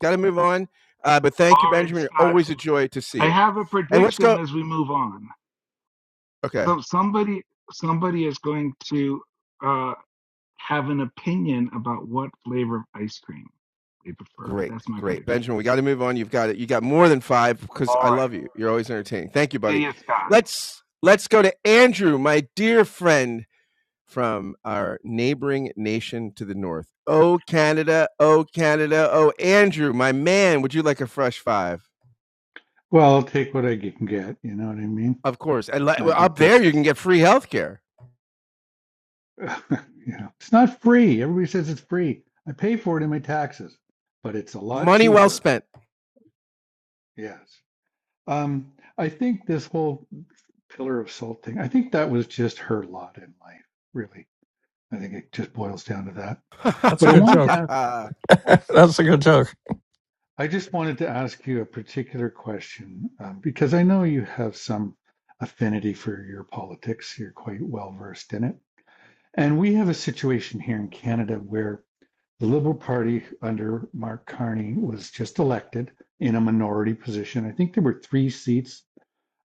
Got to move on. Uh, but thank you,
All right,
Benjamin.
Scott.
Always a joy to see
I
you.
have a
And let's go.
prediction as we move on.
Okay,
So somebody somebody is going to uh, have an opinion about what flavor of ice cream they prefer.
great,
That's my
great,
prediction.
Benjamin. We got to move on. You've got it. You got more than five because
All
I
right.
love you. You're always entertaining. Thank you,
See
buddy.
you, Scott.
Let's let's go to Andrew, my dear friend from our neighboring nation to the north. Oh Canada, oh Canada, oh Andrew, my man. Would you like a fresh five?
Well, I'll take what I can get. You know what I mean?
Of course. And like,
I
well,
think
up there,
that's
you can
just,
get free healthcare.
you know, it's not free. Everybody says it's free. I pay for it in my taxes, but it's a lot
Money well
cheaper.
spent.
Yes. Um, I think this whole pillar of salt thing, I think that was just her lot in life, really. I think it just boils down to that.
that's
But
a
I
good
wanted
joke.
to ask, I
That's a good joke.
I just wanted to ask you a particular question um, because I know you have some affinity for your politics. You're quite well versed in it. And we have a situation here in Canada where the Liberal Party under Mark Carney was just elected in a minority position. I think there were three seats,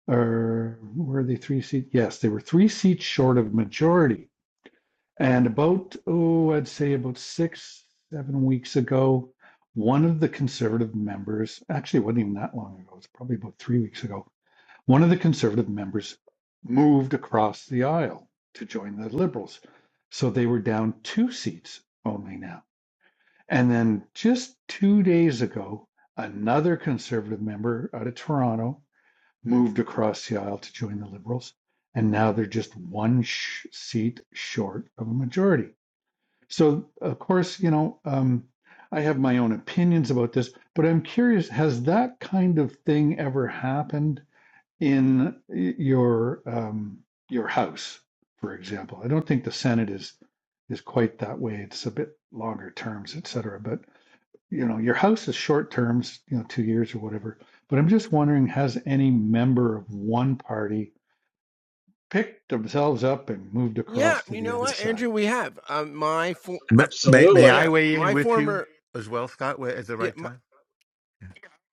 or were they three seats? Yes, there were three seats short of majority. And about, oh, I'd say about six, seven weeks ago, one of the conservative members, actually, it wasn't even that long ago, it's probably about three weeks ago, one of the Conservative members moved across the aisle to join the Liberals. So they were down two seats only now. And then just two days ago, another Conservative member out of Toronto moved across the aisle to join the Liberals. And now they're just one sh- seat short of a majority. So, of course, you know, um, I have my own opinions about this, but I'm curious has that kind of thing ever happened in your um, your house, for example. I don't think the Senate is is quite that way. It's a bit longer terms, et cetera. But you know, your house is short terms, you know, two years or whatever. But I'm just wondering, has any member of one party picked themselves up and moved
yeah,
across to
you
the
know
other
what,
side?
Andrew? We have um, my for-
May, may may
absolutely.
I
yeah,
weigh in
my
with you
former
as well, Scott? Where- At the
yeah,
right
my,
time, Yeah.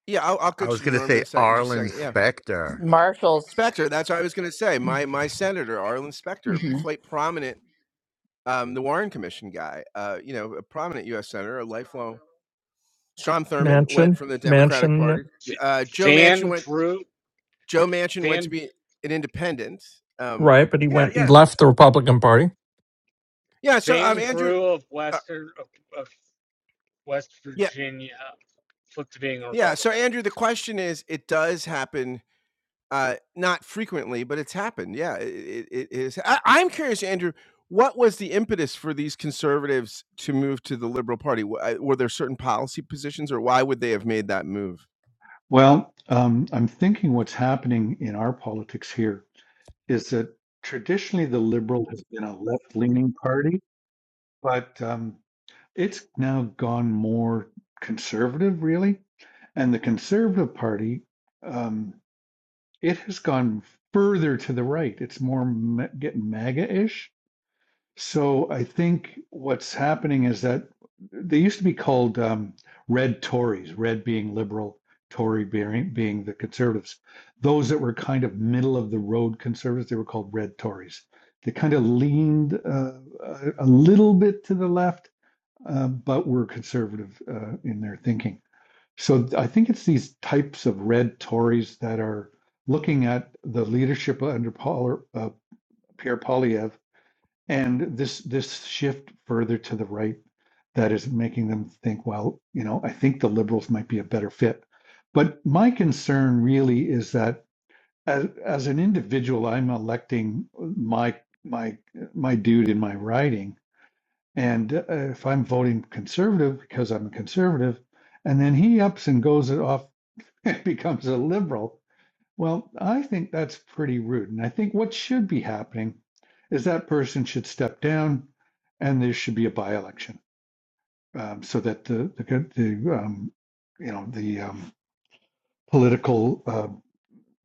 yeah. I'll, I'll
I
get
was
to you,
going to
Norman, in
say
a second. Just a
Arlen
second. Yeah,
Specter.
Marshall's.
Specter. That's what I was going to say. My my senator, Arlen Specter,
hmm
quite prominent. Um, the Warren Commission guy, uh, you know, a prominent U.S. senator, a lifelong
Mansion, Mansion,
V-
uh,
Van through
Joe.
Van
and
right? But he
Yeah,
went. He
yeah,
left the Republican Party.
yeah,
Van through of
uh,
Western of, of West
yeah,
Virginia flipped to being a
yeah. So,
Republican.
Andrew, the question is, it does, and uh, now, Andrew, what conservatives to move to the Liberal Party? Were there certain policy positions, or why would they have made that move?
Well, um, I'm thinking what's happening in our politics here is that traditionally the Liberal has been a left-leaning party, but um, it's now gone more conservative, really. And the Conservative Party, um, it has gone further to the right. It's more ma- getting MAGA-ish. So I think what's happening is that they used to be called um, red Tories, red being liberal, Tory being, being the conservatives. Those that were kind of middle of the road conservatives, they were called red Tories. They kind of leaned uh, a, a little bit to the left uh, but were conservative uh, in their thinking. So I think it's these types of red Tories that are looking at the leadership under Paul, uh, Pierre Polyev and this this shift further to the right that is making them think, well, you know, I think the liberals might be a better fit. But my concern really is that as, as an individual, I'm electing my my my dude in my riding and uh, if I'm voting conservative because I'm a conservative, and then he ups and goes it off and becomes a liberal, well, I think that's pretty rude. And I think what should be happening is that person should step down, and there should be a by-election um, so that the the, the um, you know the um, political uh,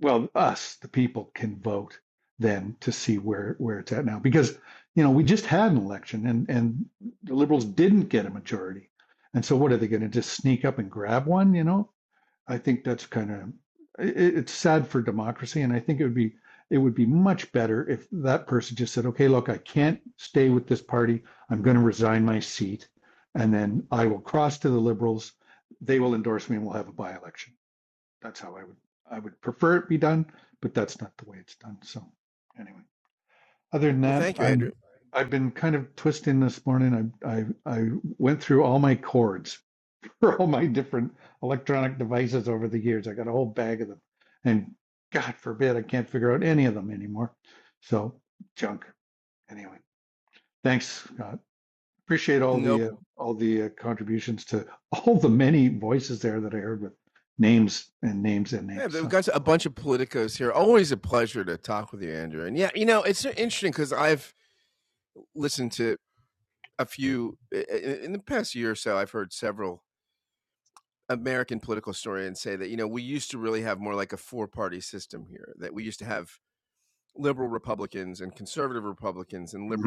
well, us, the people, can vote then to see where, where it's at now. Because, you know, we just had an election and, and the liberals didn't get a majority. And so what are they going to just sneak up and grab one? You know, I think that's kind of, it, it's sad for democracy. And I think it would be, it would be much better if that person just said, okay, look, I can't stay with this party. I'm going to resign my seat. And then I will cross to the liberals. They will endorse me and we'll have a by election that's how I would, I would prefer it be done, but that's not the way it's done. So anyway, other than
Well,
that,
thank you, Andrew.
I'm, I've been kind of twisting this morning. I, I, I went through all my cords for all my different electronic devices over the years. I got a whole bag of them and God forbid I can't figure out any of them anymore. So junk anyway. Thanks, Scott. Appreciate all
No,
the, uh, all the uh, contributions to all the many voices there that I heard with names and names and names. So cool.
they're always a pleasure to talk with you, Andrew. And yeah, he's, I've,
Mhm.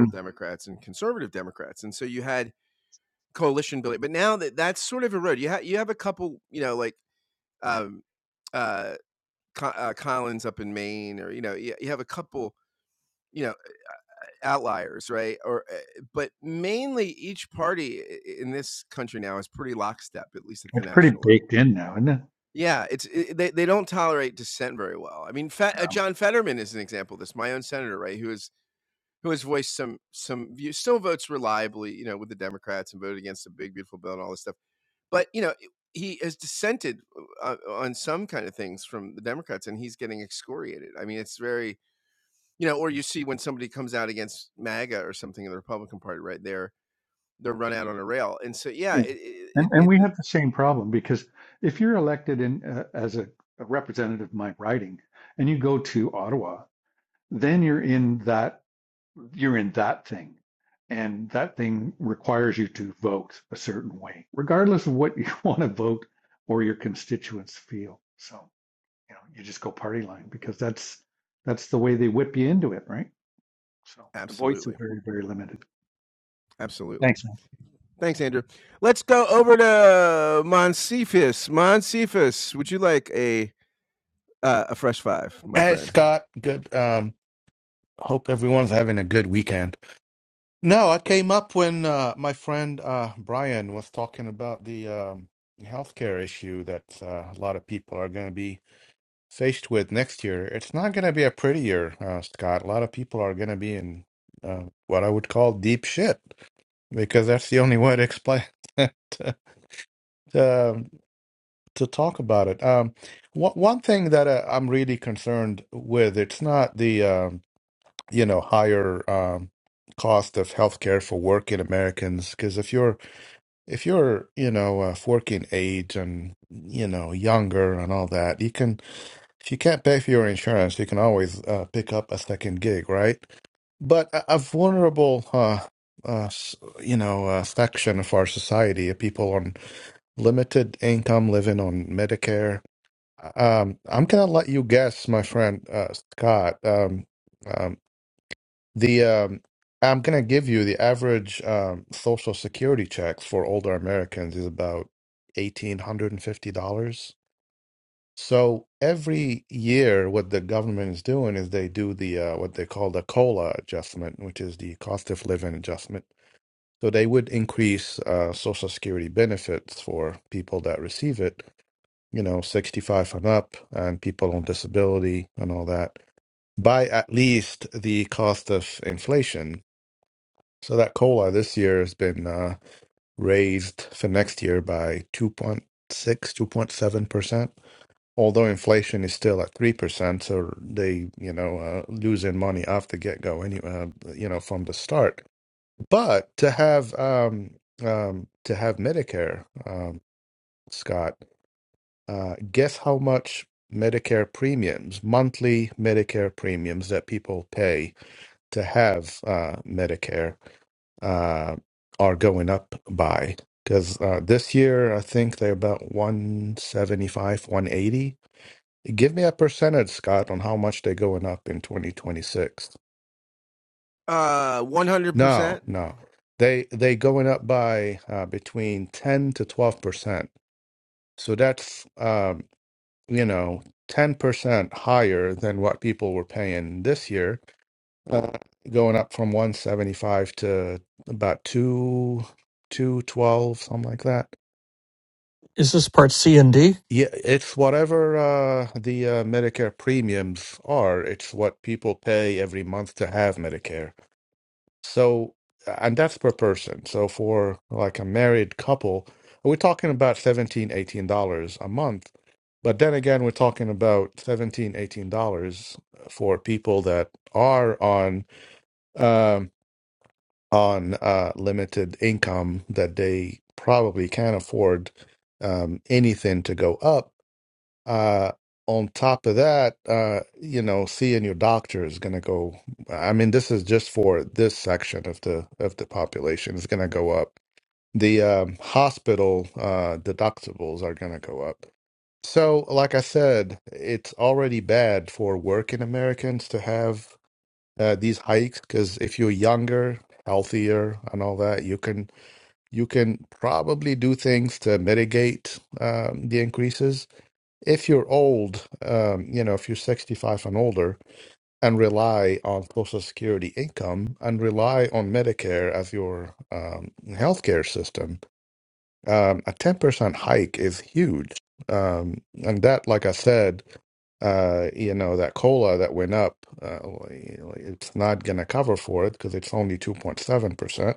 It's pretty baked in now, isn't it?
he's getting excoriated. I mean, it's very, you know, or you see when somebody comes out against MAGA or something in the Republican Party, right? there. they're run out on a rail. And so, yeah,
Yeah,
it,
and
it,
and
it,
we have the same problem because if you're elected in uh, as a, a representative, my writing, and you go to Ottawa, then you're in that you're in that thing, and that thing requires you to vote a certain way, regardless of what you want to vote or your constituents feel. So you know you just go party line because that's that's the way they whip you into it, right? So the voice is very very limited. Thanks,
Hey Scott, good. Um, hope everyone's having a good weekend. No, I came up when uh, my friend uh, Brian was talking about the um, healthcare issue that uh, a lot of people are going to be faced with next year. It's not going to be a pretty year, uh, Scott. A lot of people are going to be in uh, what I would call deep shit because that's the only way to explain it, to, um, to talk about it. Um, one one thing that uh, I'm really concerned with, it's not the um you know higher um, cost of healthcare for working Americans because if you're if you're you know of working age and you know younger and all that you can if you can't pay for your insurance you can always uh, pick up a second gig right but a, a vulnerable uh, uh, s- you know uh, section of our society people on limited income living on Medicare um, I'm gonna let you guess my friend uh, Scott um, um, the um, I'm gonna give you the average um, Social Security check for older Americans is about eighteen hundred and fifty dollars. So every year, what the government is doing is they do the uh, what they call the COLA adjustment, which is the cost of living adjustment. So they would increase uh, Social Security benefits for people that receive it, you know, 65 and up, and people on disability and all that by at least the cost of inflation so that cola this year has been uh, raised for next year by 2.6, 2.7%, although inflation is still at 3%, so they, you know, uh, losing money off the get-go anyway, uh, you know, from the start. But to have um, um, to have Medicare, um, Scott, uh, guess how much Medicare premiums, monthly Medicare premiums that people pay to have uh, Medicare uh, are going up by. Because uh, this year, I think they're about 175, 180. Give me a percentage, Scott, on how much they're going up in 2026.
uh,
No,
100%.
no. They they going up by uh, between 10 to 12%. So that's, um, you know, 10% higher than what people were paying this year, uh, going up from 175 to about 2, 212, something like that.
Is this part C and D?
Yeah, it's whatever uh, the uh, Medicare premiums are. It's what people pay every month to have Medicare. So, and that's per person. So for like a married couple, we're talking about 17, 18 dollars a month. But then again, we're talking about 17, 18 dollars for people that are on um, on uh, limited income that they probably can't afford um, anything to go up uh, on top of that, uh, you know, seeing your doctor is going to go. I mean, this is just for this section of the of the population It's going to go up. The um, hospital uh, deductibles are going to go up. So, like I said, it's already bad for working Americans to have uh, these hikes because if you're younger, healthier, and all that, you can you can probably do things to mitigate um, the increases if you're old, um, you know, if you're 65 and older and rely on Social Security income and rely on Medicare as your um, healthcare system, um, a 10% hike is huge. Um, and that, like I said, uh, you know, that COLA that went up, uh, it's not going to cover for it because it's only 2.7%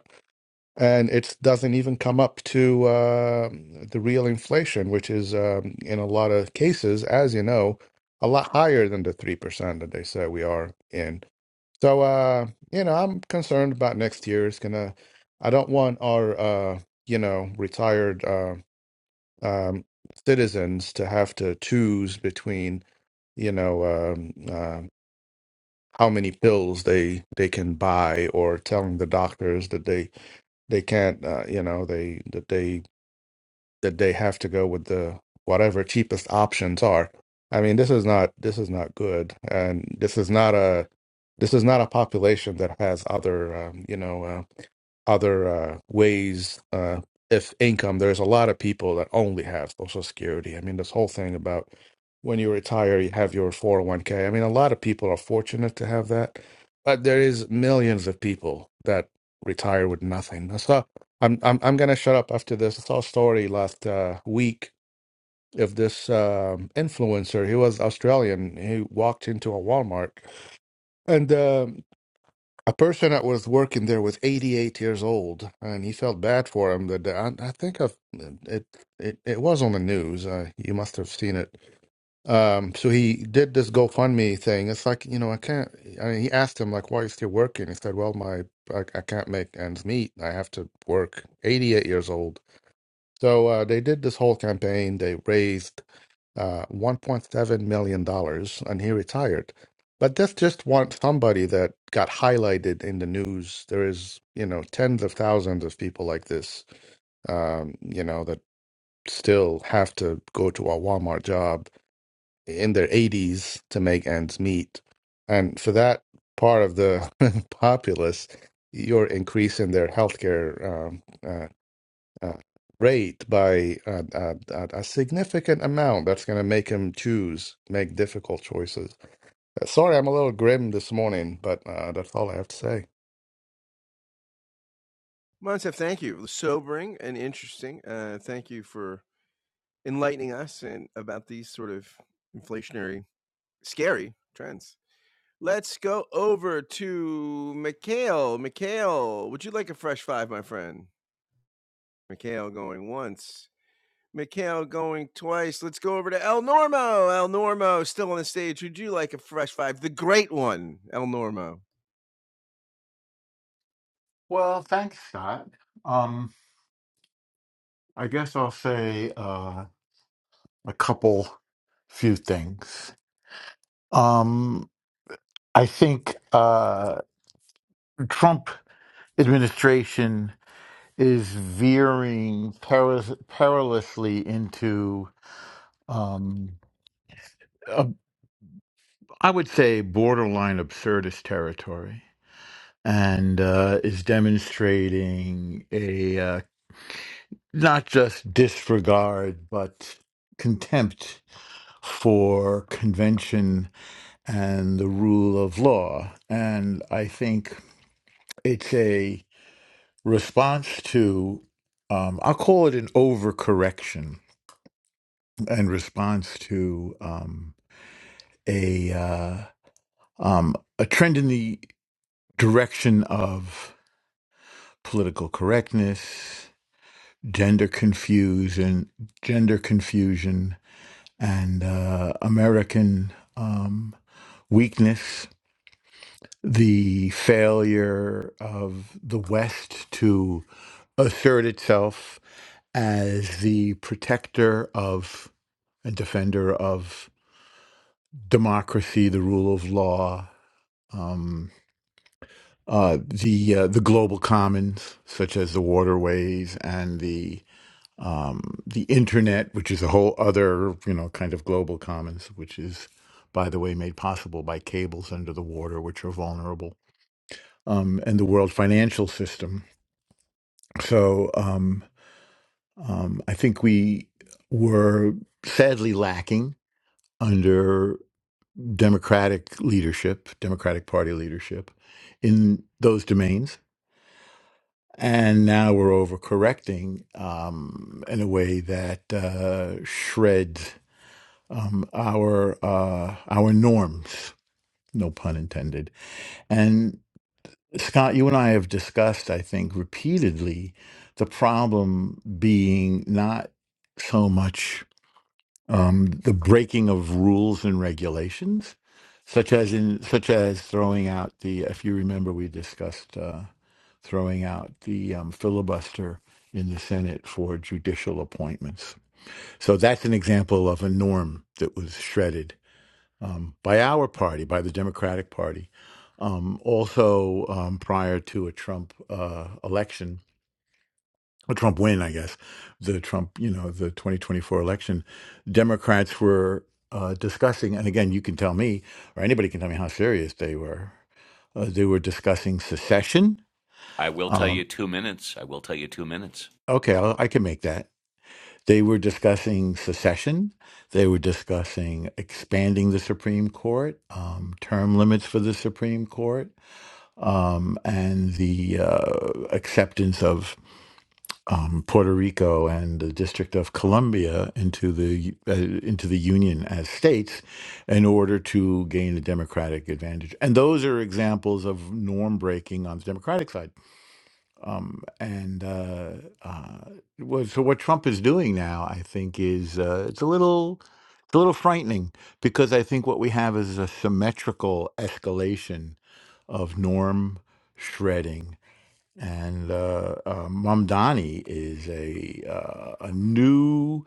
and it doesn't even come up to uh, the real inflation, which is um, in a lot of cases, as you know, a lot higher than the 3% that they say we are in. So, uh, you know, I'm concerned about next year. It's gonna, I don't want our, uh, you know, retired uh, um, citizens to have to choose between, you know, um, uh, how many pills they they can buy or telling the doctors that they they can't uh, you know they that they that they have to go with the whatever cheapest options are i mean this is not this is not good and this is not a this is not a population that has other um, you know uh, other uh, ways uh, if income. There's a lot of people that only have Social Security. I mean, this whole thing about when you retire, you have your 401k. I mean, a lot of people are fortunate to have that, but there is millions of people that retire with nothing. I saw. I'm I'm I'm gonna shut up after this. I saw a story last uh, week of this um, influencer. He was Australian. He walked into a Walmart. And um, a person that was working there was 88 years old and he felt bad for him that I, I think I've, uh, it, it it was on the news uh, you must have seen it um so he did this GoFundMe thing it's like you know I can't I mean, he asked him like why are you still working he said well my I, I can't make ends meet I have to work 88 years old so uh, they did this whole campaign. They raised uh, $1.7 million dollars, and he retired. But that's just one somebody that got highlighted in the news. There is, you know, tens of thousands of people like this, um, you know, that still have to go to a Walmart job in their 80s to make ends meet. And for that part of the populace, you're increasing their healthcare um, uh, uh, rate by uh, uh, uh, a significant amount that's going to make him choose, make difficult choices. Uh, Sorry, I'm a little grim this morning, but uh, that's all I have to say.
Moncef, thank you. It was Sobering and interesting. Uh, thank you for enlightening us and about these sort of inflationary, scary trends. Let's go over to Mikhail. Mikhail, would you like a fresh five, my friend? Mikhail going once. Mikhail going twice. Let's go over to El Normo. El Normo still on the stage. Would you like a fresh five? The great one, El Normo.
Well, thanks, Scott. Um, I guess I'll say uh, a couple, few things. Um, I think uh, Trump administration is veering peril- perilously into, um, a, I would say, borderline absurdist territory and uh, is demonstrating a uh, not just disregard but contempt for convention and the rule of law. And I think it's a response to, um, I'll call it an overcorrection and response to um, a uh, um, a trend in the direction of political correctness gender confusion, gender confusion, and uh, American um, weakness, the failure of the West to assert itself as the protector of and defender of democracy, the rule of law, um, uh, the uh, the global commons, such as the waterways and the um, the internet, which is a whole other, you know, kind of global commons, which is, by the way, made possible by cables under the water, which are vulnerable, um, and the world financial system. So um, um, I think we were sadly lacking under democratic leadership, Democratic Party leadership in those domains. And now we're overcorrecting um, in a way that uh, shreds um, our uh, our norms, no pun intended. And Scott, you and I have discussed, I think, repeatedly, the problem being not so much um, the breaking of rules and regulations, such as in such as throwing out the. If you remember, we discussed uh, throwing out the um, filibuster in the Senate for judicial appointments. So that's an example of a norm that was shredded um, by our party, by the Democratic Party. Um, also, um, prior to a Trump uh, election, a Trump win, I guess, the Trump, you know, the 2024 election, Democrats were uh, discussing, and again, you can tell me, or anybody can tell me how serious they were. Uh, they were discussing secession.
I will tell you
Um,
two minutes. I will tell you two minutes.
okay, I'll, I can make that. They were discussing secession. They were discussing expanding the Supreme Court, um, term limits for the Supreme Court um, and the uh, acceptance of um, Puerto Rico and the District of Columbia into the uh, into the Union as states in order to gain a democratic advantage. And those are examples of norm breaking on the Democratic side. And uh, what- so what Trump is doing now, I think, is uh, it's a little. It's a little frightening because I think what we have is a symmetrical escalation of norm shredding and uh, uh, Mamdani is a uh, a new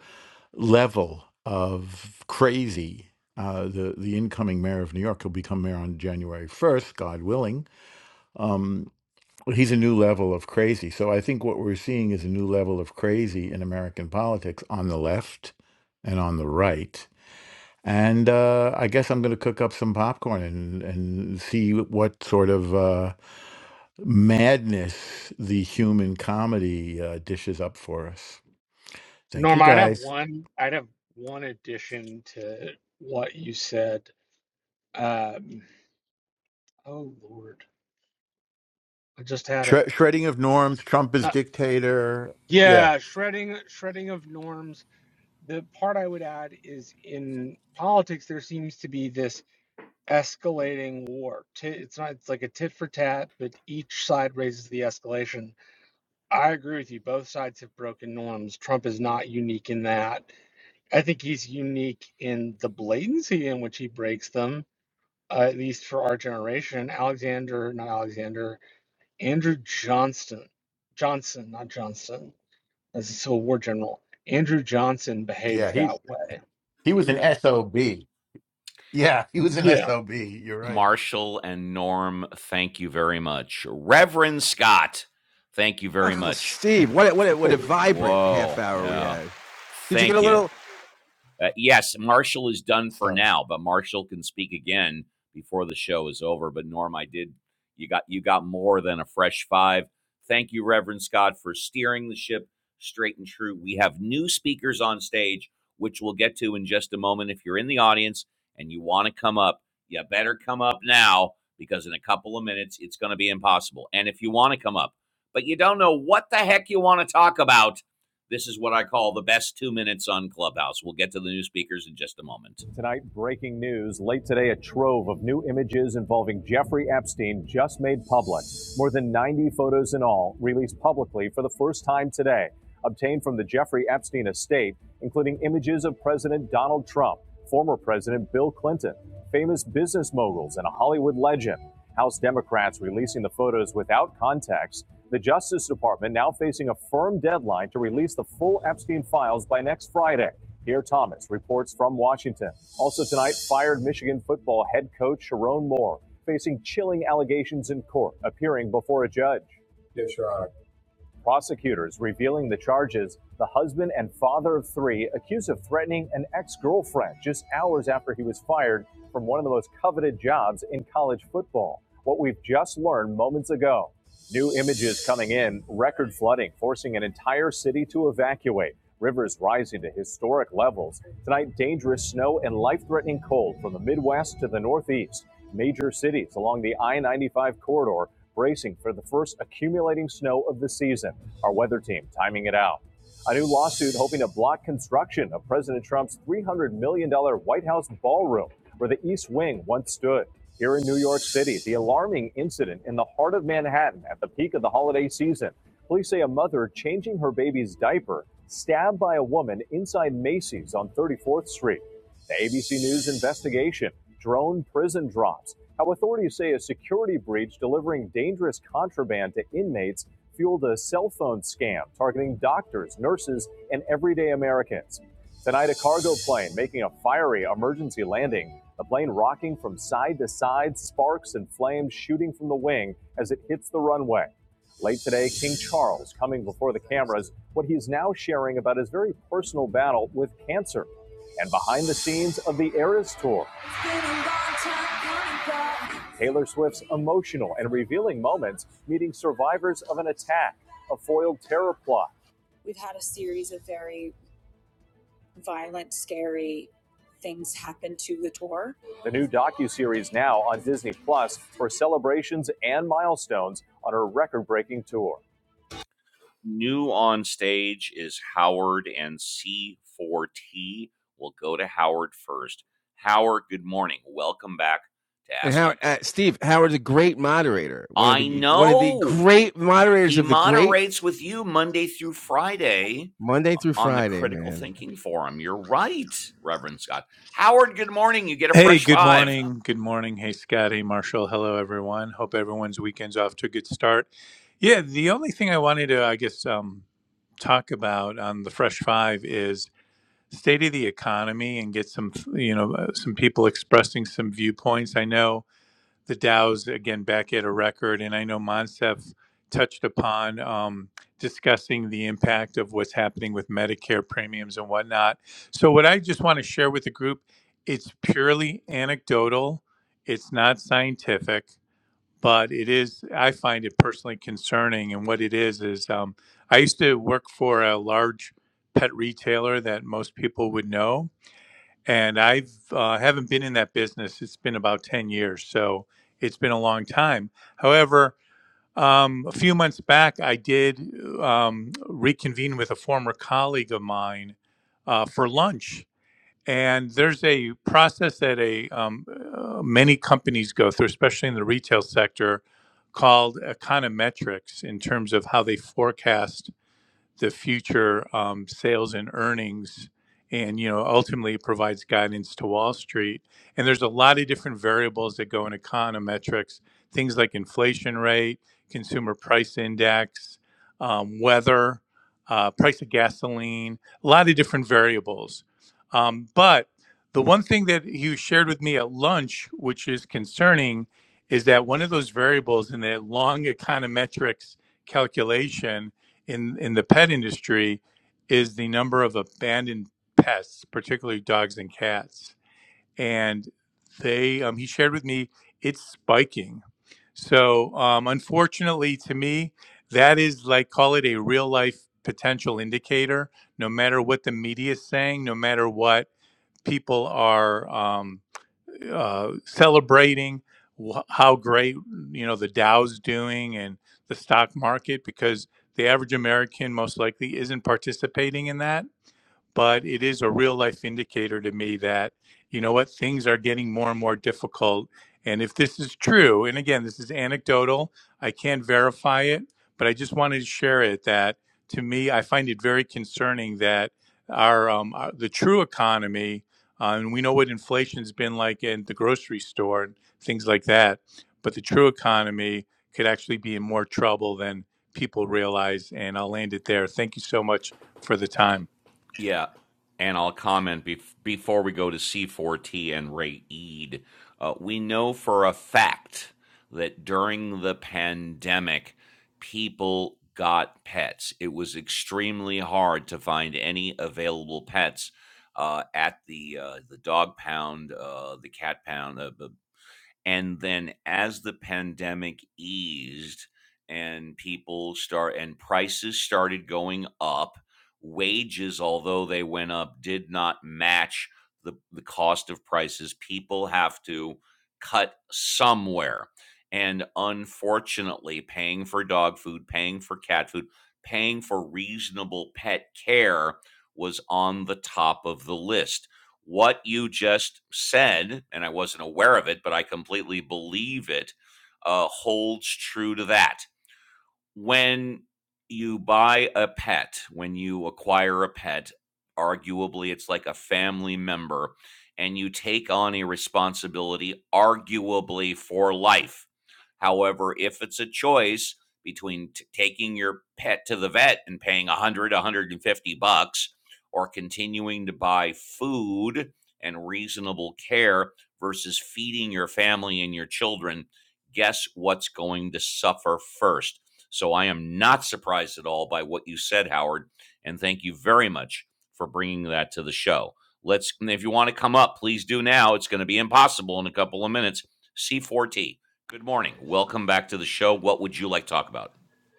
level of crazy. Uh, the the incoming mayor of New York will become mayor on January first, God willing. Um, he's a new level of crazy. So I think what we're seeing is a new level of crazy in American politics on the left and on the right and uh, I guess I'm going to cook up some popcorn and, and see what sort of uh, madness the human comedy uh, dishes up for us. Thank you,
Norma, I'd have
guys.
one. I'd have one addition to what you said. Um, oh Lord, I just had
Shre-
it.
shredding of norms. Trump is dictator. Yeah,
Yeah, shredding shredding of norms. The part I would add is in politics there seems to be this escalating war. Ti- It's not it's like a tit for tat, but each side raises the escalation. I agree with you. Both sides have broken norms. Trump is not unique in that. I think he's unique in the blatancy in which he breaks them, uh, at least for our generation. Alexander, not Alexander, Andrew Johnston, Johnson, not Johnston as a Civil War general. Andrew Johnson
yeah.
behaved
He
that way.
he was an sob. Yeah, he
M-
was an
Yeah.
sob. You're right.
Marshall and Norm, thank you very much. Reverend Scott, thank you very
Uncle
much.
Steve, what a, what a, what a
Wait,
vibrant
Whoa.
half hour we
Yeah.
had. Did you get
Thank
a
you.
little?
Uh, yes, Marshall is done for
sorry.
now, but Marshall can speak again before the show is over. But Norm, I did you got you got more than a fresh five. Thank you, Reverend Scott, for steering the ship straight and true. We have new speakers on stage, which we'll get to in just a moment. If you're in the audience and you want to come up, you better come up now because in a couple of minutes it's going to be impossible. And if you want to come up, but you don't know what the heck you want to talk about, this is what I call the best two minutes on Clubhouse. We'll get to the new speakers in just a moment. Tonight, breaking news. Late today, a trove of new images involving Jeffrey Epstein just made public. More than 90 photos in all, released publicly for the first time today, obtained from the Jeffrey Epstein estate, including images of President Donald Trump, former President Bill Clinton, famous business moguls, and a Hollywood legend. House Democrats releasing the photos without context the Justice Department now facing a firm deadline to release the full Epstein files by next Friday. Pierre Thomas reports from Washington. Also tonight, fired Michigan football head coach Sharon Moore facing chilling allegations in court, appearing before a judge. Prosecutors revealing the charges the husband and father of three accused of threatening an ex girlfriend just hours after he was fired from one of the most coveted jobs in college football. What we've just learned moments ago. New images coming in, record flooding forcing an entire city to evacuate, rivers rising to historic levels. Tonight, dangerous snow and life threatening cold from the Midwest to the Northeast. Major cities along the I 95 corridor bracing for the first accumulating snow of the season. Our weather team timing it out. A new lawsuit hoping to block construction of President Trump's $300 million dollars White House ballroom where the East Wing once stood. Here in New York City, the alarming incident in the heart of Manhattan at the peak of the holiday season. Police say a mother changing her baby's diaper stabbed by a woman inside Macy's on 34th Street. The ABC News investigation, drone prison drops, how authorities say a security breach delivering dangerous contraband to inmates fueled a cell phone scam targeting doctors, nurses, and everyday Americans. Tonight, a cargo plane making a fiery emergency landing. The plane rocking from side to side, sparks and flames shooting from the wing as it hits the runway. Late today, King Charles coming before the cameras, what he's now sharing about his very personal battle with cancer. And behind the scenes of the Eras Tour, Taylor Swift's emotional and revealing moments meeting survivors of an attack, a foiled terror plot. We've had a series of very violent, scary things happen to the tour. The new docuseries now on Disney Plus for celebrations and milestones on her record-breaking tour. New on stage is Howard and C4T. We'll go to Howard first. Howard, good morning. Welcome back to
And
Ask
how
Uncle.
uh, Steve Howard's a great moderator, one of
I
the one of the
know
great moderators
He
of the great
moderates with you Monday through Friday
Monday through
on the
Friday,
Critical
man.
Thinking Forum. You're right, Reverend Scott. Howard, good morning. You get a
Hey,
fresh
good
five.
morning. Good morning. Hey, Scott. Hey, Marshall. Hello, everyone. Hope everyone's weekend's off to a good start. Yeah, the only thing I wanted to, I guess, um, talk about on the Fresh Five is state of the economy and get some, you know, uh, some people expressing some viewpoints. I know the Dow's again back at a record, and I know Moncef touched upon um, discussing the impact of what's happening with Medicare premiums and whatnot. So, what I just want to share with the group, it's purely anecdotal, it's not scientific, but it is. I find it personally concerning, and what it is is um, I used to work for a large pet retailer that most people would know and I've uh, haven't been in that business. It's been about ten years, so it's been a long time. However, um, a few months back, I did um, reconvene with a former colleague of mine uh, for lunch. And there's a process that a um, uh, many companies go through, especially in the retail sector, called econometrics in terms of how they forecast the future um, sales and earnings and you know ultimately it provides guidance to wall street and there's a lot of different variables that go in econometrics things like inflation rate consumer price index um, weather uh, price of gasoline a lot of different variables um, but the one thing that you shared with me at lunch which is concerning is that one of those variables in that long econometrics calculation in in the pet industry is the number of abandoned pests, particularly dogs and cats. And they, um, he shared with me, it's spiking. So um, unfortunately, to me, that is like call it a real life potential indicator. No matter what the media is saying, no matter what people are. um, uh, celebrating wh- how great you know the Dow's doing and the stock market because the average American most likely isn't participating in that but it is a real life indicator to me that you know what things are getting more and more difficult and if this is true and again this is anecdotal i can't verify it but i just wanted to share it that to me i find it very concerning that our, um, our the true economy uh, and we know what inflation's been like in the grocery store and things like that but the true economy could actually be in more trouble than people realize and i'll land it there thank you so much for the time
Yeah. And I'll comment bef- before we go to C4T and Ray Eid. Uh, we know for a fact that during the pandemic, people got pets. It was extremely hard to find any available pets uh, at the uh, the dog pound, uh, the cat pound, uh, the And then as the pandemic eased and people start and prices started going up, wages, although they went up, did not match the, the cost of prices. People have to cut somewhere. And unfortunately, paying for dog food, paying for cat food, paying for reasonable pet care was on the top of the list what you just said, and I wasn't aware of it, but I completely believe it, uh, holds true to that when you buy a pet, when you acquire a pet, arguably it's like a family member, and you take on a responsibility, arguably for life. However, if it's a choice between t- taking your pet to the vet and paying 100, 150 bucks, or continuing to buy food and reasonable care versus feeding your family and your children, guess what's going to suffer first? So I am not surprised at all by what you said, Howard. And thank you very much for bringing that to the show. Let's, if you want to come up, please do now. It's going to be impossible in a couple of minutes. C4T, good morning. Welcome back to the show. What would you like to talk about?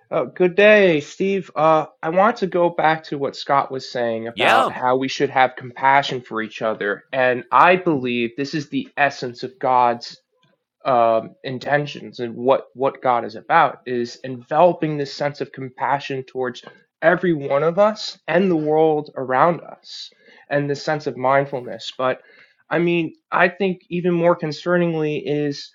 Oh, good day, Steve. Uh, I want to go back to what Scott was saying about
Yeah,
how we should have compassion for each other. And I believe this is the essence of God's um, intentions and what, what God is about is enveloping this sense of compassion towards every one of us and the world around us and this sense of mindfulness. But I mean, I think even more concerningly is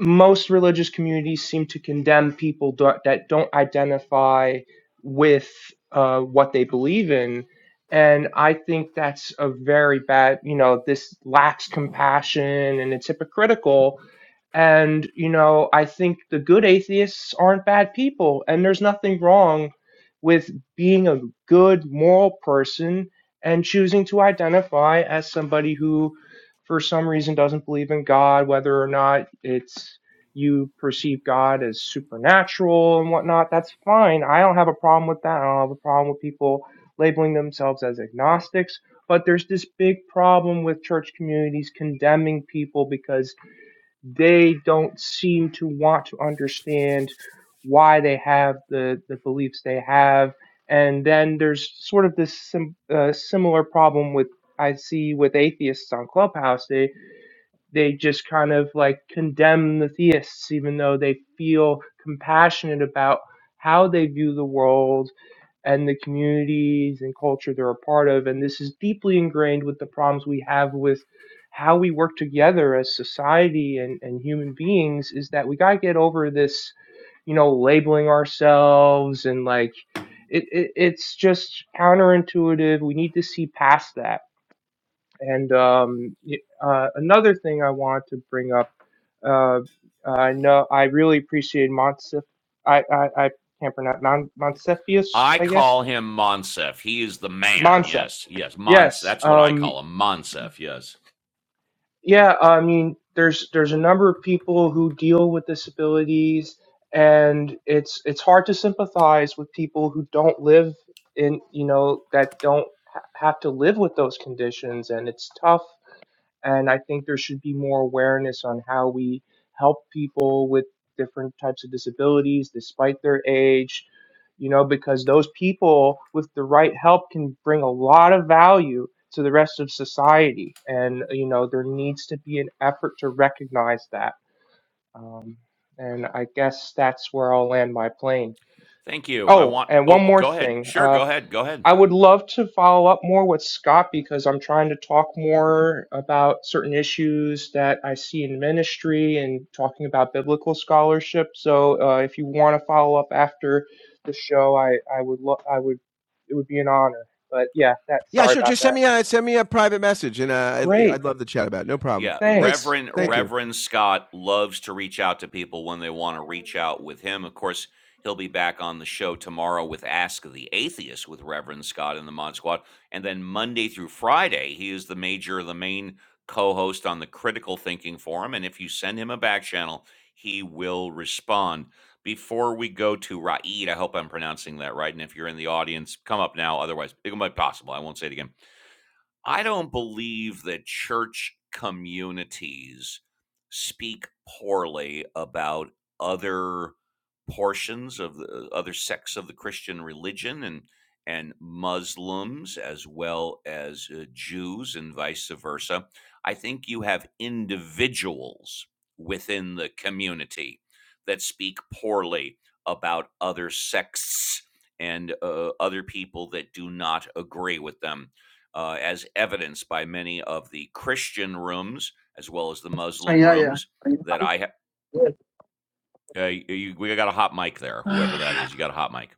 most religious communities seem to condemn people do- that don't identify with uh, what they believe in. And I think that's a very bad, you know, this lacks compassion and it's hypocritical and, you know, I think the good atheists aren't bad people, and there's nothing wrong with being a good moral person and choosing to identify as somebody who, for some reason, doesn't believe in God, whether or not it's you perceive God as supernatural and whatnot. That's fine. I don't have a problem with that. I don't have a problem with people labeling themselves as agnostics. But there's this big problem with church communities condemning people because they don't seem to want to understand why they have the, the beliefs they have. And then there's sort of this sim- uh, similar problem with I see with atheists on Clubhouse. They they just kind of like condemn the theists, even though they feel compassionate about how they view the world and the communities and culture they're a part of. And this is deeply ingrained with the problems we have with how we work together as society and, and human beings is that we got to get over this, you know, labeling ourselves and like it, it, it's just counterintuitive. We need to see past that. And um, uh, another thing I want to bring up, uh, I know I really appreciate montse I, I, I can't pronounce Mon- Montsefius,
I
I guess
call him Monsef. He is the man.
Monsef.
Yes, yes, Mons.
Yes.
That's what I
Um,
call him, Monsef. Yes.
yeah. I mean, there's there's a number of people who deal with disabilities, and it's it's hard to sympathize with people who don't live in you know that don't ha- have to live with those conditions, and it's tough and I think there should be more awareness on how we help people with different types of disabilities despite their age, you know, because those people with the right help can bring a lot of value to the rest of society. And, you know, there needs to be an effort to recognize that. Um, and I guess that's where I'll land my plane.
Thank you. I
Oh,
want.
and
Oh,
one more
go ahead.
thing.
Sure,
Uh,
go ahead. Go ahead.
I would love to follow up more with Scott because I'm trying to talk more about certain issues that I see in ministry and talking about biblical scholarship. So uh, if you want to follow up after the show, I, I would lo- I would it would be an honor. But yeah, that sorry about that. Great,
Yeah,
thanks.
Reverend
Great.
Reverend Scott loves to reach out to people when they want to reach out with him. Of course, he'll be back on the show tomorrow with Ask the Atheist with Reverend Scott and the Mod Squad, and then Monday through Friday, he is the major, the main co-host on the Critical Thinking Forum. And if you send him a back channel, he will respond. Before we go to Raed, I hope I'm pronouncing that right. And if you're in the audience, come up now. Otherwise, it might be possible. I won't say it again. I don't believe that church communities speak poorly about other portions of the other sects of the Christian religion and and Muslims as well as uh, Jews and vice versa. I think you have individuals within the community that speak poorly about other sects and uh, other people that do not agree with them uh, as evidenced by many of the Christian rooms as well as the
Uh,
Muslim
Yeah, yeah.
rooms that I have. Uh, you, we got a hot mic there, whoever
yeah.
that is. You got a hot mic.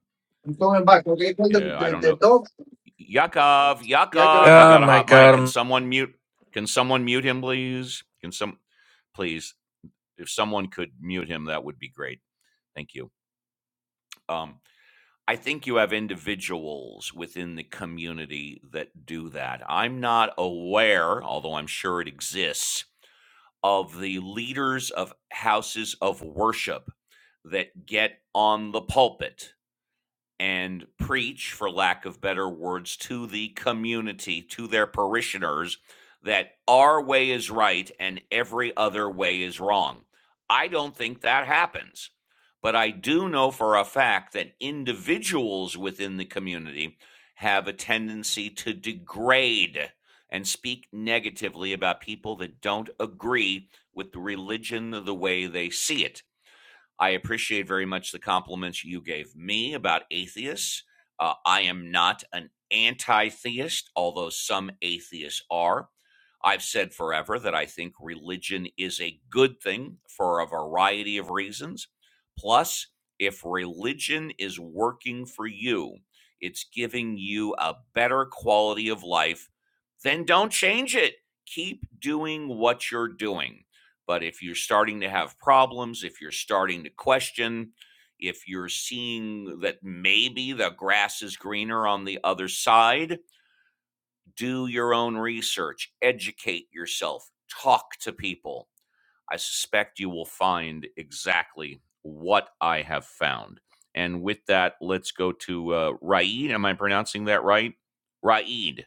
I'm going back. Okay, call the,
Yeah, I
the,
don't
the
know.
dog.
Yakov,
Yeah, I gotta.
Yakov, you
Oh
got a
my
hot mic.
god.
Can
i
someone mute? Can someone mute him, please? Can some, please? If someone could mute him, that would be great. Thank you. Um, I think you have individuals within the community that do that. I'm not aware, although I'm sure it exists, of the leaders of houses of worship that get on the pulpit and preach, for lack of better words, to the community, to their parishioners, that our way is right and every other way is wrong. I don't think that happens. But I do know for a fact that individuals within the community have a tendency to degrade and speak negatively about people that don't agree with the religion the way they see it. I appreciate very much the compliments you gave me about atheists. Uh, I am not an anti theist, although some atheists are. I've said forever that I think religion is a good thing for a variety of reasons. Plus, if religion is working for you, it's giving you a better quality of life, then don't change it. Keep doing what you're doing. But if you're starting to have problems, if you're starting to question, if you're seeing that maybe the grass is greener on the other side, do your own research, educate yourself, talk to people. I suspect you will find exactly what I have found. And with that, let's go to uh, Raid. Am I pronouncing that right? Raed.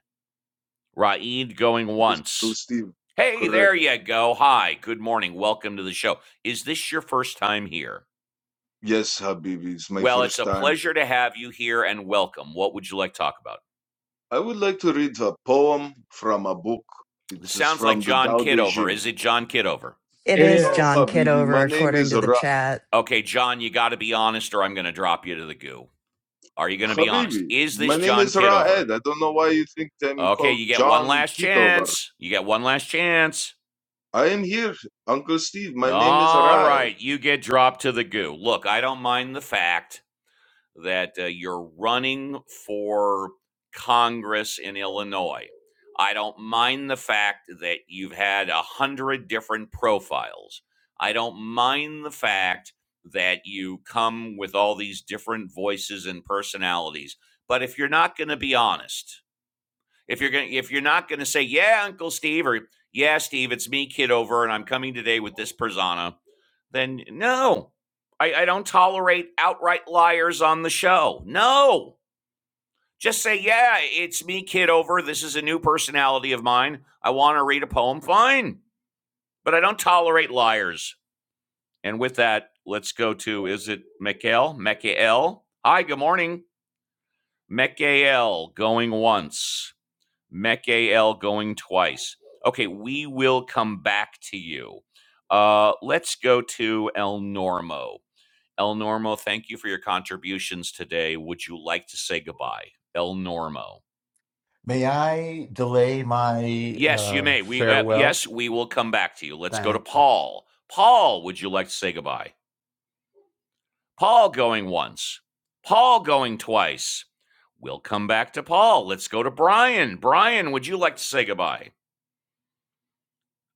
Raed. going
Yes, Uncle
once.
Steve.
Hey, there
Correct.
you go. Hi, good morning. Welcome to the show. Is this your first time here?
Yes, Habibi, it's my
Well, it's
first
a
time.
pleasure to have you here and welcome. What would you like to talk about?
I would like to read a poem from a book.
This
It is
sounds like
from the
John
Tao Te
Kidover.
Ching.
Is it John Kidover?
It
It
is
No,
is
John
Habibi, my
Kidover,
J-
name
according
is
to the
Ra.
chat.
okay, John, you got to be honest or I'm going to drop you to the goo. Are you going to be honest?
Habibi,
Is
my
this
name
John
is
Kidover?
Raed. I don't know why you think I'm
Okay,
called
you get one
John
last
Kitover.
chance. You get one last chance.
I am here, Uncle Steve. My name is
All
Raed.
right, you get dropped to the goo. Look, I don't mind the fact that uh, you're running for Congress in Illinois. I don't mind the fact that you've had a hundred different profiles. I don't mind the fact that you come with all these different voices and personalities. But if you're not going to be honest, if you're going, if you're not going to say, "Yeah, Uncle Steve," or "Yeah, Steve, it's me, kid over, and I'm coming today with this persona," then no. I, I don't tolerate outright liars on the show. No. Just say, yeah, it's me, kid over. This is a new personality of mine. I want to read a poem. Fine. But I don't tolerate liars. And with that, let's go to is it Mikael? Mikael? Hi, good morning. Mekael going once, Mekael going twice. Okay, we will come back to you. Uh, let's go to El Normo. El Normo, thank you for your contributions today. Would you like to say goodbye? El Normo.
May I delay my
Yes, you
uh,
may. We uh,
farewell?
yes, we will come back to you. Let's go to
Thank you.
Paul. Paul, would you like to say goodbye? Paul going once. Paul going twice. We'll come back to Paul. Let's go to Brian. Brian, would you like to say goodbye?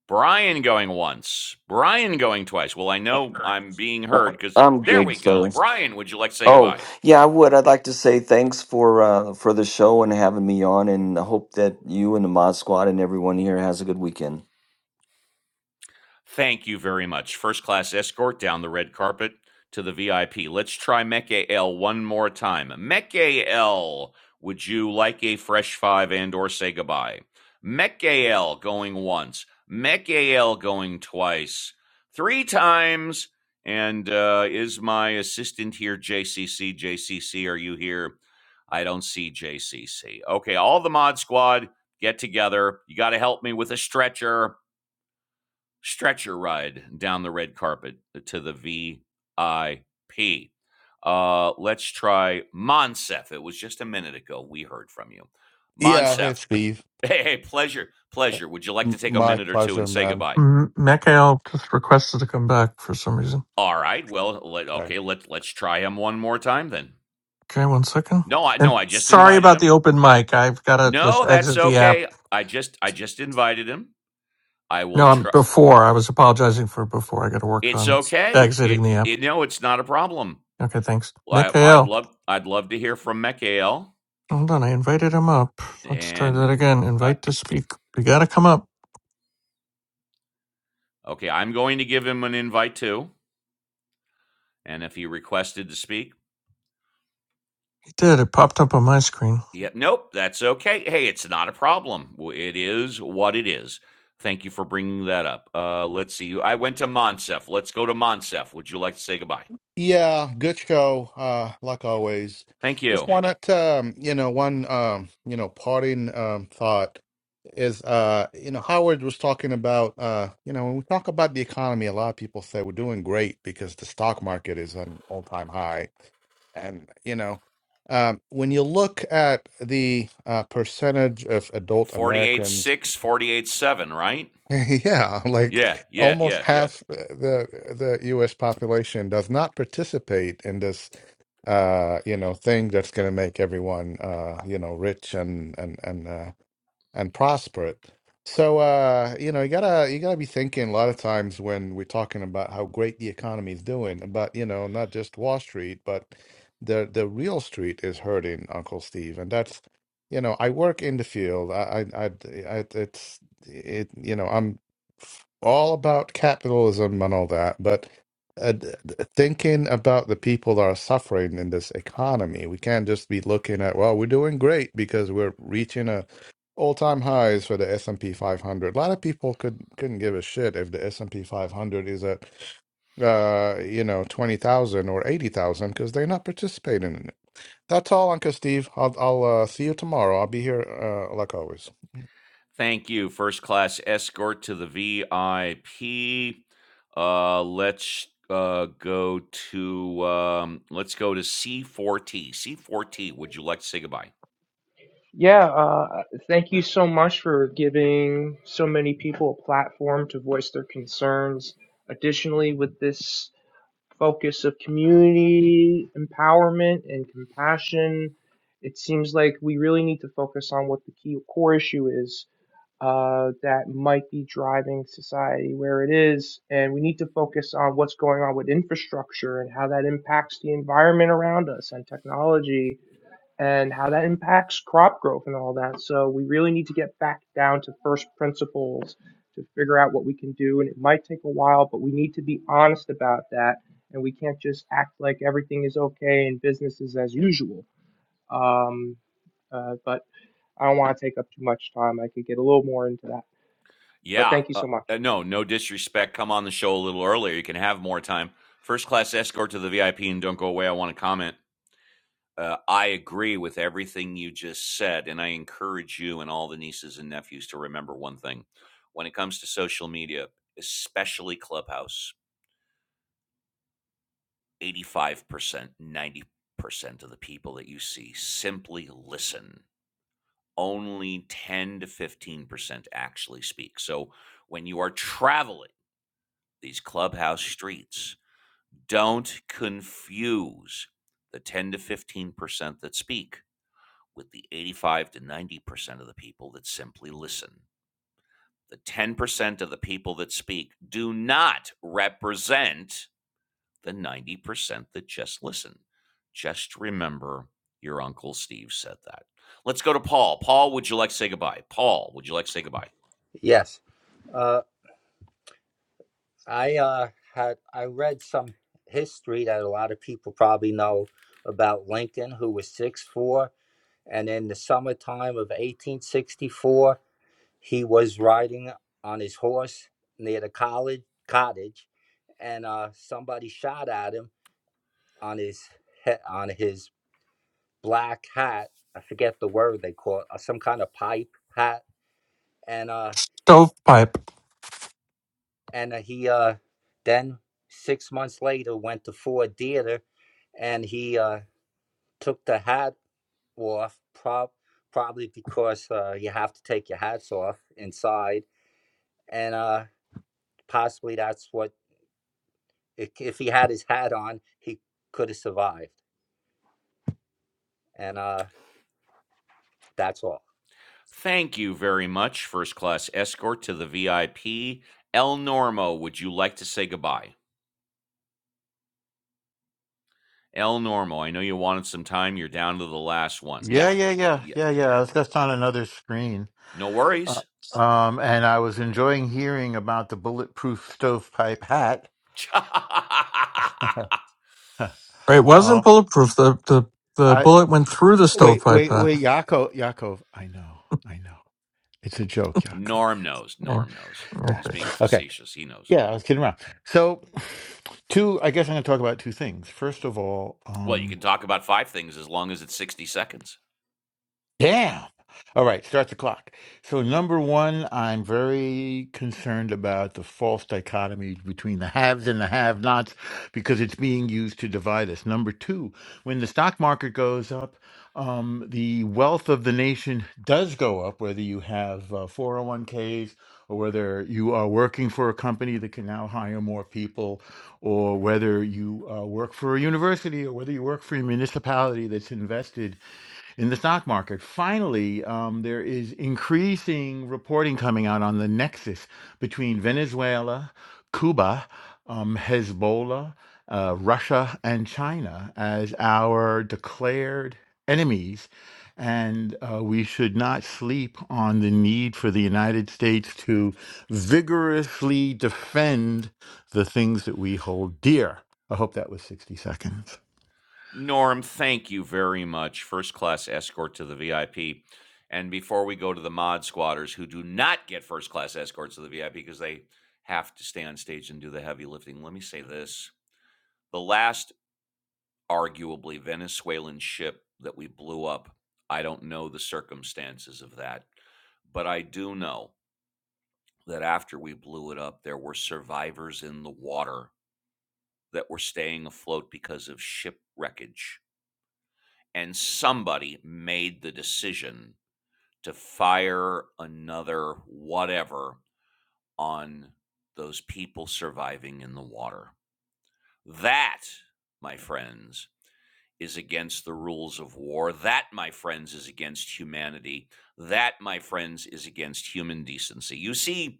Brian going once. Brian going twice. Well, I know I'm being heard because
I'm
there we
good,
go.
sir.
Brian, would you like to say
Oh,
goodbye?
yeah, I would. I'd like to say thanks for uh, for the show and having me on, and I hope that you and the Mod Squad and everyone here has a good weekend.
Thank you very much. First class escort down the red carpet to the VIP. Let's try Meke one more time. Meke would you like a fresh five and or say goodbye? Meke going once. Meke going twice. Three times. And uh, is my assistant here, JCC? JCC, are you here? I don't see JCC. Okay, all the mod squad get together. You got to help me with a stretcher stretcher ride down the red carpet to the VIP. Uh, let's try Monsef. It was just a minute ago we heard from you.
Yeah, hey,
Monsef,
Steve.
hey, hey, pleasure, pleasure. Would you like to
M-
take a
my
minute or two and
pleasure,
say
man.
goodbye?
M- Mikhail just requested to come back for some reason.
All right. Well, let,
Okay.
okay. Let let's try him one more time then.
Okay, one second.
No, I
And
no, I just
sorry
invited
about the
him.
open mic. I've got to just
No, that's
exit the app.
okay. I just I just invited him. I will
No, I'm
try.
before. I was apologizing for before. I got to work
It's
on
okay.
exiting
It,
the app.
it no, it's not a problem.
Okay, thanks.
Well, I, I'd
Mikhail.
love I'd love to hear from Mekael.
Hold on. I invited him up. Let's try
And
that again.
uh,
Invite to speak. You got to come up.
okay, I'm going to give him an invite too. And if he requested to speak,
He did. It popped up on my screen.
yeah nope, that's okay. Hey, it's not a problem. W- It is what it is. Thank you for bringing that up. Uh, let's see. I went to Monsef. Let's go to Monsef. Would you like to say goodbye?
Yeah, good show. Uh, like always.
Thank
Just
you.
wanted to, um, you know, one, um, you know, parting um, thought is, uh, you know, Howard was talking about, uh, you know, when we talk about the economy, a lot of people say we're doing great because the stock market is an all-time high, and you know, um, when you look at the uh, percentage of adult
48
Americans.
six forty 7, right?
Yeah,
Yeah,
like
yeah,
almost
yeah, yeah.
half the the U.S. population does not participate in this, uh, you know, thing that's going to make everyone, uh, you know, rich and and and uh, and prosper it. So uh, you know, you gotta you gotta be thinking a lot of times when we're talking about how great the economy is doing, about you know, not just Wall Street, but the the real street is hurting, Uncle Steve, and that's you know, I work in the field. I I, I I- it's it you know, I'm all about capitalism and all that, but uh, d- d- thinking about the people that are suffering in this economy, we can't just be looking at, well, we're doing great because we're reaching a all-time highs for the S&P 500. A lot of people could couldn't give a shit if the S&P 500 is at uh you know 20,000 or 80,000 because they're not participating in it. That's all, Uncle Steve. I'll I'll uh, see you tomorrow. I'll be here uh, like always.
Thank you, first class escort to the VIP. Uh, let's uh, go to um, let's go to C4T. C4T, would you like to say goodbye?
Yeah, uh, thank you so much for giving so many people a platform to voice their concerns. Additionally, with this focus of community empowerment and compassion. It seems like we really need to focus on what the key core issue is uh, that might be driving society where it is, and we need to focus on what's going on with infrastructure and how that impacts the environment around us and technology and how that impacts crop growth and all that. So we really need to get back down to first principles to figure out what we can do. And it might take a while, but we need to be honest about that. And we can't just act like everything is okay and business is as usual. Um, uh, but I don't want to take up too much time. I could get a little more into that. But
Yeah.
thank you
Uh,
so much.
uh, no, no disrespect. Come on the show a little earlier. You can have more time. First class escort to the VIP, and don't go away. I want to comment. Uh, I agree with everything you just said, and I encourage you and all the nieces and nephews to remember one thing: when it comes to social media, especially Clubhouse. 85%, 90% of the people that you see simply listen. Only 10 to 15% actually speak. So when you are traveling these clubhouse streets, don't confuse the 10 to 15% that speak with the 85 to 90% of the people that simply listen. The 10% of the people that speak do not represent the 90% that just listen. Just remember your Uncle Steve said that. Let's go to Paul. Paul, would you like to say goodbye? Paul, would you like to say goodbye?
Yes. Uh, I uh, had I read some history that a lot of people probably know about Lincoln, who was six foot four, and in the summertime of 1864, he was riding on his horse near the college cottage, and uh, somebody shot at him on his head on his black hat. I forget the word they call it, uh, some kind of pipe hat, and uh,
Stovepipe.
and uh, he uh then six months later went to Ford Theater and he uh took the hat off prob probably because uh you have to take your hats off inside and uh possibly that's what if he had his hat on he could have survived and uh that's all
Thank you very much, first class escort to the VIP. El Normo, would you like to say goodbye? El Normo, I know you wanted some time. You're down to the last one. Yeah,
Yeah, yeah, yeah,
yeah,
yeah,
yeah.
yeah. It's just on another screen.
No
Uh,
worries.
Um, and I was enjoying hearing about the bulletproof stovepipe hat.
Right. It wasn't
oh,
bulletproof. The, the, the
I
bullet went through the
wait,
stovepipe.
wait,
uh,
wait, Yaakov, Yaakov. I know, I know, it's a joke, Yaakov.
Norm knows.
Yeah.
Norm knows.
Yeah.
He's
Okay.
being
Okay.
facetious. He knows.
Yeah, I was kidding around. So, two. I guess I'm going to talk about two things. First of all,
Well, you
um,
can talk about five things as long as it's 60 seconds.
Damn. All right, start the clock. So, number one, I'm very concerned about the false dichotomy between the haves and the have nots because it's being used to divide us. Number two, when the stock market goes up, um, the wealth of the nation does go up, whether you have uh, 401ks or whether you are working for a company that can now hire more people, or whether you uh, work for a university or whether you work for a municipality that's invested in the stock market. Finally, um, there is increasing reporting coming out on the nexus between Venezuela, Cuba, um, Hezbollah, uh, Russia, and China as our declared enemies. And uh, we should not sleep on the need for the United States to vigorously defend the things that we hold dear. I hope that was 60 seconds.
Norm, thank you very much. First class escort to the VIP. And before we go to the mod squatters who do not get first class escorts to the VIP because they have to stay on stage and do the heavy lifting, let me say this. The last, arguably, Venezuelan ship that we blew up, I don't know the circumstances of that, but I do know that after we blew it up, there were survivors in the water that were staying afloat because of ship wreckage and somebody made the decision to fire another whatever on those people surviving in the water. That, my friends, is against the rules of war. That, my friends, is against humanity. That, my friends, is against human decency. You see,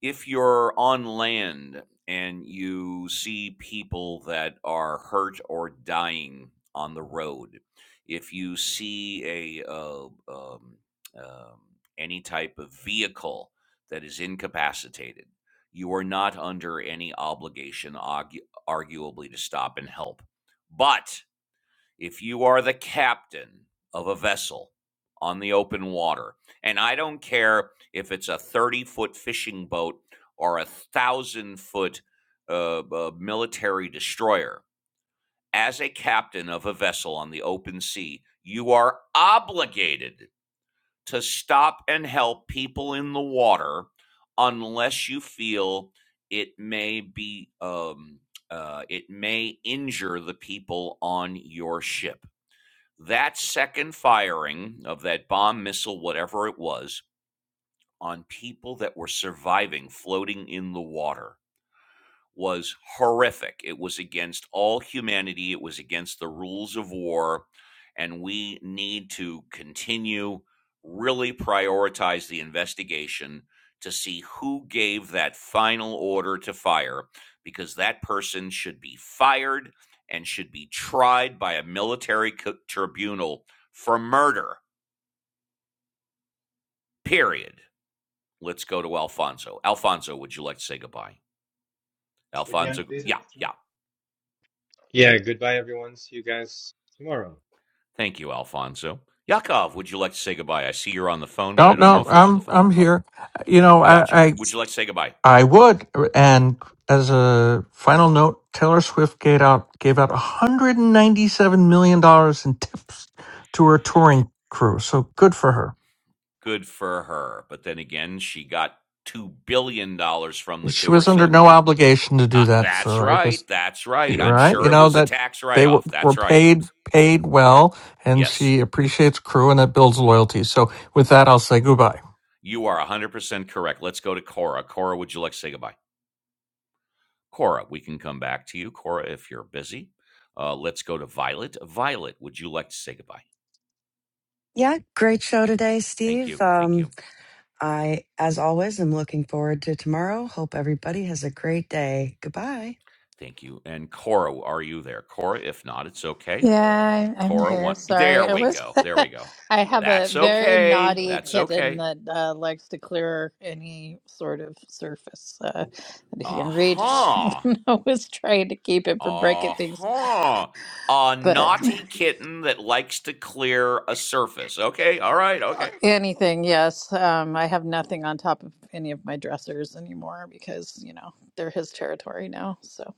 if you're on land and you see people that are hurt or dying on the road, if you see a uh, um, um, any type of vehicle that is incapacitated, you are not under any obligation, argu- arguably, to stop and help. But if you are the captain of a vessel on the open water, and I don't care if it's a 30 foot fishing boat or a thousand foot uh, uh, military destroyer, as a captain of a vessel on the open sea, you are obligated to stop and help people in the water unless you feel it may be um, uh, it may injure the people on your ship that second firing of that bomb missile, whatever it was, on people that were surviving floating in the water was horrific. It was against all humanity, it was against the rules of war, and we need to continue really prioritize the investigation to see who gave that final order to fire because that person should be fired and should be tried by a military co- tribunal for murder. Period. Let's go to Alfonso. Alfonso, would you like to say goodbye? Alfonso, yeah, yeah.
Yes, tomorrow.
Thank you, Alfonso. Yakov, would you like to say goodbye? I see you're on the phone, but
No,
I don't know
no,
if you're on the
I'm
phone.
I'm
I'll,
here. You know,
gotcha.
I,
Would you like to say goodbye?
I would. And as a final note, Taylor Swift gave out gave out 197 million dollars in tips to her touring crew. So good for her.
Good for her. But then again, she got $2 billion dollars from the
She
tour.
was under
So
no obligation to
uh,
do that.
that's
So I
right.
just
That's right. I'm
right,
sure
you
it
know
was a
that
tax write
they were,
off. That's
were
right.
paid paid well, and
Yes,
she appreciates crew, and that builds loyalty. So with that, I'll say goodbye.
you are 100% correct. Let's go to Cora. Cora, would you like to say goodbye? Cora, we can come back to you. Cora, if you're busy. Uh, let's go to Violet. Violet, would you like to say goodbye?
Yeah, great show today,
Thank
Steve.
you. Thank
Um,
you.
I, as always, am looking forward to tomorrow. Hope everybody has a great day. Goodbye.
Thank you. And Cora, are you there? Cora, if not, it's okay.
Yeah, I- I'm
Cora,
here.
one.
Sorry.
There
I
we
was
go. There we go.
I have a
That's
very
okay.
naughty
That's
kitten
okay.
that uh, likes to clear any sort of surface uh, that he can
Uh
reach.
huh.
And I was trying to keep it from
Uh
breaking things,
huh. A
but
naughty kitten that likes to clear a surface. Okay. All right. Okay.
anything, yes. Um, I have nothing on top of any of my dressers anymore because, you know, they're his territory now. So,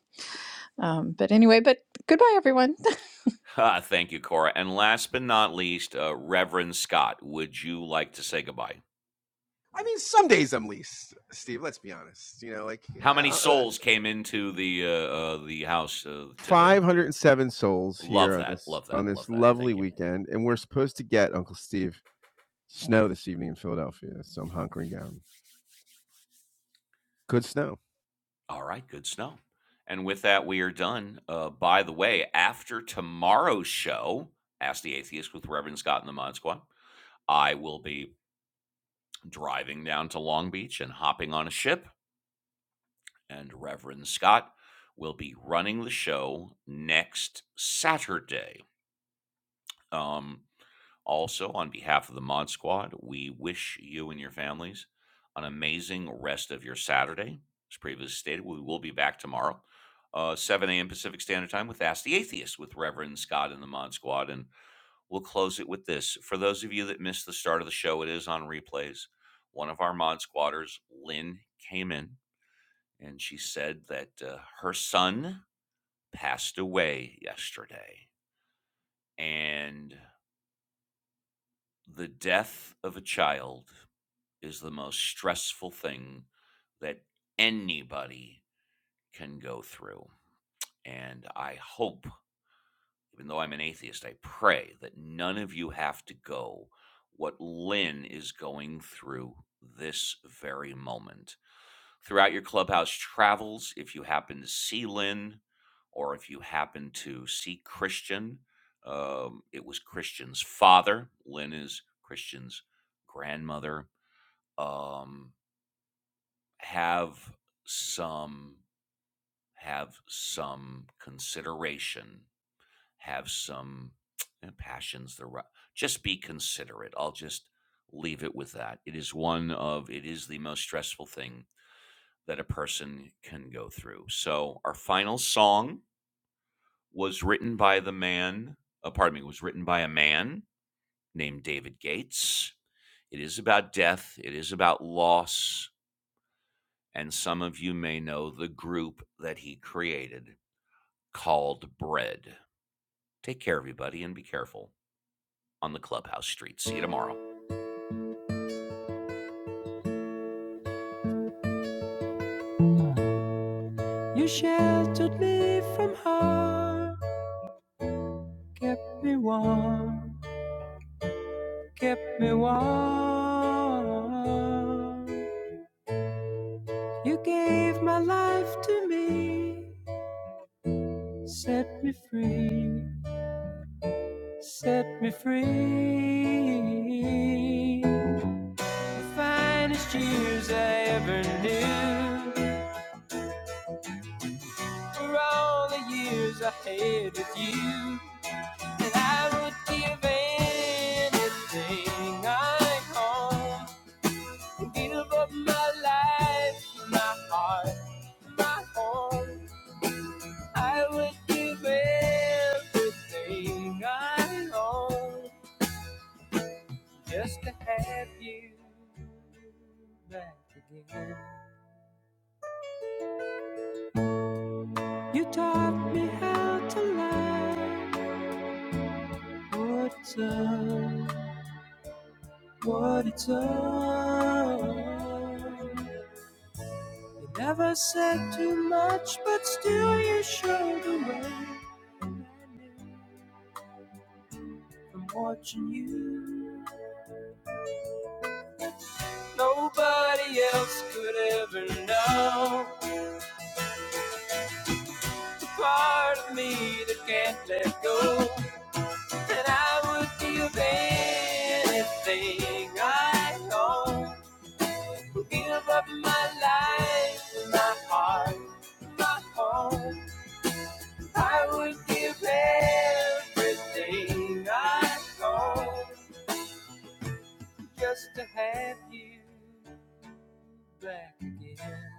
um, but anyway, but goodbye everyone.
Ah, thank you, Cora. And last but not least, uh, Reverend Scott, would you like to say goodbye?
I mean, some days I'm least Steve. Let's be honest. You know, like
How many
uh,
souls came into the uh, uh, the house uh, today?
507 souls
Love
here on
that.
this
Love that.
on
Love
this
that.
lovely
Thank you.
weekend and we're supposed to get uncle steve snow this evening in philadelphia so i'm hunkering down good snow
All right, good snow. And with that, we are done. Uh, by the way, after tomorrow's show, Ask the Atheist with Reverend Scott and the Mod Squad, I will be driving down to Long Beach and hopping on a ship, and Reverend Scott will be running the show next Saturday. Um, Also, on behalf of the Mod Squad, we wish you and your families an amazing rest of your Saturday. As previously stated, we will be back tomorrow, uh, 7 a.m. Pacific Standard Time with Ask the Atheist with Reverend Scott and the Mod Squad. And we'll close it with this. For those of you that missed the start of the show, it is on replays. One of our Mod Squatters, Lynn, came in and she said that uh, her son passed away yesterday. And the death of a child is the most stressful thing that anybody can go through. And I hope, even though I'm an atheist, I pray that none of you have to go what Lynn is going through this very moment. Throughout your clubhouse travels, if you happen to see Lynn or if you happen to see Christian, um, it was Christian's father. Lynn is Christian's grandmother. Um, have some have some consideration, have some and passions. The ri- just be considerate. I'll just leave it with that. It is one of it is the most stressful thing that a person can go through. So our final song was written by the man. Uh, pardon me, was written by a man named David Gates. It is about death. It is about loss. And some of you may know the group that he created called Bread. Take care, everybody, and be careful on the clubhouse street. See you tomorrow. You sheltered me from harm, kept me warm, kept me warm. You gave my life to me, set me free, set me free. The finest years I ever knew were all the years I had with you. And I would give anything I own and give up my life, my heart, my home. I would give everything I own just to have you back again. You taught me how to love. What a time? What a time! You never said too much, but still you showed the way. And I knew from watching you, nobody else could ever know. The part of me that can't let go, and I would give anything I own. Give up my life, and my heart. my home. I would give everything I own just to have you back again.